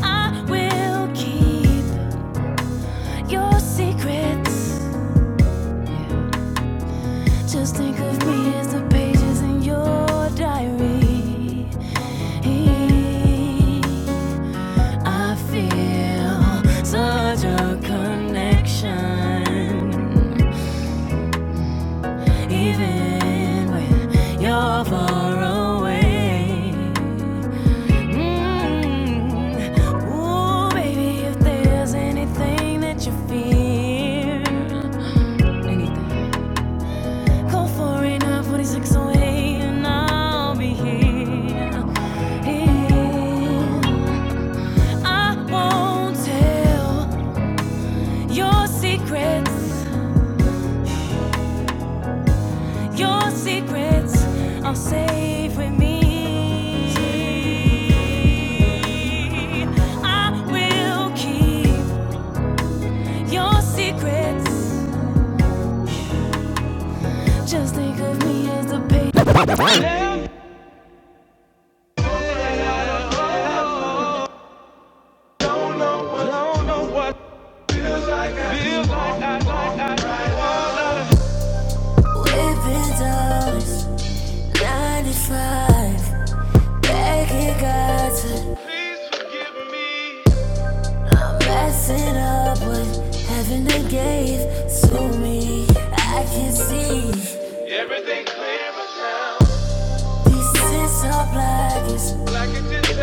Speaker 2: I will keep your secrets. Just think of me as the pages in your diary. I feel such a connection, even when you're far away. Mm. Ooh, baby, if there's anything that you fear, anything Call 489-46 away and I'll be here. I won't tell your secrets, your secrets are safe with me. I will keep your secrets. Just think of me as the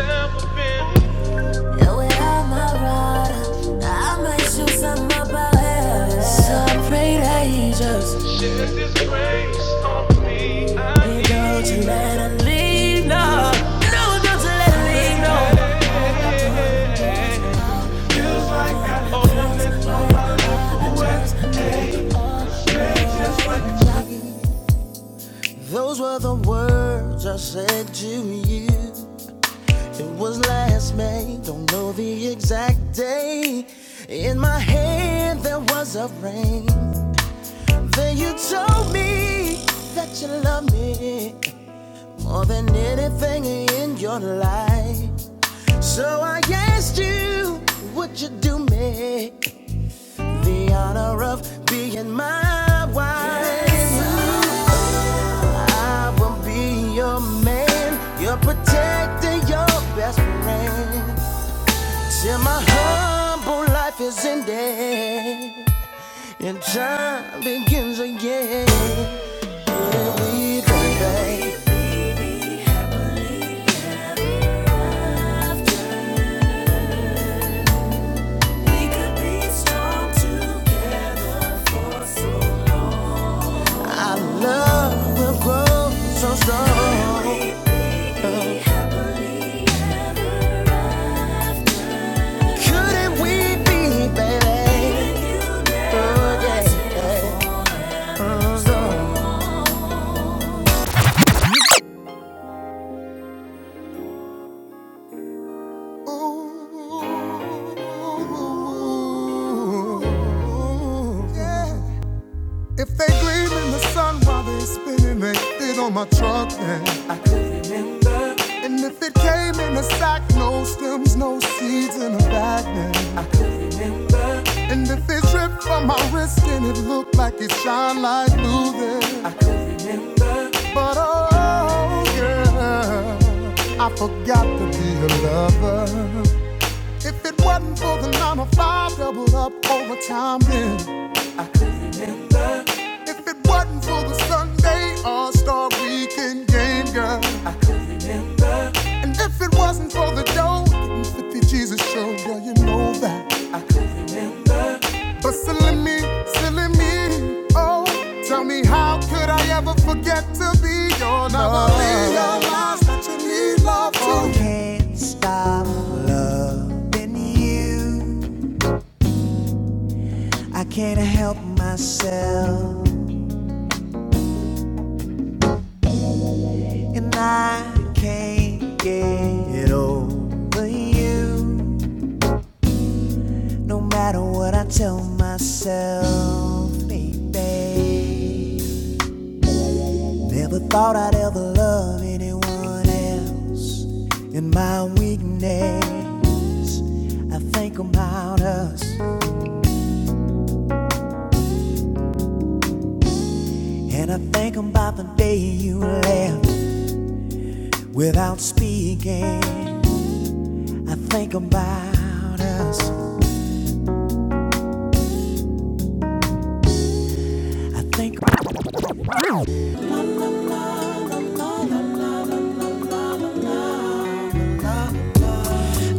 Speaker 2: pain. Know I'm a rider. I might shoot something up Hey, let it leave, no. No, don't let it leave, no. Those were the words I said to you. It was last May, don't know the exact day. In my hand there was a ring. Then you told me that you love me more than anything in your life. So I asked you, would you do me the honor of being my wife? Yes, I will be your man, your protector, your best friend. Till my humble life is ended and time begins again. We, baby, our love will grow so strong. Couldn't we be, baby? Yeah. If they gleam in the sun while they spinning, they fit on my truck then. And if it came in a sack, no stems, no seeds in a bag then. And if it dripped from my wrist and it looked like it shine like blue then. But oh yeah, I forgot. her. It was a nine to five doubled up overtime then. If it wasn't for the Sunday All Star Weekend game, girl, and if it wasn't for the dough, and 50 Jesus show, girl, you know that. But silly me, silly me, oh, tell me how could I ever forget to be your lover? And I can't get you, no matter what I tell myself, baby.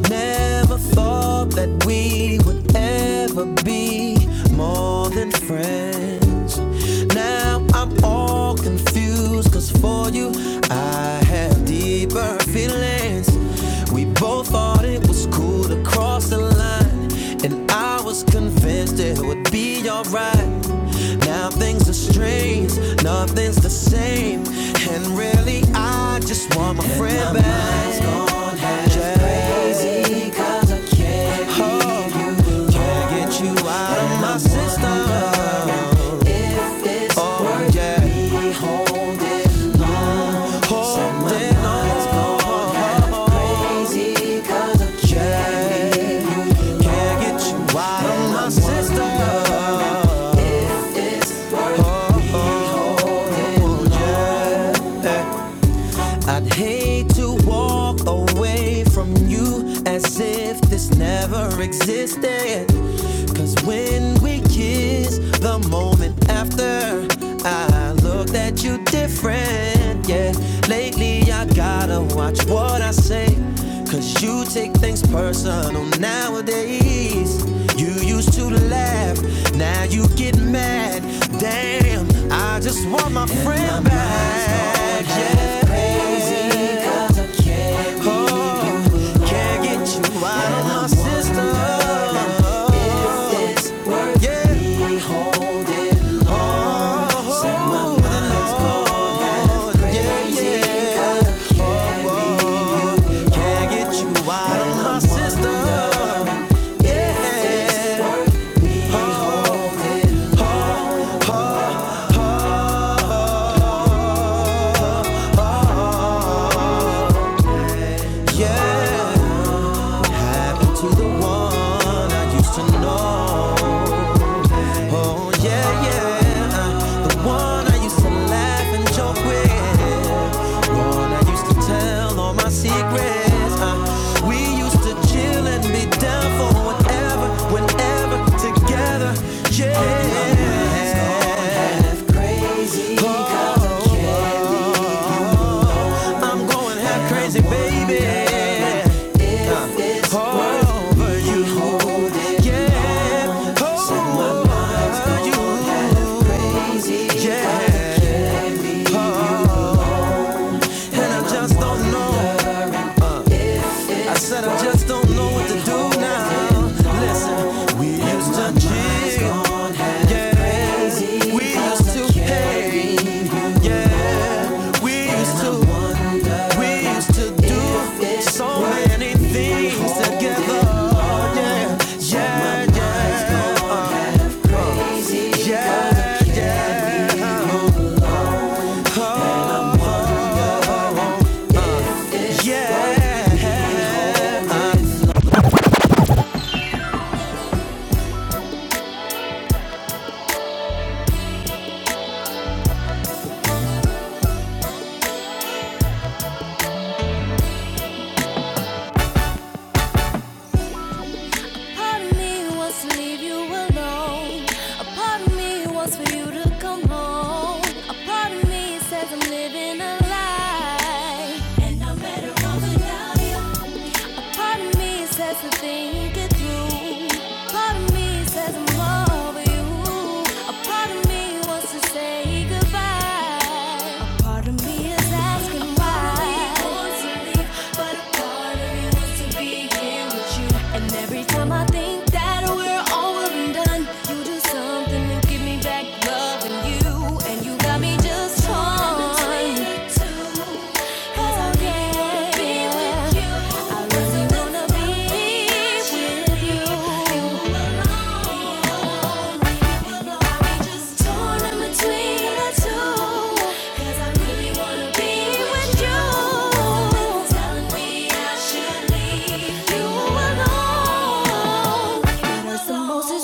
Speaker 2: Never thought that we would ever be more than friends. Now I'm all confused, cause for you I have deeper feelings. We both thought it was cool to cross the line, and I was convinced it would be alright. Now things are strange, nothing's the same, and really I just want my friends. I'd hate to walk away from you as if this never existed. Cause when we kissed, the moment after, I looked at you different. Yeah, lately I gotta watch what I say. Cause you take things personal nowadays. You used to laugh, now you get mad. Damn, I just want my friend yeah. The one I used to laugh and joke with. One I used to tell all my secrets. Uh, we used to chill and be down for whatever, whenever, together. Yeah. I'm going crazy, baby. Over you. hold it, Yeah. part of me wants to leave you alone. A part of me wants for you to come home. A part of me says I'm living a lie. And I'm better off without you. A part of me says to think it through. A Part of me says I'm over you. A part of me wants to say goodbye. A part of me is asking why. A part of me wants to leave, but a part of me wants to be here with you. And every time I think that we're over and done, you do something to give me back love and you, and you got me just.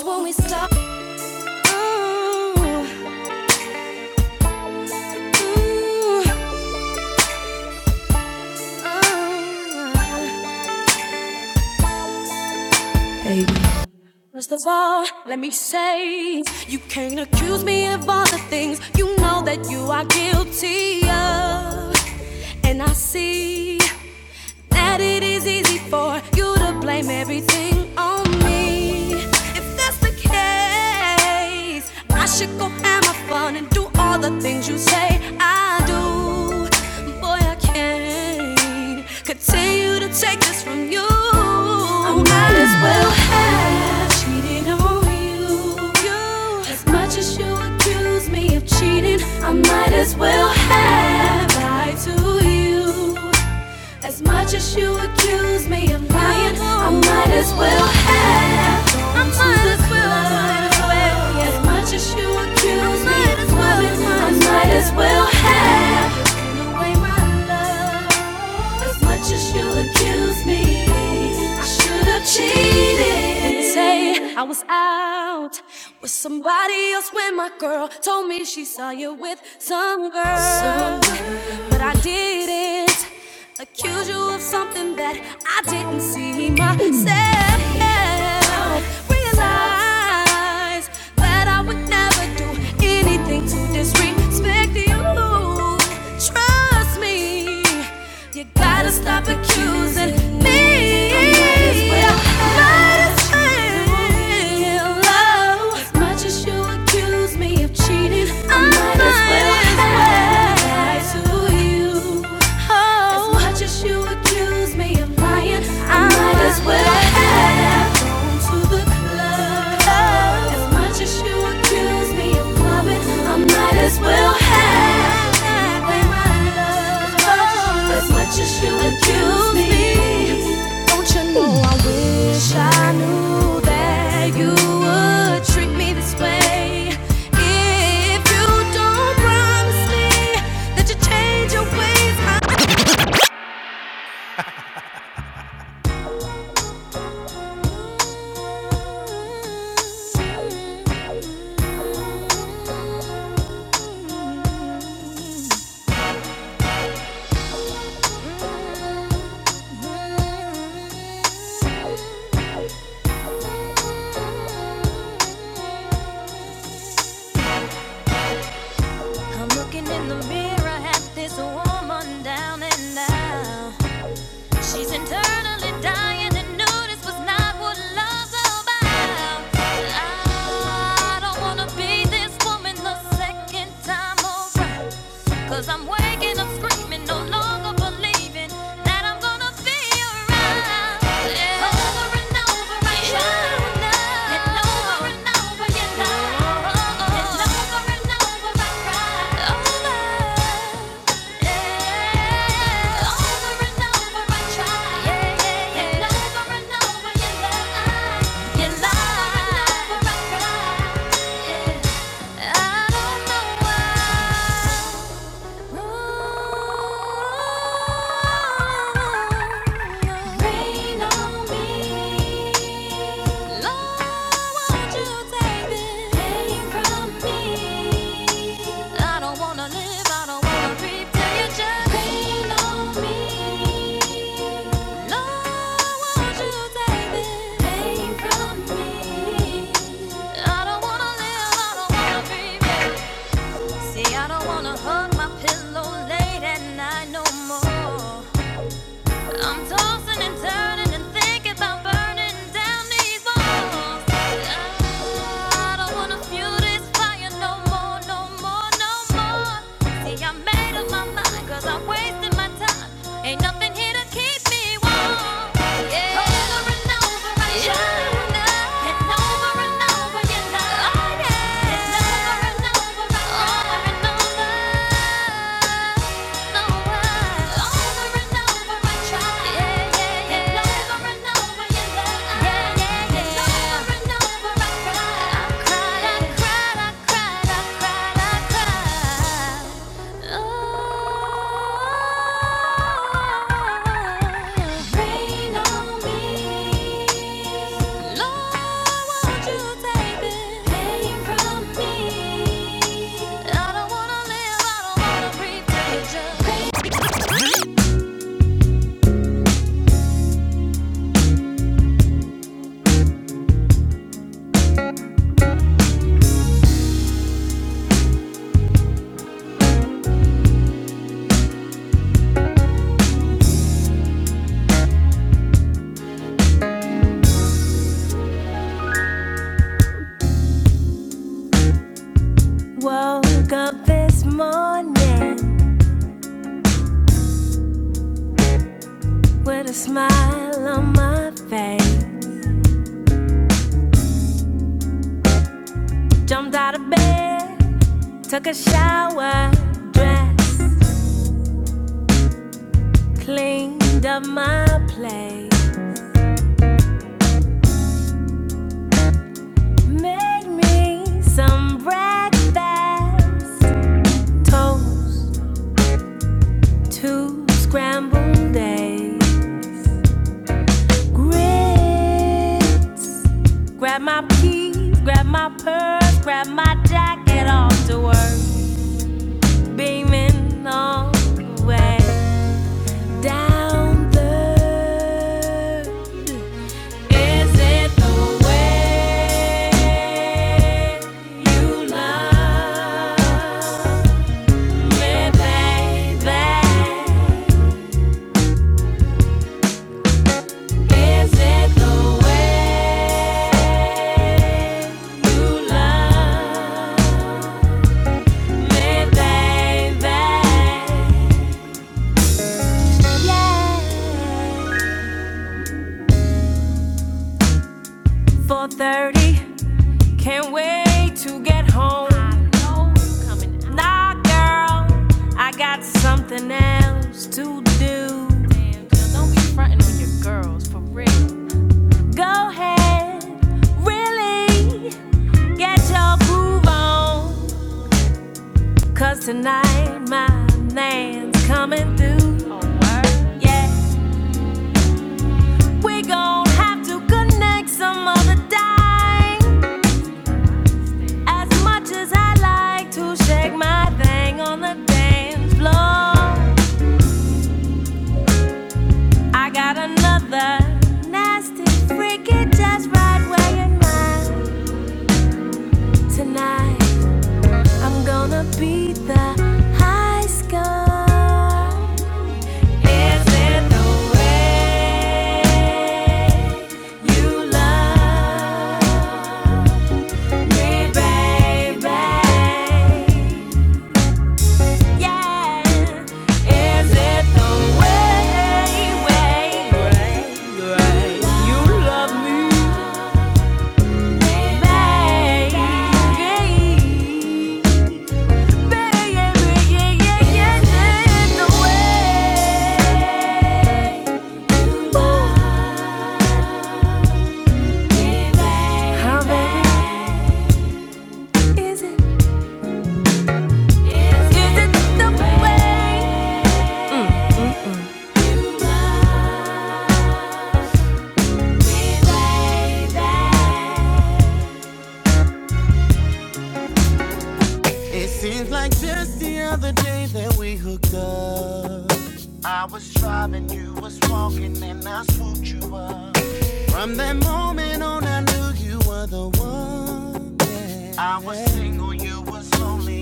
Speaker 2: When we Stop. Mm, mm, mm. First of all, let me say you can't accuse me of all the things you know that you are guilty of. And I see that it is easy for you to blame everything on me. If that's the case, I should go have my fun and do all the things you say I do. Boy, I can't continue to take this from you. I might as well have cheated on you. you. As much as you accuse me of cheating, I might as well have lied to you. As much as you accuse me of lying, I might as well have. I might as well, I might as well. As much as you accuse me of lying, I might as well have away my love. As much as you accuse me, I should have cheated. Say I was out with somebody else when my girl told me she saw you with some girl. some girl. But I didn't accuse you of something that I didn't see myself realize that I would never do anything to disrespect you. Trust me, you gotta stop accusing me. Might as well love. As much as you accuse me of cheating, I might as as well have my love as much as you accuse me. Don't you know I wish I knew that you would treat me this way? If you don't promise me that you change your ways, I- I'm looking in the mirror at this woman down and out. She's internally dying to know this was not what love's about. I don't wanna be this woman the second time around. i I'm waking up screaming, no longer believing that I'm gonna be around. Yeah. Over and over I tried, and over Rain on me. I don't wanna hug my pillow late at night no more. I'm tossing and turning and thinking burning down these walls. I don't wanna fuel this fire no more, no more, no more. See, I made up my mind, cause I wasted my time. Ain't nothing here to keep me warm. Yeah. Over and over, I yeah. Rain on me. With a smile on my face, jumped out of bed, took a shower, dressed, cleaned up my plate, made me some breakfast, toast, two scrambled eggs, grits. Grab my keys, grab my purse, grab my jacket off to work. Beaming all the way down third. Is it the way you love me, baby? Is it the way you love? Thursday, baby. 4:30, can't wait to get home. I know I'm coming out. Nah, girl, I got something else to do. Damn, girl, don't be frontin' with your girls, for real. Go ahead, really get your groove on, 'cause tonight my man's coming through. Oh word? Yeah, we gon' have to connect some other time. As much as I like to shake my thing on the dance floor, I got another nasty freaky just right where you mind tonight. I'm gonna beat the high score. Is it the way you love? Yeah. Is it the way? I was driving, was wrong. Single you was lonely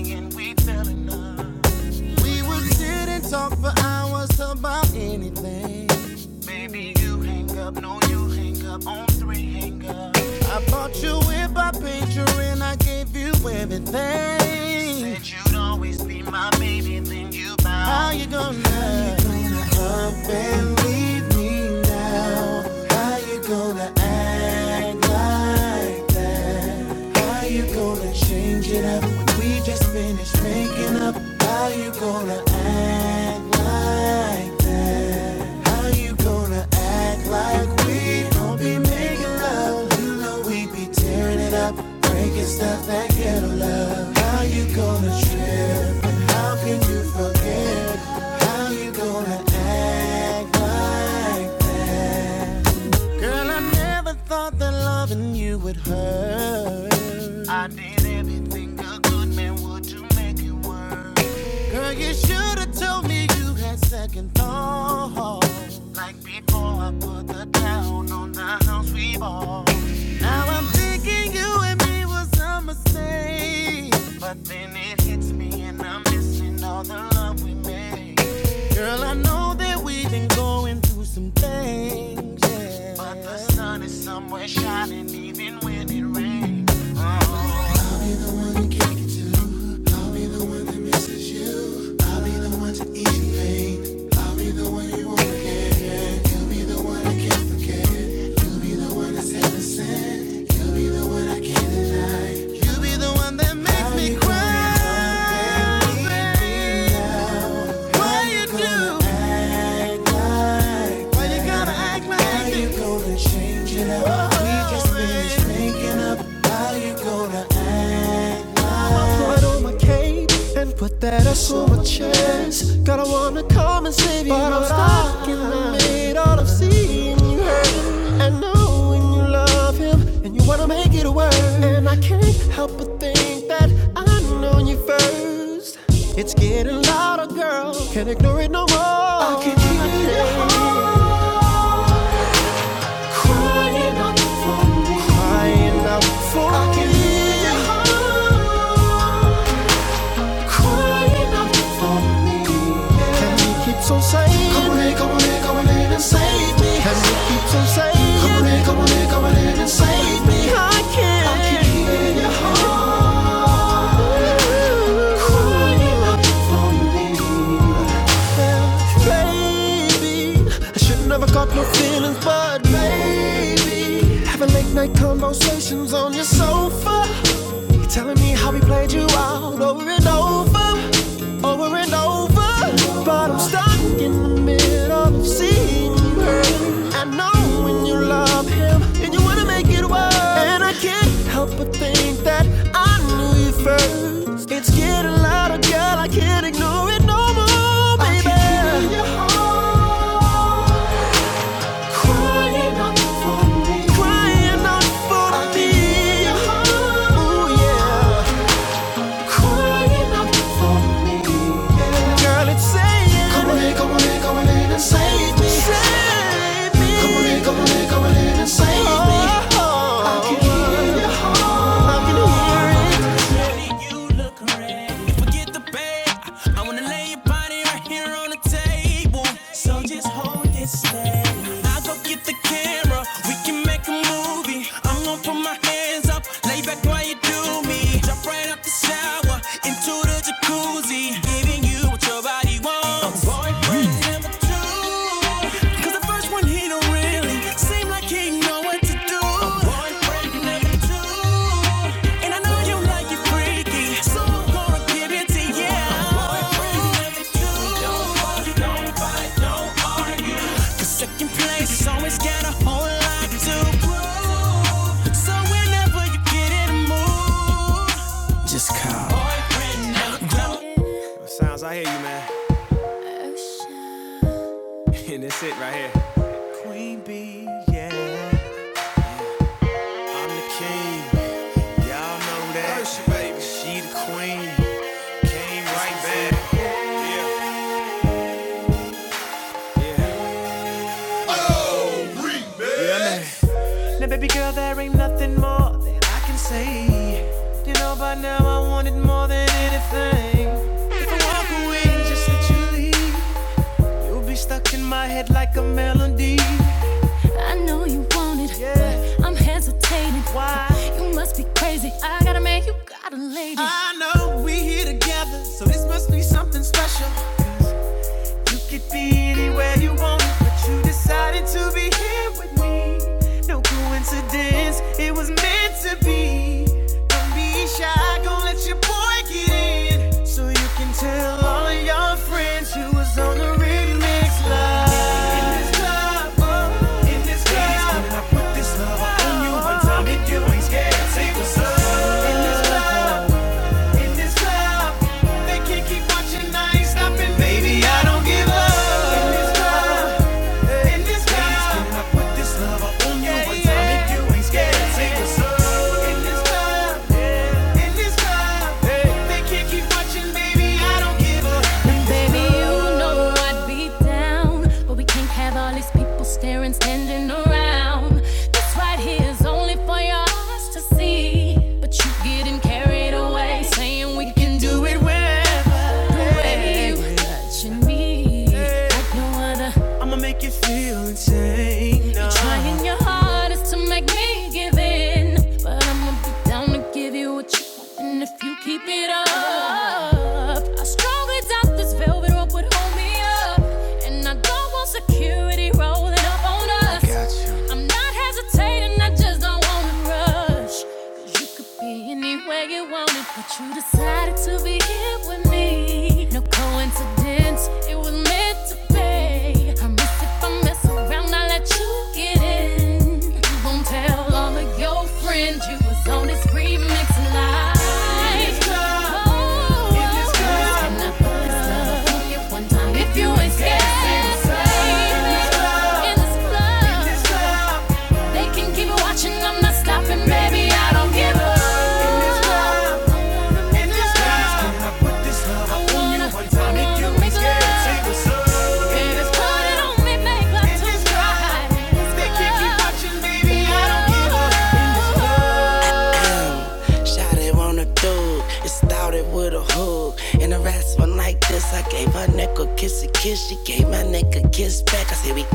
Speaker 2: enough about anything. Girl, I never thought that everything a good man would do. You should have told me you had thought. Like before I put the down. Now I'm thinking you and me was a mistake. But then it hits me and I'm missing all the love we made. Girl, I know that we've been going through some things. Yeah. But the sun was shining even when it rained. I made all of seeing you hurting, I know when you love him and you wanna make it work. And I can't help but think that I known you first. It's getting louder, girl. Can't ignore it no more. I can't hear your heart crying out for me. Crying out for me. I can't me. Hear your heart for me. He keeps on saying, Come on in, come on in, come on in and save me. And he keeps on saying, Come on in, come on in, come on in and save me. I can hear your heart crying out for me. Baby, I should never caught no feelings, but baby, conversations on your sofa. We played you out over and over, over and over. But I'm stuck in the middle of seeing you hurt. I know when you love him and you wanna make it work. And I can't help but think that I knew you first. It's getting louder, girl. I can't ignore it no more, baby. I can hear your heart crying out for me. Crying out for me. You look ready. Forget the bed. I wanna lay your body right here on the table. So just hold it steady. i go get the camera. We can make a movie. I'm going put my hands up, lay back while you do me. Jump right out the shower into the jacuzzi, giving you what your body wants. A boyfriend number two. 'Cause the first one he don't really, so he know what to do. A boyfriend number two. And I know you like i Sounds, I hear you, man. And that's it right here. Queen bee, yeah. I'm the king. Y'all know that. She baby. She the queen. Came right back. Yeah. Now, baby girl, there ain't nothing more that I can say. You know, by now I wanted more than anything. If I walk away, just let you leave. You'll be stuck in my head like a melody. I know you want it, Yeah. but I'm hesitating. Why? You must be crazy. I got a man, you got a lady. I know we here together, so this must be something special. You could be anywhere you want, but you decided to be here with me. No coincidence, it was meant to be. Don't be shy, gon' let your boy get in. So you can tell all of your friends you was on the remix live. In this club, oh, in this club, Ladies coming up on you one time in this club. Slide, kick your knife, and Baby, I don't give up. In this club, in this club. If I do be down, but we can't have all these people staring, standing around. This right here is only for your eyes to see. But you getting carried away, saying we can do it wherever. The way you touching me, like no other. I'ma make you feel insane no. You're trying your hardest to make me give in, but I'ma be down to give you what you want, and if you keep it up, I strongly doubt this velvet rope would hold me up, and I don't want security rolling up on us. I'm not hesitating, I just don't wanna rush. rush. Cause you could be anywhere you want it, but you decided to be here with me. No coincidence, it was meant to be. I miss if I mess around, I let you get in pretend. Won't tell all of your friends you was on this remix live. In this club, oh, in this club. Can I put this love on you one time if you ain't scared? In this club, in this club, in this club. They can keep watching, I'm not stopping, baby. I don't give up. In this club, in this club. With a hook and a harassment like this, I gave her neck a kiss, a kiss. She gave my neck a kiss back.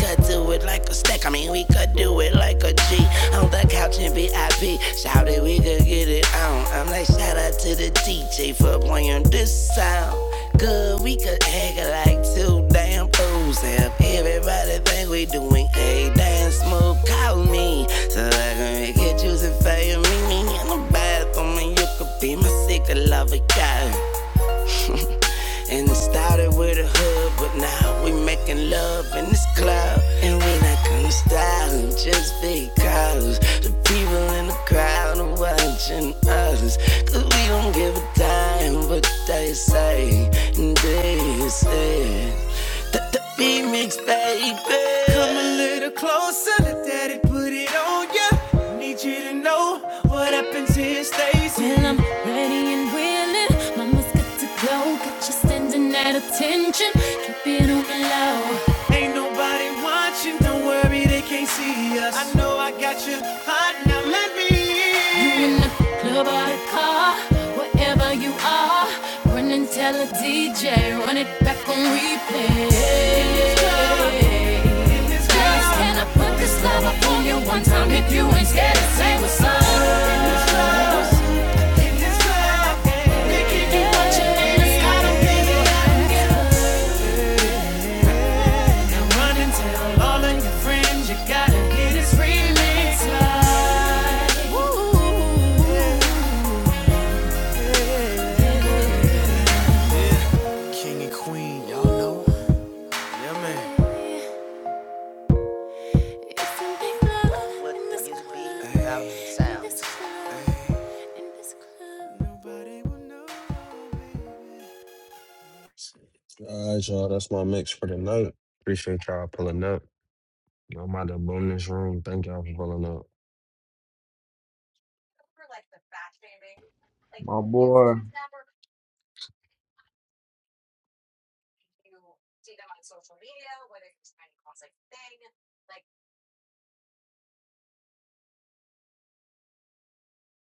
Speaker 2: I do it like a stack. I mean, we could do it like a G on the couch in VIP. Alright, shout out to the DJ for playing this sound. Good, we could act like two damn fools. If everybody think we doing a damn smooth. call me. So I can make it juicy for you. Meet me in the bathroom and you could be my secret lover, guy. And it started with a hood, but now we making love in this club. And we not gonna style it just because the people in the crowd are watching us. Cause we don't give a damn what they say. And they say that the beat mix, baby. Come a little closer, let daddy put it on ya. Need you to know what happens here stays. And I'm ready and willing. Mama's good to go. Got you standing at attention. Keep it on the low. Ain't nobody watching. Don't worry, they can't see us. I know got you hot. Now let me. in. You in the club or the car, wherever you are. Run and tell a DJ. Run it back on replay. In this club, in this club. Just Can I put this love up on you one time if you ain't scared to say what's up? In this club. King and queen, y'all know. It's a big love in this club, in this club.
Speaker 1: All right, y'all. That's my mix for the night. Appreciate y'all pulling up. I'm out of boom this room. Thank y'all for pulling up.
Speaker 8: My boy,